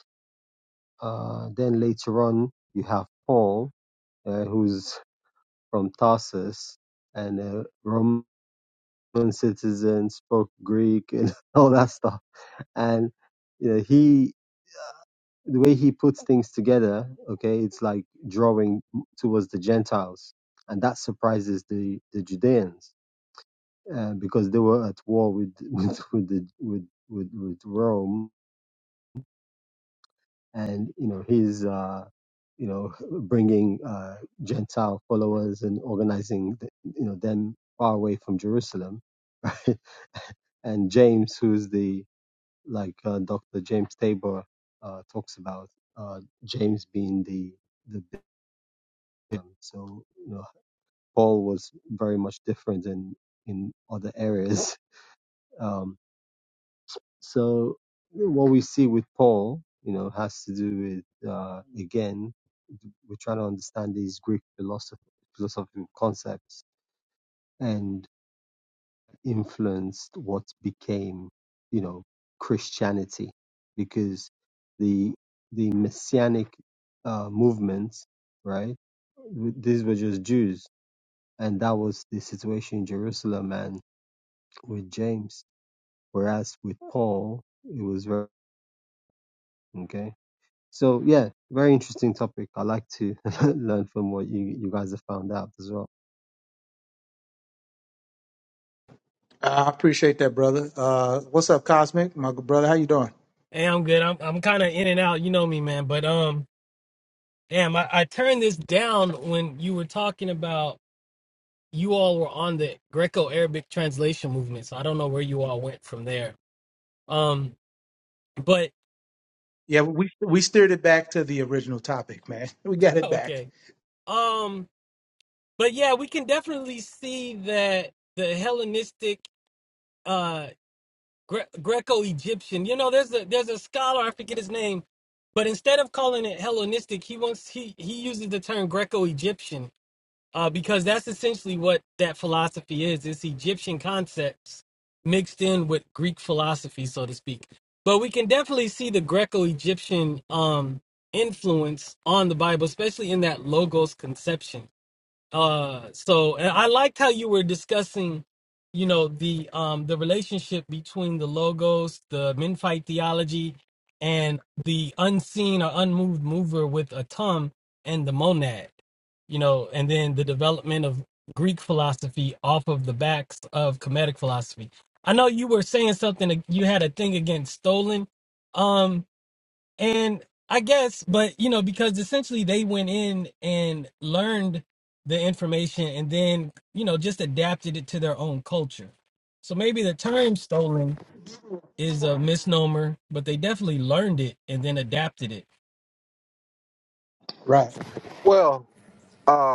K: uh, then later on you have Paul uh, who's from Tarsus and a Roman citizen, spoke Greek and all that stuff. And you know, he, the way he puts things together, okay, it's like drawing towards the Gentiles, and that surprises the the Judeans uh, because they were at war with with with the, with, with with Rome and you know he's uh, you know bringing uh, Gentile followers and organizing the, you know them far away from Jerusalem. And James, who's the like uh, Dr. James Tabor uh, talks about, uh, James being the the big one. So you know Paul was very much different in in other areas. Um, so what we see with Paul, you know, has to do with uh, again we're trying to understand these Greek philosophy, philosophical concepts and influenced what became, you know, Christianity, because the the messianic uh, movements, right? These were just Jews, and that was the situation in Jerusalem and with James. Whereas with Paul, it was very okay. So yeah, very interesting topic. I like to learn from what you you guys have found out as well.
A: I appreciate that, brother. Uh, what's up, Cosmic? My good brother, how you doing?
L: Hey, I'm good. I'm I'm kind of in and out. You know me, man. But um, damn, I, I turned this down when you were talking about you all were on the Greco-Arabic translation movement. So I don't know where you all went from there. Um, but
A: Yeah, we we steered it back to the original topic, man. We got it back.
L: okay. Um, but yeah, we can definitely see that the Hellenistic, uh, Gre- Greco-Egyptian. You know, there's a there's a scholar I forget his name, but instead of calling it Hellenistic, he wants he he uses the term Greco-Egyptian uh, because that's essentially what that philosophy is. It's Egyptian concepts mixed in with Greek philosophy, so to speak. But we can definitely see the Greco-Egyptian um, influence on the Bible, especially in that logos conception uh so and i liked how you were discussing you know the um the relationship between the logos the menfight theology and the unseen or unmoved mover with atum and the monad you know and then the development of greek philosophy off of the backs of comedic philosophy i know you were saying something you had a thing against stolen um. And I guess, but you know, because essentially they went in and learned the information and then, you know, just adapted it to their own culture. So maybe the term stolen is a misnomer, but they definitely learned it and then adapted it.
A: Right.
B: Well,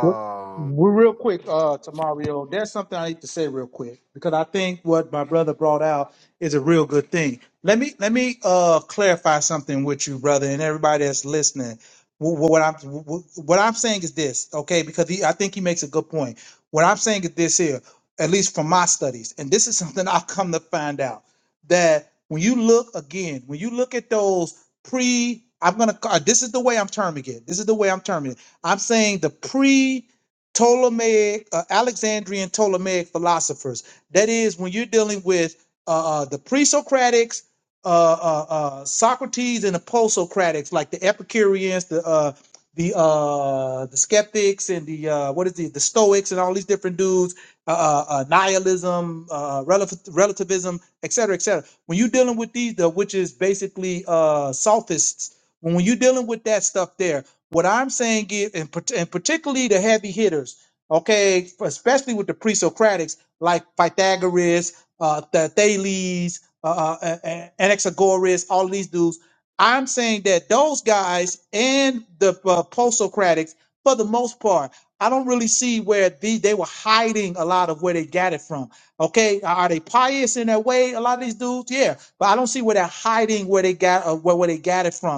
A: Well, well, real quick, uh, to Mario, there's something I need to say real quick because I think what my brother brought out is a real good thing. Let me let me uh clarify something with you, brother, and everybody that's listening. Wh- wh- What I'm wh- what I'm saying is this, okay? Because he, I think he makes a good point. What I'm saying is this here, at least from my studies, and this is something I've come to find out that when you look again, when you look at those pre, I'm gonna ca- this is the way I'm terming it. This is the way I'm terming it I'm saying the pre Ptolemaic, uh, Alexandrian Ptolemaic philosophers. That is, when you're dealing with uh, uh, the pre Socratics, uh, uh, uh, Socrates, and the post Socratics, like the Epicureans, the uh, the uh the skeptics and the uh what is it the stoics and all these different dudes uh, uh uh, nihilism uh relative relativism et cetera, et cetera. when you're dealing with these the which is basically uh sophists when, when you're dealing with that stuff there what I'm saying is, and, part- and particularly the heavy hitters, okay, especially with the pre-Socratics like Pythagoras, uh, the Thales, uh, uh, uh, Anaxagoras, all of these dudes. I'm saying that those guys and the uh, post-Socratics, for the most part, I don't really see where the, they were hiding a lot of where they got it from. Okay, are they pious in their way? A lot of these dudes, yeah, but I don't see where they're hiding where they got uh, where where they got it from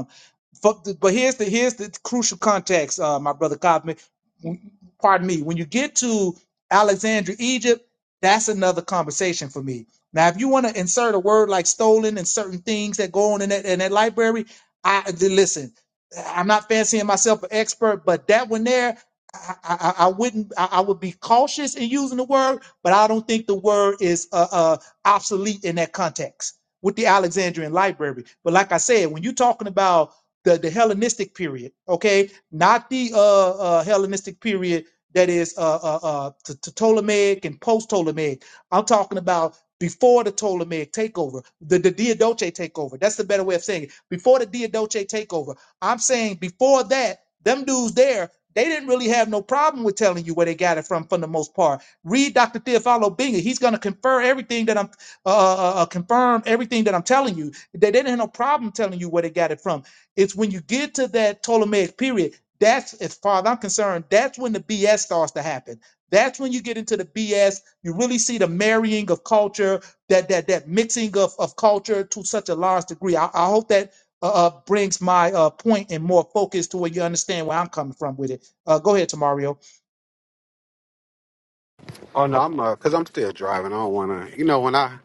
A: but, the, but here's the here's the crucial context, uh, my brother Cosme. Pardon me. When you get to Alexandria, Egypt, that's another conversation for me. Now, if you want to insert a word like stolen and certain things that go on in that in that library, I listen. I'm not fancying myself an expert, but that one there, I, I, I I wouldn't. I, I would be cautious in using the word, but I don't think the word is uh, uh, obsolete in that context with the Alexandrian library. But like I said, when you're talking about the, the Hellenistic period, okay? Not the uh, uh, Hellenistic period that is uh, uh, uh, to, to Ptolemaic and post Ptolemaic. I'm talking about before the Ptolemaic takeover, the, the Diadoche takeover. That's the better way of saying it. Before the Diadoche takeover, I'm saying before that, them dudes there, they didn't really have no problem with telling you where they got it from for the most part. Read Dr. Theophilo Binger. He's going to confirm everything that I'm, uh, uh, uh, uh, confirm everything that I'm telling you. They, they didn't have no problem telling you where they got it from it's when you get to that Ptolemaic period, that's as far as I'm concerned, that's when the BS starts to happen. That's when you get into the BS. You really see the marrying of culture, that that that mixing of, of culture to such a large degree. I, I hope that uh, uh, brings my uh, point and more focus to where you understand where I'm coming from with it. Uh, go ahead, Tamario.
B: oh no, I'm because I'm still driving. I don't wanna, you know, when I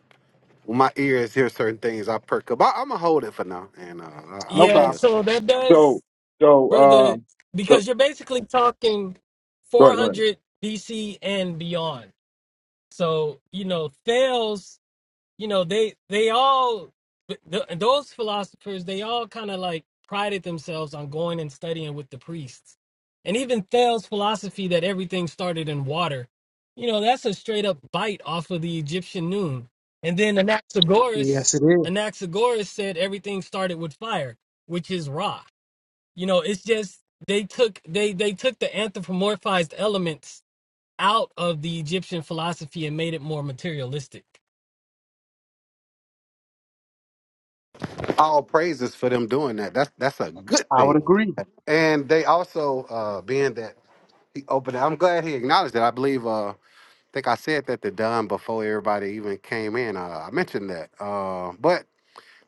B: when my ears hear certain things, I perk up. I, I'm gonna hold it for now, and uh, I, I'll
A: No
L: Yeah,
B: yield.
A: problem.
L: so that
E: So,
L: does,
E: so, uh,
L: brother,
E: so,
L: because you're basically talking
E: go ahead, go ahead.
L: 400 BC and beyond. So, you know, Thales you know they they all th- those philosophers they all kind of like prided themselves on going and studying with the priests and even Thel's philosophy that everything started in water you know that's a straight up bite off of the Egyptian noon and then Anaxagoras
A: Yes, it is.
L: Anaxagoras said everything started with fire which is Ra you know it's just they took they they took the anthropomorphized elements out of the Egyptian philosophy and made it more materialistic
B: All praises for them doing that. That's that's a good
A: I would
B: thing.
A: agree.
B: And they also, uh, being that he opened, it, I'm glad he acknowledged that. I believe, uh, I think I said that to Don before everybody even came in. Uh, I mentioned that, uh, but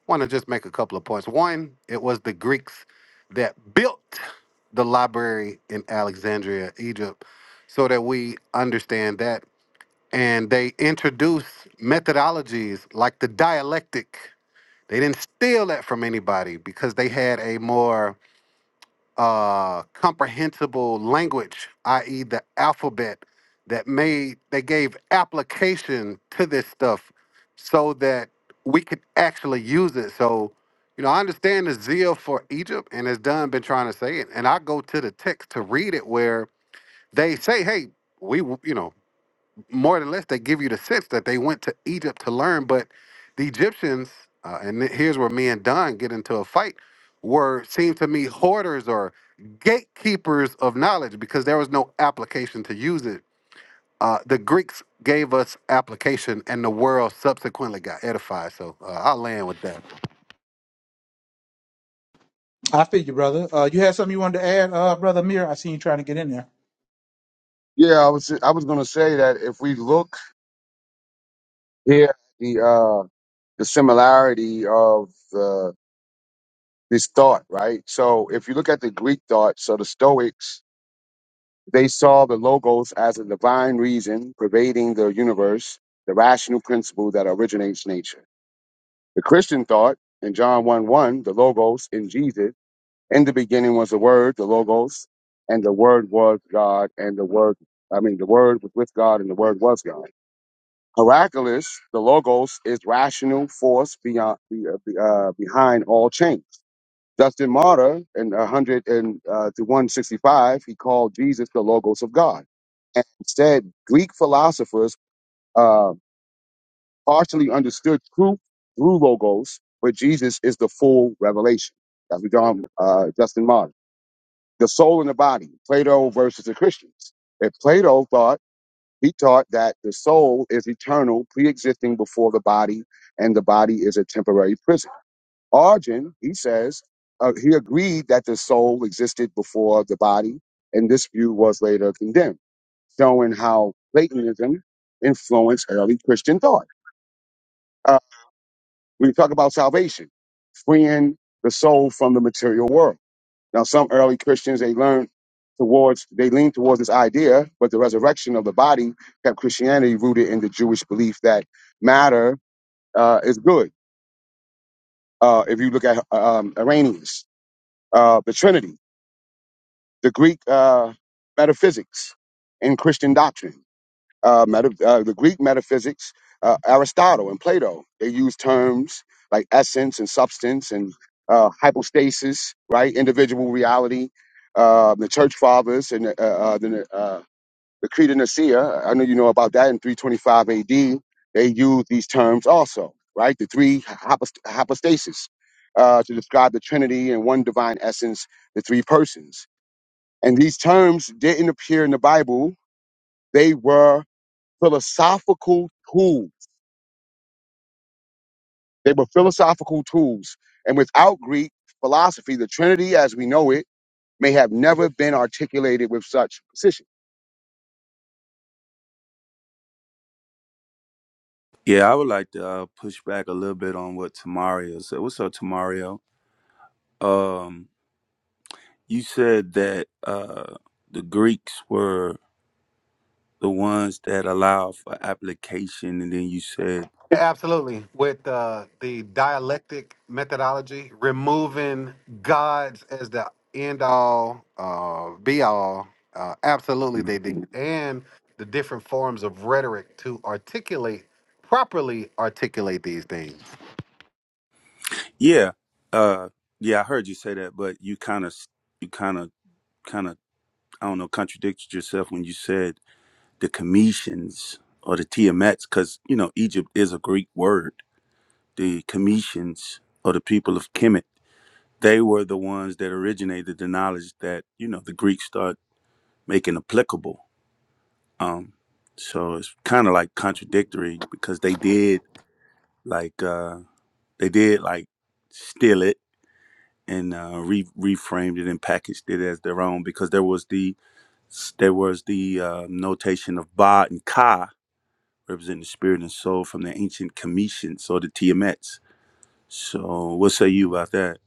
B: want to just make a couple of points. One, it was the Greeks that built the library in Alexandria, Egypt, so that we understand that and they introduced methodologies like the dialectic. They didn't steal that from anybody because they had a more uh, comprehensible language, i.e., the alphabet that made they gave application to this stuff so that we could actually use it. So, you know, I understand the zeal for Egypt, and as Dunn been trying to say it, and I go to the text to read it where they say, "Hey, we, w- you know." more or less they give you the sense that they went to Egypt to learn, but the Egyptians, uh, and th- here's where me and Don get into a fight, were seem to me hoarders or gatekeepers of knowledge because there was no application to use it. Uh, the Greeks gave us application, and the world subsequently got edified. So uh, I'll land with that.
A: I feel you, brother. Uh, you had something you wanted to add, uh, brother Mir? I seen you trying to get in there.
E: Yeah, I was I was going to say that if we look here, the uh, the similarity of uh, this thought, right? So if you look at the Greek thought, so the Stoics they saw the logos as a divine reason pervading the universe, the rational principle that originates nature. The Christian thought in John one one, the logos in Jesus, in the beginning was the Word, the logos, and the Word was God, and the Word, I mean, the Word was with God, and the Word was God Heracles, the logos, is rational force beyond be- uh, be- uh, behind all change. Justin Martyr in 100 and uh, to 165, he called Jesus the logos of God, and said Greek philosophers uh, partially understood truth through logos, but Jesus is the full revelation. That's what John uh, Justin Martyr. The soul and the body. Plato versus the Christians. If Plato thought he taught that the soul is eternal, pre existing before the body, and the body is a temporary prison. Arjun, he says, uh, he agreed that the soul existed before the body, and this view was later condemned, showing how Platonism influenced early Christian thought. Uh, we talk about salvation, freeing the soul from the material world. Now, some early Christians they learned towards they leaned towards this idea, but the resurrection of the body kept Christianity rooted in the Jewish belief that matter uh, is good. Uh, if you look at um, Arrhenius, uh, the Trinity, the Greek uh, metaphysics, and Christian doctrine. uh, meta, uh, the Greek metaphysics, uh, Aristotle and Plato. They use terms like essence and substance and uh, hypostasis, right? Individual reality. Uh, the Church Fathers and uh, uh, the, uh, the Creed of Nicaea. I know you know about that in 325 AD. They use these terms also, right? The three hypost- hypostasis uh, to describe the Trinity and one divine essence, the three persons. And these terms didn't appear in the Bible. They were philosophical tools. They were philosophical tools. And without Greek philosophy, the Trinity as we know it may have never been articulated with such precision.
J: Yeah, I would like to uh, push back a little bit on what Tamario said. What's up, Tamario? Um, you said that uh, the Greeks were the ones that allow for application, and then you said
B: Yeah, absolutely. With uh, the dialectic methodology, removing gods as the end all, uh, be all. Uh, absolutely, they did. And the different forms of rhetoric to articulate, properly articulate these things.
J: Yeah. Uh yeah, I heard you say that, but you kind of you kind of kind of I don't know contradicted yourself when you said the Cometians or the Tiamets cuz you know Egypt is a Greek word. The Cometians or the people of Kemet, they were the ones that originated the knowledge that, you know, the Greeks start making applicable. Um so it's kind of like contradictory because they did like uh they did like steal it and uh, re- reframed it and packaged it as their own because there was the there was the uh, notation of Ba and Ka representing the spirit and soul from the ancient Cometians or the Tiamets. So, what say you about that?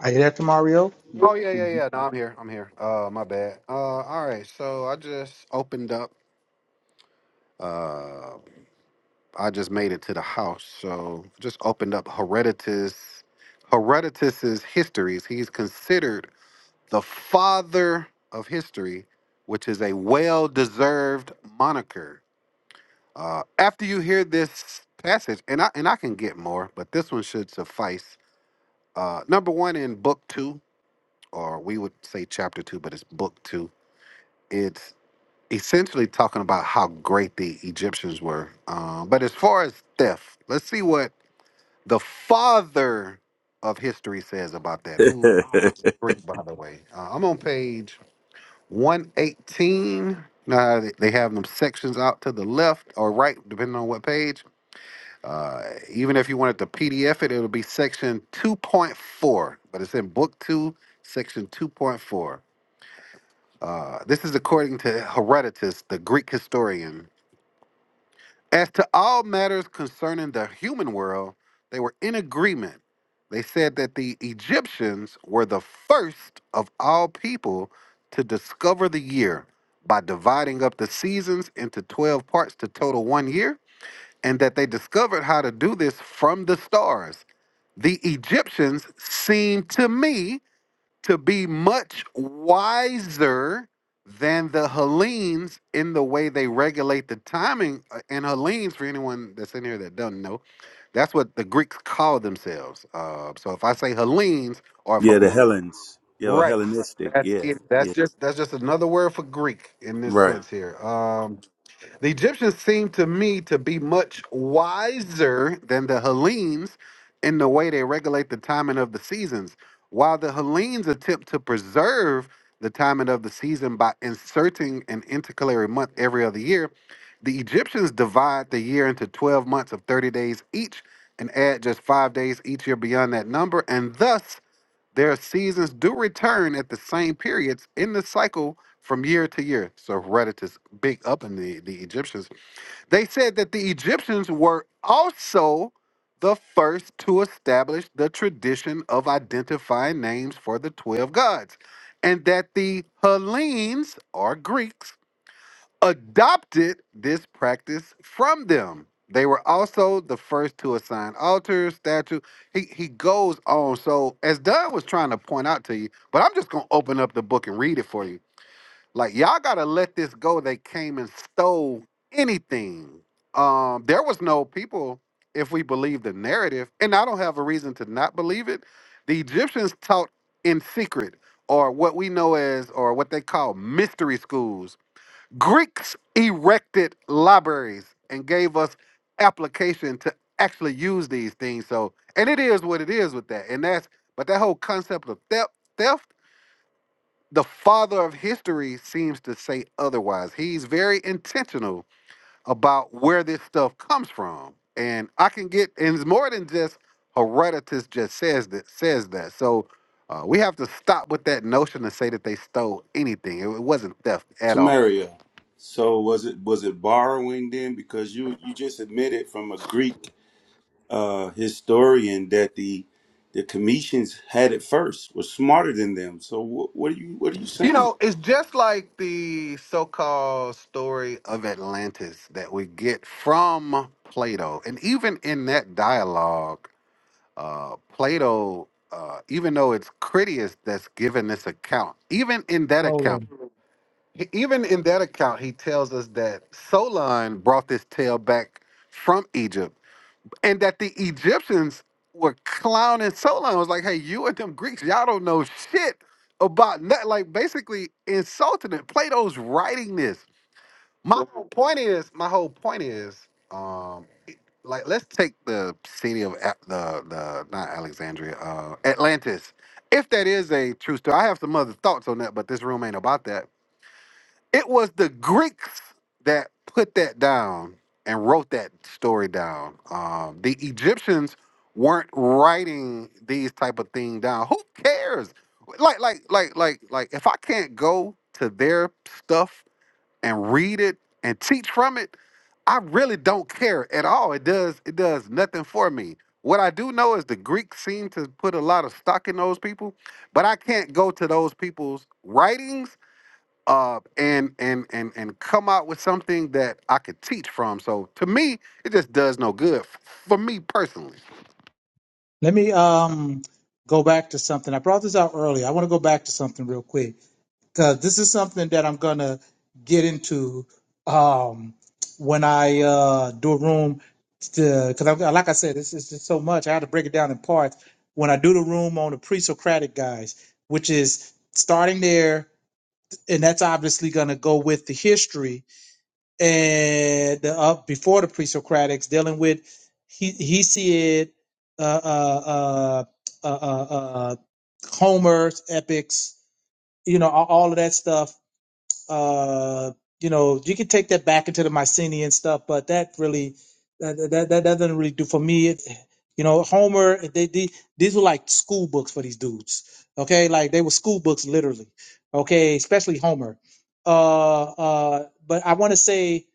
A: I hear that, Tamario.
B: Oh, yeah, yeah, yeah. No, I'm here. I'm here. Uh, my bad. Uh, all right. So I just opened up. Uh, I just made it to the house. So just opened up Herodotus. Herodotus's histories. He's considered the father of history, which is a well-deserved moniker. Uh, after you hear this passage, and I and I can get more, but this one should suffice. Uh, number one in book two, or we would say chapter two, but it's book two. It's essentially talking about how great the Egyptians were. Um, but as far as theft, let's see what the father of history says about that. Who Greek, by the way? Uh, I'm on page 118. Now they they have them sections out to the left or right, depending on what page. Uh, even if you wanted to PDF it, it'll be section 2.4, but it's in book two, section 2.4. Uh, this is according to Herodotus, the Greek historian As to all matters concerning the human world, they were in agreement. They said that the Egyptians were the first of all people to discover the year by dividing up the seasons into 12 parts to total one year, and that they discovered how to do this from the stars. The Egyptians seem to me to be much wiser than the Hellenes in the way they regulate the timing. Uh, And Hellenes, for anyone that's in here that doesn't know, that's what the Greeks call themselves. Uh, so if I say Hellenes or if
J: yeah, the
B: Her-
J: Hellenes, yeah, or
B: right,
J: Hellenistic,
B: that's
J: yeah,
B: it. That's
J: yeah,
B: just that's just another word for Greek in this
J: right.
B: sense here. Um, the Egyptians seem to me to be much wiser than the Hellenes in the way they regulate the timing of the seasons. While the Hellenes attempt to preserve the timing of the season by inserting an intercalary month every other year, the Egyptians divide the year into 12 months of 30 days each and add just five days each year beyond that number. And thus, their seasons do return at the same periods in the cycle from year to year. So Herodotus, big up in the, the Egyptians. They said that the Egyptians were also the first to establish the tradition of identifying names for the 12 gods, and that the Hellenes or Greeks adopted this practice from them. They were also the first to assign altars, statues. He he goes on. So as Doug was trying to point out to you, but I'm just gonna open up the book and read it for you. Like y'all gotta let this go. They came and stole anything. Um, there was no people, if we believe the narrative, and I don't have a reason to not believe it. The Egyptians taught in secret, or what we know as, or what they call mystery schools Greeks erected libraries and gave us application to actually use these things. So, and it is what it is with that. And that's, but that whole concept of theft, theft, the father of history seems to say otherwise. He's very intentional about where this stuff comes from. And I can get, and it's more than just Herodotus just says that, says that. So uh, we have to stop with that notion and say that they stole anything. It, it wasn't theft at all.
J: Tamaria. So was it was it borrowing then? Because you you just admitted from a Greek uh, historian that the the Cometians had it first, was smarter than them. So wh- what are you what are you
B: You
J: saying?
B: know, it's just like the so-called story of Atlantis that we get from Plato, and even in that dialogue, uh, Plato, uh, even though it's Critias that's given this account, even in that
A: Totally.
B: account, even in that account, he tells us that Solon brought this tale back from Egypt and that the Egyptians were clowning Solon. It was like, hey, you and them Greeks, y'all don't know shit about nothing. Like basically insulting it. Plato's writing this. My Right. whole point is, my whole point is, um, like let's take the city of A- the the not Alexandria, uh, Atlantis. If that is a true story, I have some other thoughts on that, but this room ain't about that it was the Greeks that put that down and wrote that story down. Um, the Egyptians weren't writing these type of thing down. Who cares? Like, like, like, like, like. If I can't go to their stuff and read it and teach from it, I really don't care at all. It does, it does nothing for me. What I do know is the Greeks seem to put a lot of stock in those people, but I can't go to those people's writings uh, and and and and come out with something that I could teach from. So to me, it just does no good f- for me personally.
A: Let me um go back to something. I brought this out earlier. I want to go back to something real quick because this is something that I'm gonna get into um when I uh do a room because I'm like I said, this is just so much. I had to break it down in parts. When I do the room on the pre-Socratic guys, which is starting there, and that's obviously gonna go with the history and the, uh, before the pre-Socratics, dealing with he Hesiod, uh, uh, uh, uh, uh, uh, Homer's epics, you know, all, all of that stuff uh, you know, you can take that back into the Mycenaean stuff, but that really, that that, that doesn't really do for me. It, you know, Homer, they, they these were like school books for these dudes. Okay, like they were school books literally. Okay, especially Homer. Uh, uh, but I want to say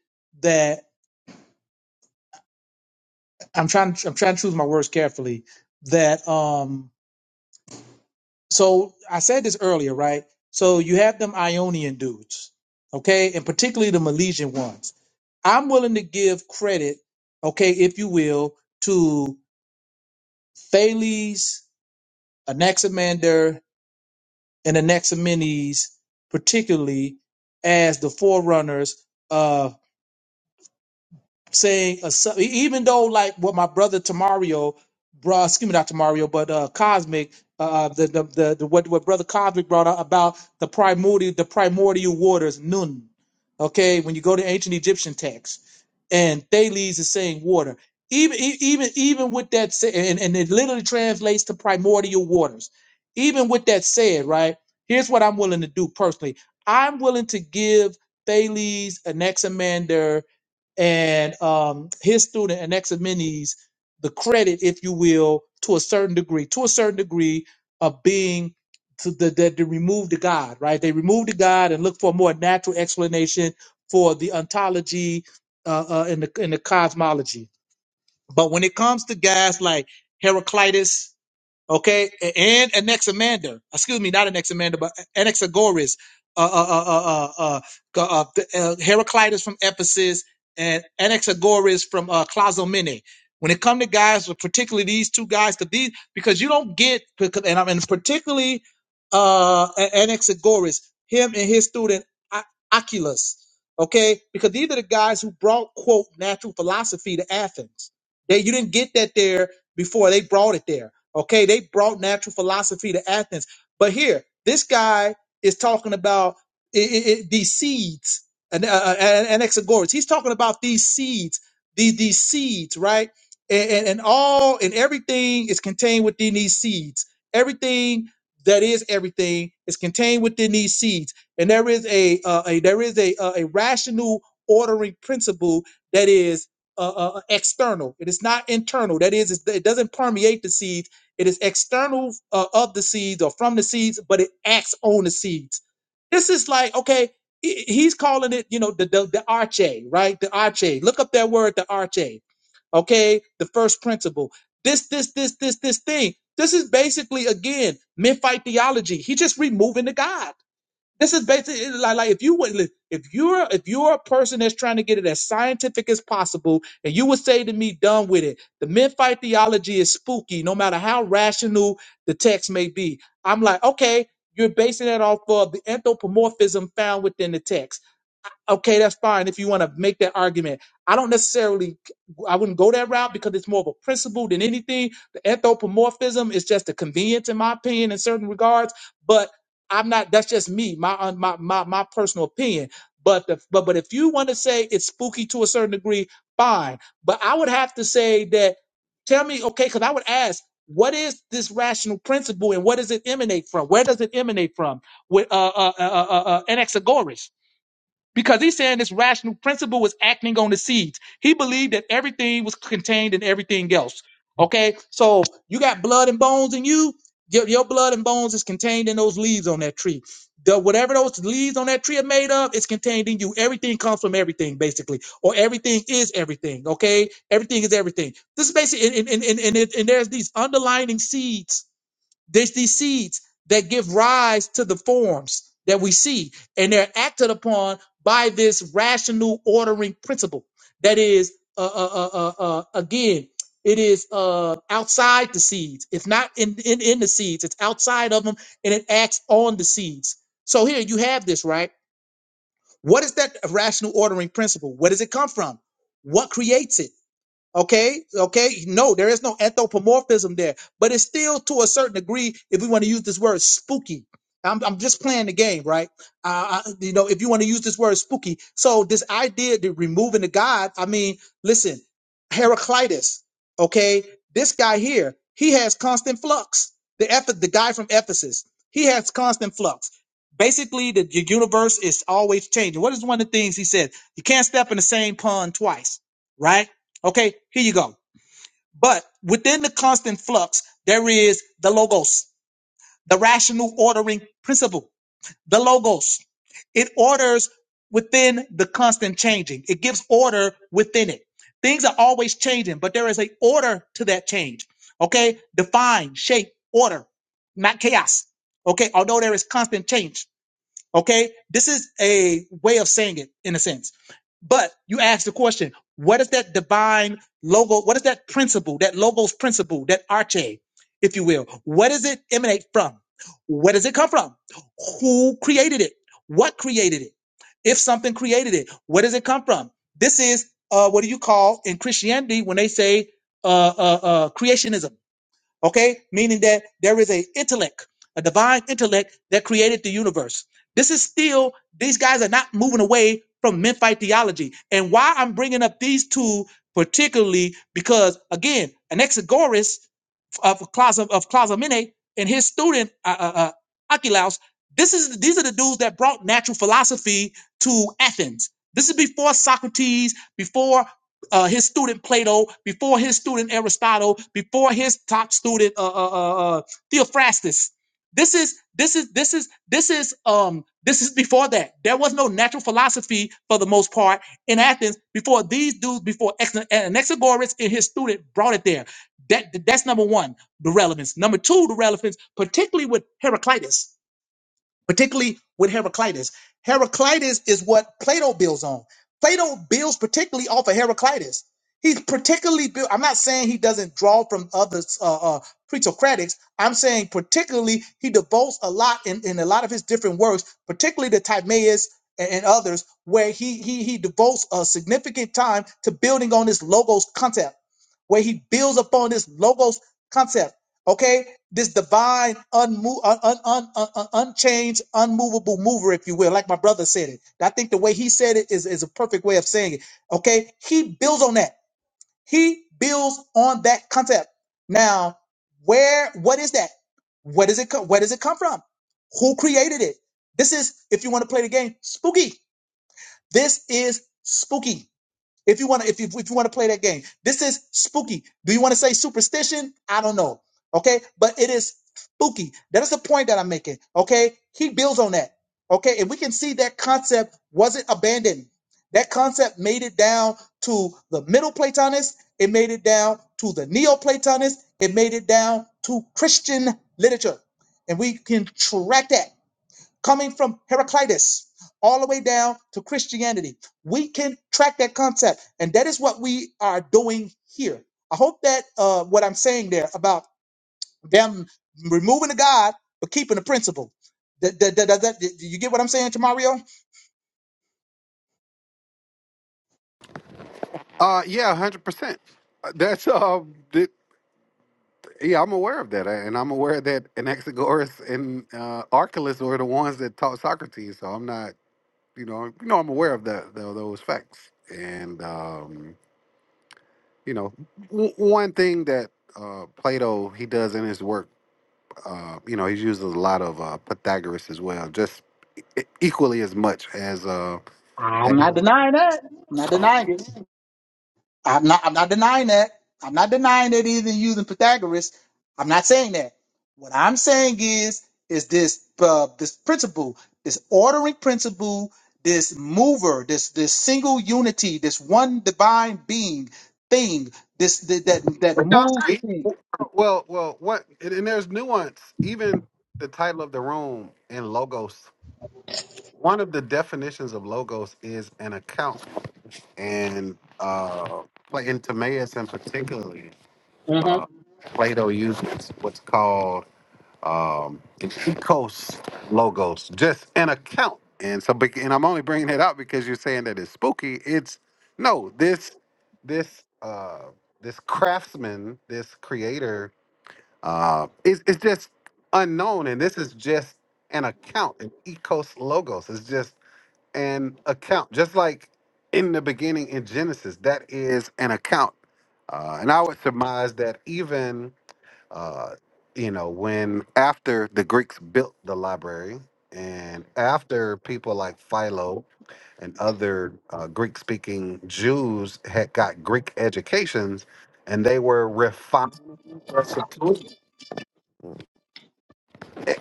A: that I'm trying, I'm trying to choose my words carefully. That um, So I said this earlier, right? So you have them Ionian dudes, okay, and particularly the Milesian ones. I'm willing to give credit, okay, if you will, to Thales, Anaximander, and Anaximenes, particularly as the forerunners saying a su- even though like what my brother Tamario, bro, excuse me not Tamario, but uh, Cosmic, uh, uh, the, the the the what what brother Cosmic brought out about the primordial the primordial waters Nun, okay, when you go to ancient Egyptian texts, and Thales is saying water. Even e- even even with that said, and, and it literally translates to primordial waters. Even with that said, right? Here's what I'm willing to do personally. I'm willing to give Thales Anaximander and um, his student and Anaximenes the credit, if you will, to a certain degree, to a certain degree of being to the that they removed the God, right? They removed the God and look for a more natural explanation for the ontology uh, uh, and the and the cosmology. But when it comes to guys like Heraclitus okay, and Anaximander, excuse me, not Anaximander, but Anaxagoras, uh, uh, uh, uh, uh, uh, the, uh, Heraclitus from Ephesus, and Anaxagoras from uh, Clazomene. When it come to guys, particularly these two guys, because these because you don't get because and I mean particularly uh, Anaxagoras, him and his student Ac- Oculus, okay, because these are the guys who brought quote natural philosophy to Athens. They you didn't get that there before they brought it there Okay, they brought natural philosophy to Athens. But here, this guy is talking about i i i- these seeds and, uh, and, and Anaxagoras. He's talking about these seeds, these, these seeds, right? And, and, and all and everything is contained within these seeds. Everything that is everything is contained within these seeds. And there is a, uh, a there is a, uh, a rational ordering principle that is uh, uh, external. It is not internal. That is, it's- it doesn't permeate the seeds. It is external uh, of the seeds or from the seeds, but it acts on the seeds. This is like, okay, he- he's calling it, you know, the, the, the arche, right? The arche. Look up that word, the arche. Okay. The first principle. This, this, this, this, this thing. This is basically, again, Memphite theology. He just removing the God. This is basically like, like if you would if you're if you're a person that's trying to get it as scientific as possible, and you would say to me, "Done with it." The midfight theology is spooky, no matter how rational the text may be. I'm like, okay, you're basing that off of the anthropomorphism found within the text okay, that's fine if you want to make that argument. I don't necessarily, I wouldn't go that route because it's more of a principle than anything. The anthropomorphism is just a convenience, in my opinion, in certain regards. But I'm not. That's just me, my uh, my my, my personal opinion. But the, but but if you want to say it's spooky to a certain degree, fine. But I would have to say that. Tell me, okay, because I would ask. What is this rational principle and what does it emanate from? Where does it emanate from? With uh, uh, uh, uh, uh, uh, Anaxagoras, because he's saying this rational principle was acting on the seeds. He believed that everything was contained in everything else. Okay, so you got blood and bones in you. Your, your blood and bones is contained in those leaves on that tree. The whatever those leaves on that tree are made of is contained in you. Everything comes from everything, basically, or everything is everything. Okay, everything is everything. This is basically, and and and, and, it, and there's these underlining seeds there's these seeds that give rise to the forms that we see, and they're acted upon by this rational ordering principle. That is, uh, uh, uh, uh, uh, again, it is uh, outside the seeds. It's not in, in in the seeds. It's outside of them, and it acts on the seeds. So here you have this, right? What is that rational ordering principle? Where does it come from? What creates it? Okay, okay. No, there is no anthropomorphism there, but it's still to a certain degree, if we want to use this word, spooky. I'm, I'm just playing the game, right? Uh, I, you know, if you want to use this word, spooky. So this idea of removing the God, I mean, listen, Heraclitus. Okay, this guy here, he has constant flux. The Eph- the guy from Ephesus, he has constant flux. Basically, the, the universe is always changing. What is one of the things he said? You can't step in the same pond twice, right? Okay, here you go. But within the constant flux, there is the logos, the rational ordering principle, the logos. It orders within the constant changing. It gives order within it. Things are always changing, but there is a order to that change. Okay, define, shape, order, not chaos. Okay, although there is constant change. Okay, this is a way of saying it in a sense. But you ask the question, what is that divine logo? What is that principle, that logos principle, that arche, if you will? What does it emanate from? Where does it come from? Who created it? What created it? If something created it, where does it come from? This is uh, what do you call in Christianity when they say uh, uh, uh, creationism? okay meaning that there is a intellect a divine intellect that created the universe this is still these guys are not moving away from memphite theology and why i'm bringing up these two particularly because again anaxagoras of Claza of Clazamene and his student uh, uh, uh, Archelaus. This is these are the dudes that brought natural philosophy to Athens. This is before Socrates, before uh, his student Plato, before his student Aristotle, before his top student uh, uh, uh, uh, Theophrastus. This is this is this is this is um this is before that. There was no natural philosophy for the most part in Athens before these dudes, before Anaxagoras and his student brought it there. That that's number one the relevance. Number two, the relevance, particularly with Heraclitus, particularly with Heraclitus. Heraclitus is what Plato builds on. Plato builds particularly off of Heraclitus. He's particularly built. I'm not saying he doesn't draw from other uh, uh, pre-Socratics. I'm saying particularly he devotes a lot in, in a lot of his different works, particularly the Timaeus and, and others, where he he he devotes a significant time to building on this logos concept, where he builds upon this logos concept Okay, this divine, unmo- un- un- un- un- un- unchanged, unmovable mover, if you will, like my brother said it. I think the way he said it is, is a perfect way of saying it. Okay, he builds on that. He builds on that concept. Now, where, what is that? Where does it come? Where does it come from? Who created it? This is, if you want to play the game, spooky. This is spooky. If you want to, if you if you want to play that game, this is spooky. Do you want to say superstition? I don't know. Okay, but it is spooky. That is the point that I'm making. Okay, he builds on that. Okay, and we can see that concept wasn't abandoned. That concept made it down to the Middle Platonists. It made it down to the Neoplatonists. It made it down to Christian literature, and we can track that coming from Heraclitus all the way down to Christianity. We can track that concept, and that is what we are doing here. I hope that uh, what I'm saying there about them removing the God but keeping the principle. Th- th- th- th- th- do you get what I'm saying, Tamario?
B: Uh, yeah, hundred percent. Uh, That's uh, th- yeah, I'm aware of that, and I'm aware that Anaxagoras and uh, Archelaus were the ones that taught Socrates. So I'm not, you know, you know, I'm aware of that tho- those facts. And um, you know, w- one thing that uh, Plato he does in his work Uh, you know, he uses a lot of uh, Pythagoras as well, just e- equally as much as. Uh,
A: I'm
B: as
A: not denying that. I'm not denying it. I'm not. I'm not denying that. I'm not denying that either using Pythagoras. I'm not saying that. What I'm saying is, is this uh, this principle, this ordering principle, this mover, this this single unity, this one divine being thing, this that that, that
B: No,
A: moves thing.
B: well, well, what? And, and there's nuance. Even the title of the room in logos. One of the definitions of logos is an account, and uh, in Timaeus, and particularly
A: Mhm.
B: uh, Plato uses what's called um, and Ecos logos, just an account. And so, bec- and I'm only bringing it up because you're saying that it's spooky. It's no this this uh this craftsman, this creator, uh, is it's just unknown, and this is just an account. And Ecos logos is just an account, just like in the beginning in Genesis, that is an account. Uh, and I would surmise that even uh, you know, when after the Greeks built the library and after people like Philo and other uh, Greek speaking Jews had got Greek educations and they were refining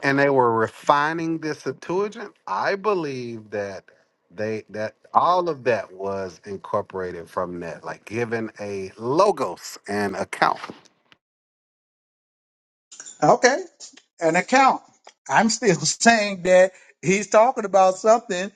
B: and they were refining the Septuagint, I believe that they that all of that was incorporated from that, like given a logos and account.
A: Okay. an account. I'm still saying that he's talking about something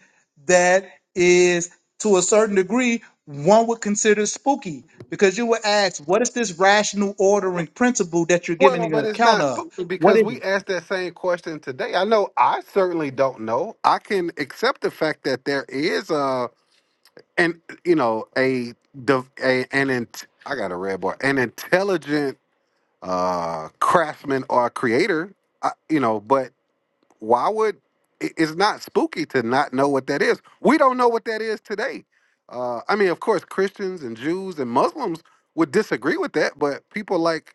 A: that is, to a certain degree, one would consider spooky because you would ask, what is this rational ordering principle that you're giving
B: Well,
A: an
B: but it's
A: account
B: not
A: of?
B: spooky
A: What
B: because
A: is
B: we asked that same question today. I know I certainly don't know. I can accept the fact that there is a an you know a div- a an int- I got a red bar an intelligent uh craftsman or creator. I, you know, but why would it- it's not spooky to not know what that is? We don't know what that is today. Uh, I mean, of course, Christians and Jews and Muslims would disagree with that, but people like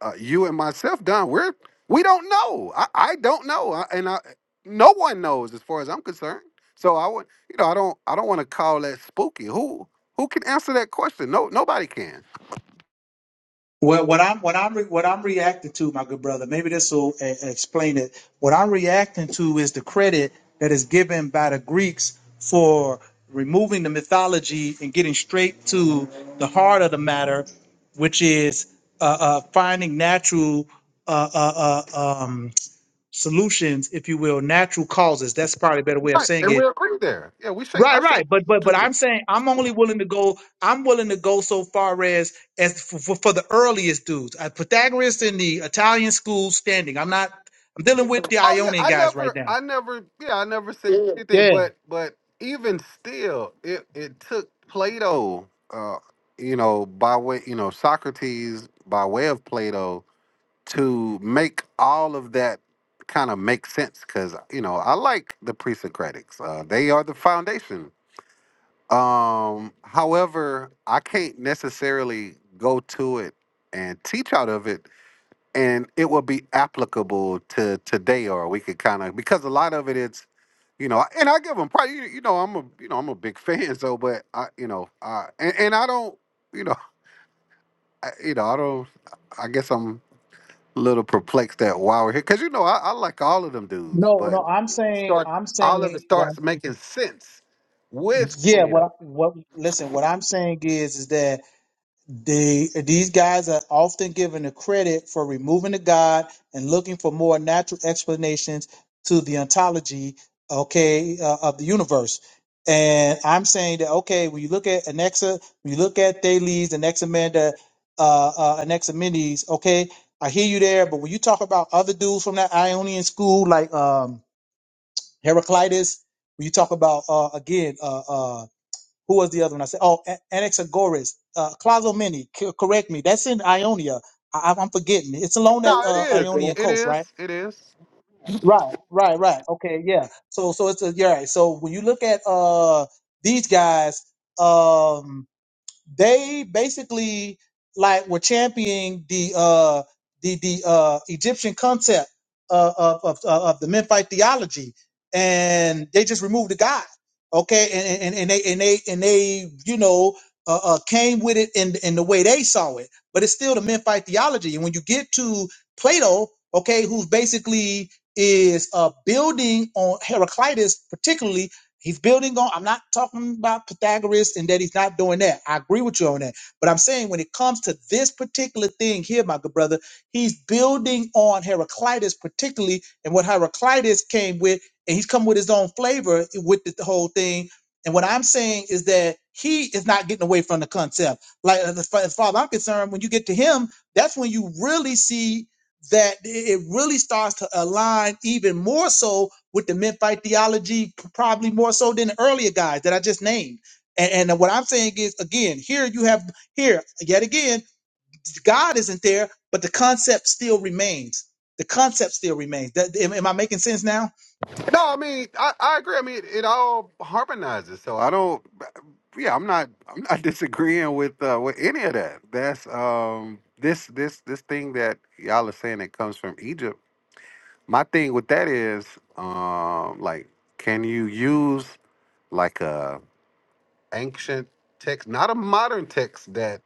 B: uh, you and myself, Don, we're we don't know. I, I don't know, I, and I no one knows as far as I'm concerned. So I would, you know, I don't I don't want to call that spooky. Who who can answer that question? No, nobody can.
A: Well, what I'm what I'm re- what I'm reacting to, my good brother, maybe this will uh, explain it. What I'm reacting to is the credit that is given by the Greeks for removing the mythology and getting straight to the heart of the matter, which is uh, uh, finding natural uh, uh, uh, um, solutions, if you will, natural causes. That's probably a better way of
B: Right,
A: saying
B: and
A: it
B: we agree there. Yeah, we shake.
A: Right,
B: I shake.
A: right. But but but I'm saying I'm only willing to go. I'm willing to go so far as as for, for, for the earliest dudes. Uh, Pythagoras in the Italian school standing. I'm not. I'm dealing with the
B: Oh yeah,
A: Ionian
B: I
A: guys right
B: never,
A: now.
B: I never, yeah, I never said Yeah. anything.
A: Yeah.
B: But but even still, it it took Plato, uh, you know, by way, you know, Socrates by way of Plato to make all of that kind of make sense because you know i like the pre-socratics uh, they are the foundation um however i can't necessarily go to it and teach out of it and it will be applicable to today or we could kind of because a lot of it it's you know and i give them probably you you know i'm a you know i'm a big fan so but i you know uh and, and i don't you know I, you know i don't i guess I'm little perplexed at why we're here because you know I, I like all of them dudes,
A: No,
B: but
A: no. I'm saying.
B: start
A: I'm
B: all of it
A: saying. Well,
B: starts making sense with
A: yeah.
B: Plato.
A: Well, what? Listen. What I'm saying is, is that They, these guys are often given the credit for removing the God and looking for more natural explanations to the ontology, okay, uh, of the universe. And I'm saying that okay, when you look at Anexa, when you look at Thales, Anaximanda, uh, uh, Anaximenes, okay, I hear you there. But when you talk about other dudes from that Ionian school, like um, Heraclitus, when you talk about uh, again, uh, uh, who was the other one? I said, oh, A- Anaxagoras, uh, Clazomene. C- correct me. That's in Ionia. I- I- am forgetting. It's along that
B: No, it
A: uh,
B: is.
A: Ionian
B: It
A: coast, right?
B: is. It is.
A: Right, right, right. Okay, yeah. So, so it's a, yeah. Right. So when you look at uh, these guys, um, they basically like were championing the uh the the uh Egyptian concept of of of, uh, of the Memphite theology, and they just removed the God, okay, and and, and they and they and they you know. Uh, uh, came with it in in the way they saw it, but it's still the Memphite theology. And when you get to Plato, okay, who's basically is uh, building on Heraclitus, particularly He's building on. I'm not talking about Pythagoras and that he's not doing that. I agree with you on that. But I'm saying when it comes to this particular thing here, my good brother, he's building on Heraclitus particularly and what Heraclitus came with, and he's come with his own flavor with the whole thing. And what I'm saying is that he is not getting away from the concept. Like as far as far as I'm concerned, when you get to him, that's when you really see that it really starts to align even more so with the Memphite theology, probably more so than the earlier guys that I just named. And, and what I'm saying is, again, here you have, here, yet again, God isn't there, but the concept still remains. The concept still remains. That, am, am I making sense now?
B: No, I mean I, I agree. I mean it, it all harmonizes. So I don't. Yeah, I'm not. I'm not disagreeing with uh, with any of that. That's um this this this thing that y'all are saying that comes from Egypt. My thing with that is um like can you use like a ancient text, not a modern text that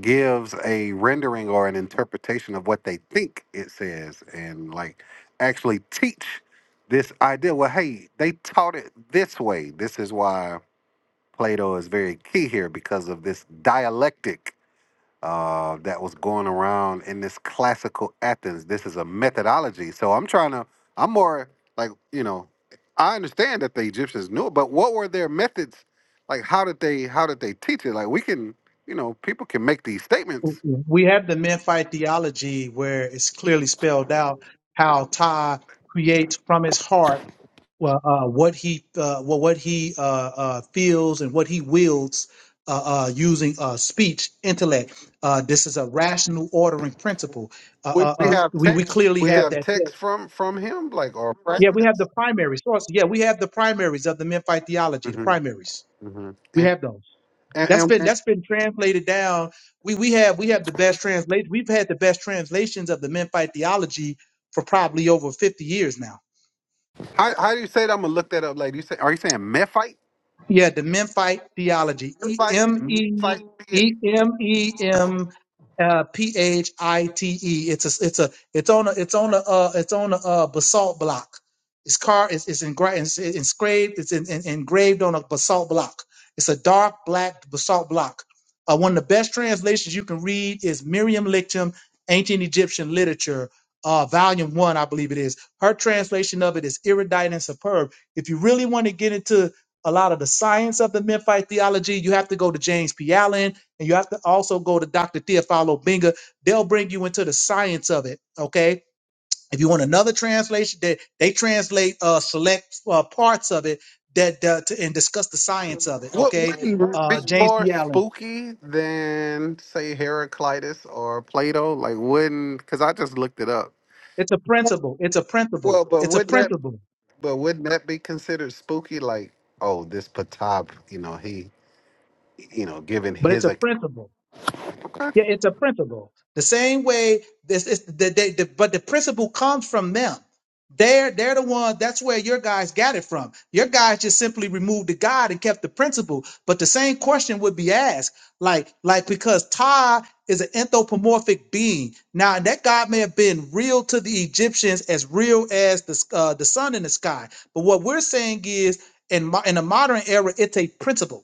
B: gives a rendering or an interpretation of what they think it says and like actually teach this idea. Well, hey, they taught it this way. This is why Plato is very key here because of this dialectic uh, that was going around in this classical Athens. This is a methodology. So I'm trying to, I'm more like, you know, I understand that the Egyptians knew it, but what were their methods? Like, how did they, how did they teach it? Like, we can, you know, people can make these statements.
A: We have the Memphite theology where it's clearly spelled out how Ty creates from his heart well, uh, what he uh, well, what he uh, uh, feels and what he wields uh, uh, using uh, speech, intellect. Uh, this is a rational ordering principle. Uh,
B: We,
A: uh,
B: we
A: uh,
B: have
A: we we
B: text.
A: clearly
B: We
A: have
B: have
A: that. there.
B: text from from him, like or
A: Yeah, we have the
B: fragments.
A: primary sources. Yeah, we have the primaries of the Memphite theology. The
B: hmm
A: primaries
B: hmm
A: we
B: And,
A: have those.
B: and,
A: That's
B: and
A: been
B: and
A: that's been translated down. We we have we have the best translation. We've had the best translations of the Memphite theology for probably over fifty years now.
B: how how do you say that? I'm gonna look that up later. You say, are you saying Mephite?
A: Yeah, the Memphite theology. E
B: Mephite,
A: M E
B: Mephite.
A: E M E M uh, P H I T E. It's a it's a it's on a it's on a uh, it's on a uh, basalt block. It's car it's it's, engra- it's it's engraved it's in, in, engraved on a basalt block. It's a dark black basalt block. Uh, one of the best translations you can read is Miriam-Lechtem, Ancient Egyptian Literature, uh, Volume One, I believe it is. Her translation of it is iridite and superb. If you really want to get into a lot of the science of the Memphite theology. You have to go to James P. Allen and you have to also go to Dr. Theophilo Benga. They'll bring you into the science of it. Okay. If you want another translation, they, they translate uh, select uh, parts of it that uh, to, and discuss the science of it.
B: What
A: Okay.
B: would be
A: Uh, James
B: more
A: P. Allen.
B: spooky than say Heraclitus or Plato? Like wouldn't because I just looked it up.
A: It's a principle. It's a
B: Well,
A: principle.
B: but
A: It's a
B: wouldn't that
A: principle,
B: but wouldn't that be considered spooky? Like oh, this Ptah, you know he you know giving
A: but it's
B: his
A: a
B: ac-
A: principle. Yeah, it's a principle. The same way this is the, they, the but the principle comes from them. They're they're the one. That's where your guys got it from. Your guys just simply removed the God and kept the principle. But the same question would be asked, like like because Ty is an anthropomorphic being. Now that God may have been real to the Egyptians as real as the uh, the sun in the sky. But what we're saying is, in mo- in the modern era, it's a principle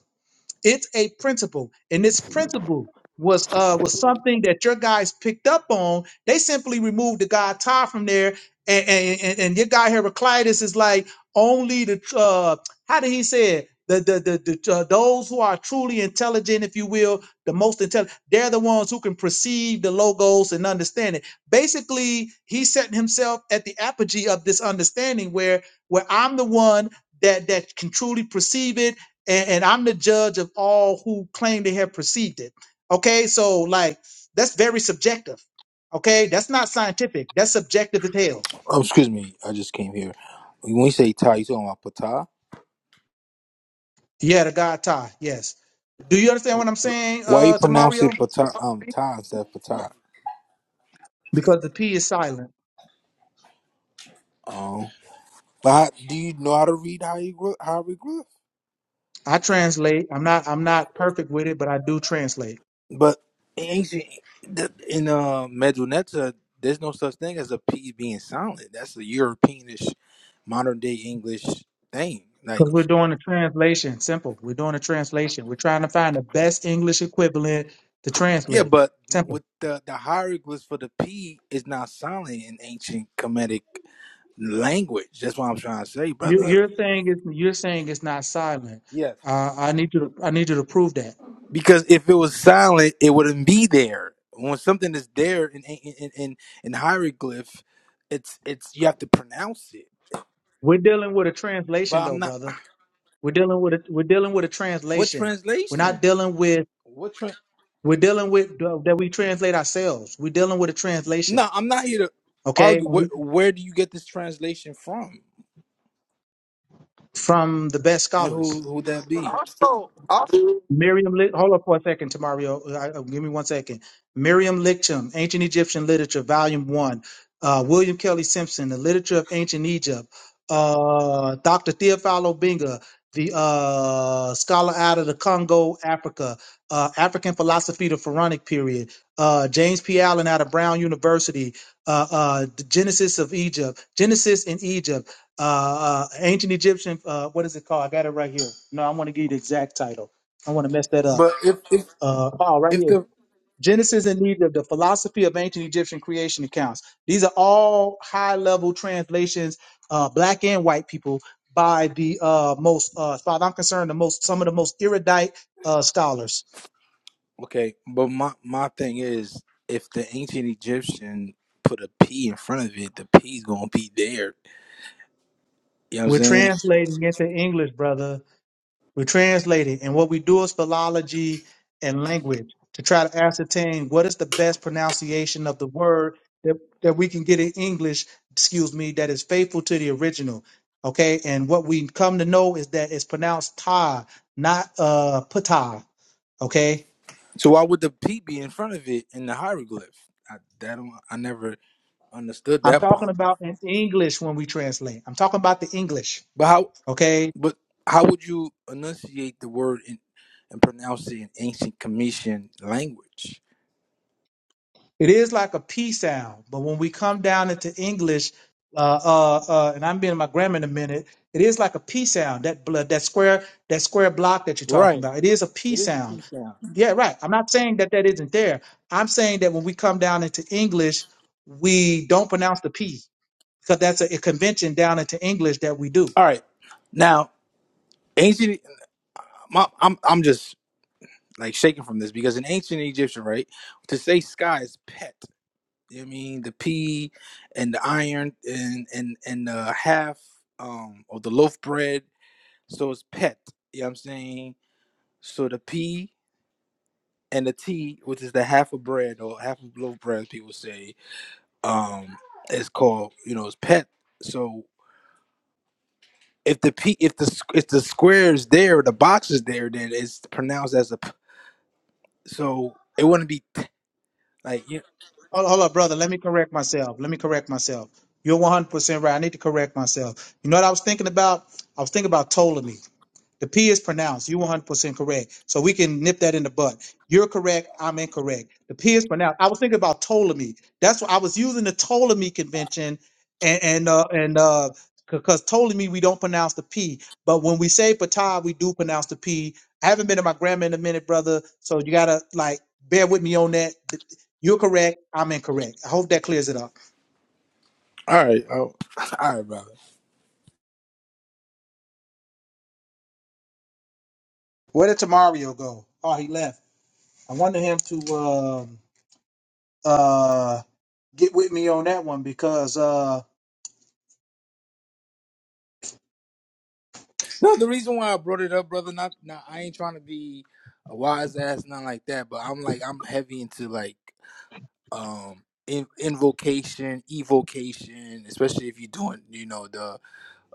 A: it's a principle and this principle was uh was something that your guys picked up on they simply removed the guy Ty from there and and, and, and your guy heraclitus is like only the uh how did he say it the the the, the uh, those who are truly intelligent if you will the most intelligent they're the ones who can perceive the logos and understand it basically he set himself at the apogee of this understanding where where i'm the one that that can truly perceive it and, and I'm the judge of all who claim they have perceived it. Okay, so like that's very subjective. Okay, that's not scientific. That's subjective as hell.
M: Oh, excuse me, I just came here. When you say Thai, you talking about Patah?
A: Yeah, the God tie. Yes. Do you understand what I'm saying,
M: Why you
A: uh, to
M: pronounce it
A: Mario?
M: Patah? Um, Thai instead of Patah.
A: Because the P is silent.
M: Um, but how, do you know how to read hieroglyph? hieroglyph?
A: I translate. I'm not. I'm not perfect with it, but I do translate.
M: But in ancient the- in uh, Medunetta, there's no such thing as a P being silent. That's a Europeanish, modern day English thing. Like,
A: Because we're doing a translation. Simple. We're doing a translation. We're trying to find the best English equivalent to
M: yeah,
A: translate.
M: but
A: Simple.
M: with the the hieroglyphs for the P is not silent in ancient Kemetic language. That's what I'm trying to say,
A: You,
M: brother.
A: you're saying it's you're saying it's not silent.
M: Yeah,
A: Uh, I need you to I need you to prove that.
M: Because if it was silent, it wouldn't be there. When something is there in in in, in in hieroglyph, it's it's you have to pronounce it.
A: We're dealing with a
M: But
A: translation, though,
M: I'm not.
A: brother. We're dealing with a, we're dealing with a
M: What
A: translation. We're not
M: translation?
A: dealing with
M: What? Tra-
A: we're dealing with uh, that we translate ourselves. We're dealing with a translation,
M: no, I'm not here to
A: okay?
M: argue.
A: When
M: Where
A: we
M: where do you get this translation from,
A: from the best
M: and
A: scholars.
M: who who would that be?
B: also also
A: Miriam, Lich- hold up for a second, Tamario. I- I- Give me one second. Miriam Licham, Ancient Egyptian Literature, Volume One. Uh, William Kelly Simpson, The Literature of Ancient Egypt. Uh, Dr. Theophilo Binga, the uh, scholar out of the Congo, Africa. Uh, African philosophy, the Pharaonic period. Uh, James P. Allen out of Brown University. Uh, uh, the Genesis of Egypt. Genesis in Egypt. Uh, uh, ancient Egyptian. Uh, what is it called? I got it right here. No, I want to give you the exact title I want to mess that up.
M: But if if
A: Uh, oh, right
M: if
A: here.
M: the
A: Genesis and Egypt, the philosophy of ancient Egyptian creation accounts. These are all high level translations, uh, black and white people, by the uh, most, uh, as far as I'm concerned, the most, some of the most erudite uh, scholars.
M: okay, but my my thing is, if the ancient Egyptian put a P in front of it, the P's gonna be there. You know what I'm
A: We're
M: saying?
A: translating into English, brother We translate it, and what we do is philology and language to try to ascertain what is the best pronunciation of the word that, that we can get in English, excuse me, that is faithful to the original. Okay, and what we come to know is that it's pronounced ta, not uh pata. Okay,
M: So why would the P be in front of it in the hieroglyph? I that don't, I never understood
A: I'm
M: that
A: talking
M: part.
A: about in English when we translate. I'm talking about the English.
M: But how
A: Okay,
M: but how would you enunciate the word in, and pronounce it in ancient Commission language?
A: It is like a P sound, but when we come down into English, uh, uh, uh, and I'm being my grammar in a minute, it is like a P sound. That blood, that square, that square block that you're talking
M: Right.
A: about, it is a P
M: It is a
A: sound.
M: P sound.
A: Yeah, right. I'm not saying that that isn't there. I'm saying that when we come down into English, we don't pronounce the P because that's a, a convention down into English that we do.
M: All right. Now, ancient my, I'm I'm just like shaking from this because in ancient Egyptian, right, to say sky is pet. You know what I mean the P and the iron and and and the half um or the loaf bread So it's pet. You know what I'm saying? So the P and the T, which is the half a bread or half a loaf bread, people say, um, is called, you know, it's pet. So if the P if the s- if the square is there, the box is there, then it's pronounced as a p- so it wouldn't be t- like you
A: Hold, hold up, brother. Let me correct myself. Let me correct myself. You're 100% right. I need to correct myself. You know what I was thinking about? I was thinking about Ptolemy. The P is pronounced. You 100% correct. So we can nip that in the butt. You're correct. I'm incorrect. The P is pronounced. I was thinking about Ptolemy. That's what I was using the Ptolemy convention and, and, uh, and, uh, because Ptolemy, we don't pronounce the P, but when we say Ptah, we do pronounce the P. I haven't been to my grandma in a minute, brother. So you gotta like bear with me on that. You're correct. I'm incorrect. I hope that clears it up.
M: all right, oh, all right, brother.
A: Where did Tamario go? Oh, he left. I wanted him to, um, uh, Get with me on that one because uh,
M: No, the reason why I brought it up, brother, not, not I ain't trying to be a wise ass, nothing like that, but I'm like I'm heavy into like um in invocation evocation especially if you're doing you know the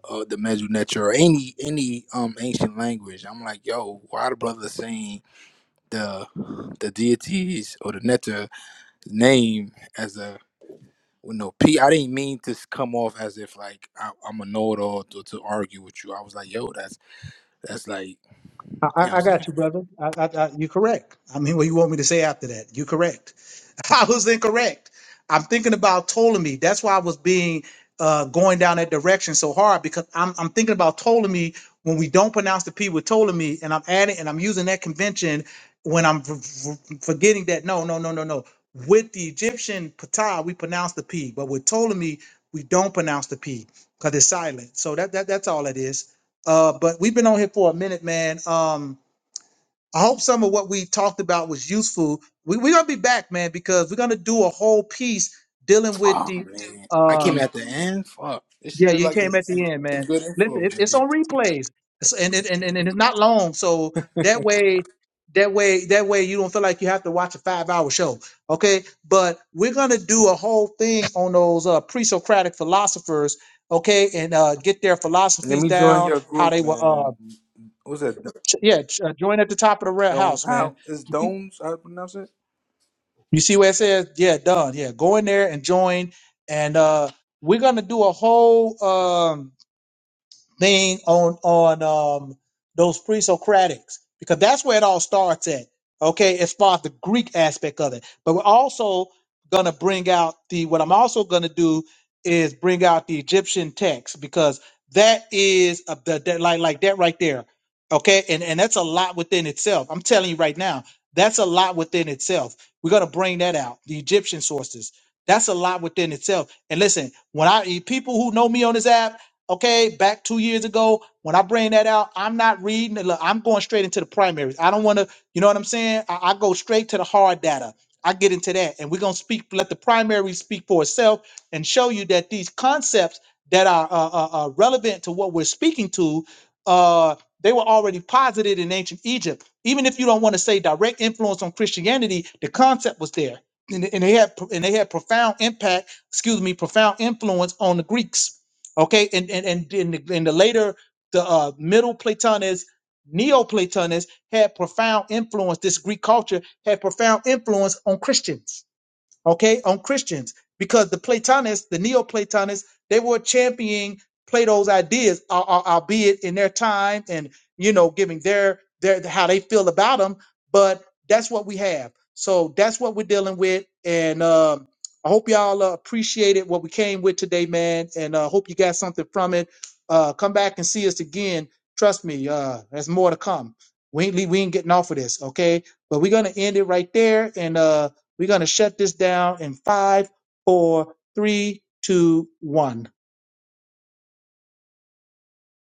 M: uh the mesonetra or any any um ancient language i'm like yo why the brother saying the the deities or the netta name as a you know p i didn't mean to s- come off as if like I, i'm a know-it-all to, to argue with you i was like yo that's that's like
A: I, I
M: you know what i'm
A: I got
M: saying
A: you, brother. I, I, I, you're correct. I mean, what you want me to say after that? You're correct. I was incorrect. I'm thinking about Ptolemy. That's why I was being uh, going down that direction so hard because I'm, I'm thinking about Ptolemy when we don't pronounce the P with Ptolemy, and I'm adding and I'm using that convention when I'm f- f- forgetting that no, no, no, no, no. With the Egyptian Ptah, we pronounce the P, but with Ptolemy, we don't pronounce the P because it's silent. So that, that that's all it is. Uh, but we've been on here for a minute, man. Um, I hope some of what we talked about was useful. We, we're gonna be back, man, because we're gonna do a whole piece dealing with
M: oh
A: the.
M: man i came
A: Um,
M: at the end fuck this
A: yeah,
M: shit is
A: you
M: like
A: came at the
M: some,
A: end,
M: some
A: man.
M: good
A: Listen,
M: info
A: it, it's
M: man
A: on replays, It's- and, it, and and and it's not long, so that way, that way, that way, you don't feel like you have to watch a five-hour show, okay? But we're gonna do a whole thing on those uh, pre-Socratic philosophers, okay, and uh, get their
M: Let
A: philosophies
M: me join
A: down,
M: your
A: how
M: group,
A: they were. Uh,
M: man. What's that?
A: Yeah, ch- uh, join at the top of the red
M: Don't
A: house, man.
M: is
A: You
M: Dones? How to pronounce it?
A: see where it says, yeah, done. Yeah, go in there and join. And uh, we're gonna do a whole. Um, thing on on um those pre-Socratics because that's where it all starts at. Okay, as far as the Greek aspect of it, but we're also gonna bring out the what I'm also gonna do is bring out the Egyptian text because that is a, the, that like like that right there. Okay, and and that's a lot within itself. I'm telling you right now, that's a lot within itself. We're gonna bring that out. The Egyptian sources. That's a lot within itself. And listen, when I people who know me on this app okay, back two years ago, when I bring that out, I'm not reading. it. Look, I'm going straight into the primaries. I don't want to, you know what I'm saying? I, I go straight to the hard data. I get into that, and we're gonna speak. Let the primaries speak for itself and show you that these concepts that are uh, uh, uh, relevant to what we're speaking to, uh, they were already posited in ancient Egypt. Even if you don't want to say direct influence on Christianity, the concept was there, and, and they had and they had profound impact. Excuse me, profound influence on the Greeks Okay, and and and in the, in the later the uh, middle Platonists, Neo-Platonists had profound influence. This Greek culture had profound influence on Christians okay, on Christians because the Platonists, the Neoplatonists, they were championing Plato's ideas, al- al- albeit in their time and you know giving their their how they feel about them. But that's what we have. So that's what we're dealing with, and um, I hope y'all uh, appreciated what we came with today, man, and uh, hope you got something from it. Uh, come back and see us again. Trust me, uh, there's more to come. We ain't, le- we ain't getting off of this, okay? But we're gonna end it right there, and uh, we're going to shut this down in five, four, three, two, one.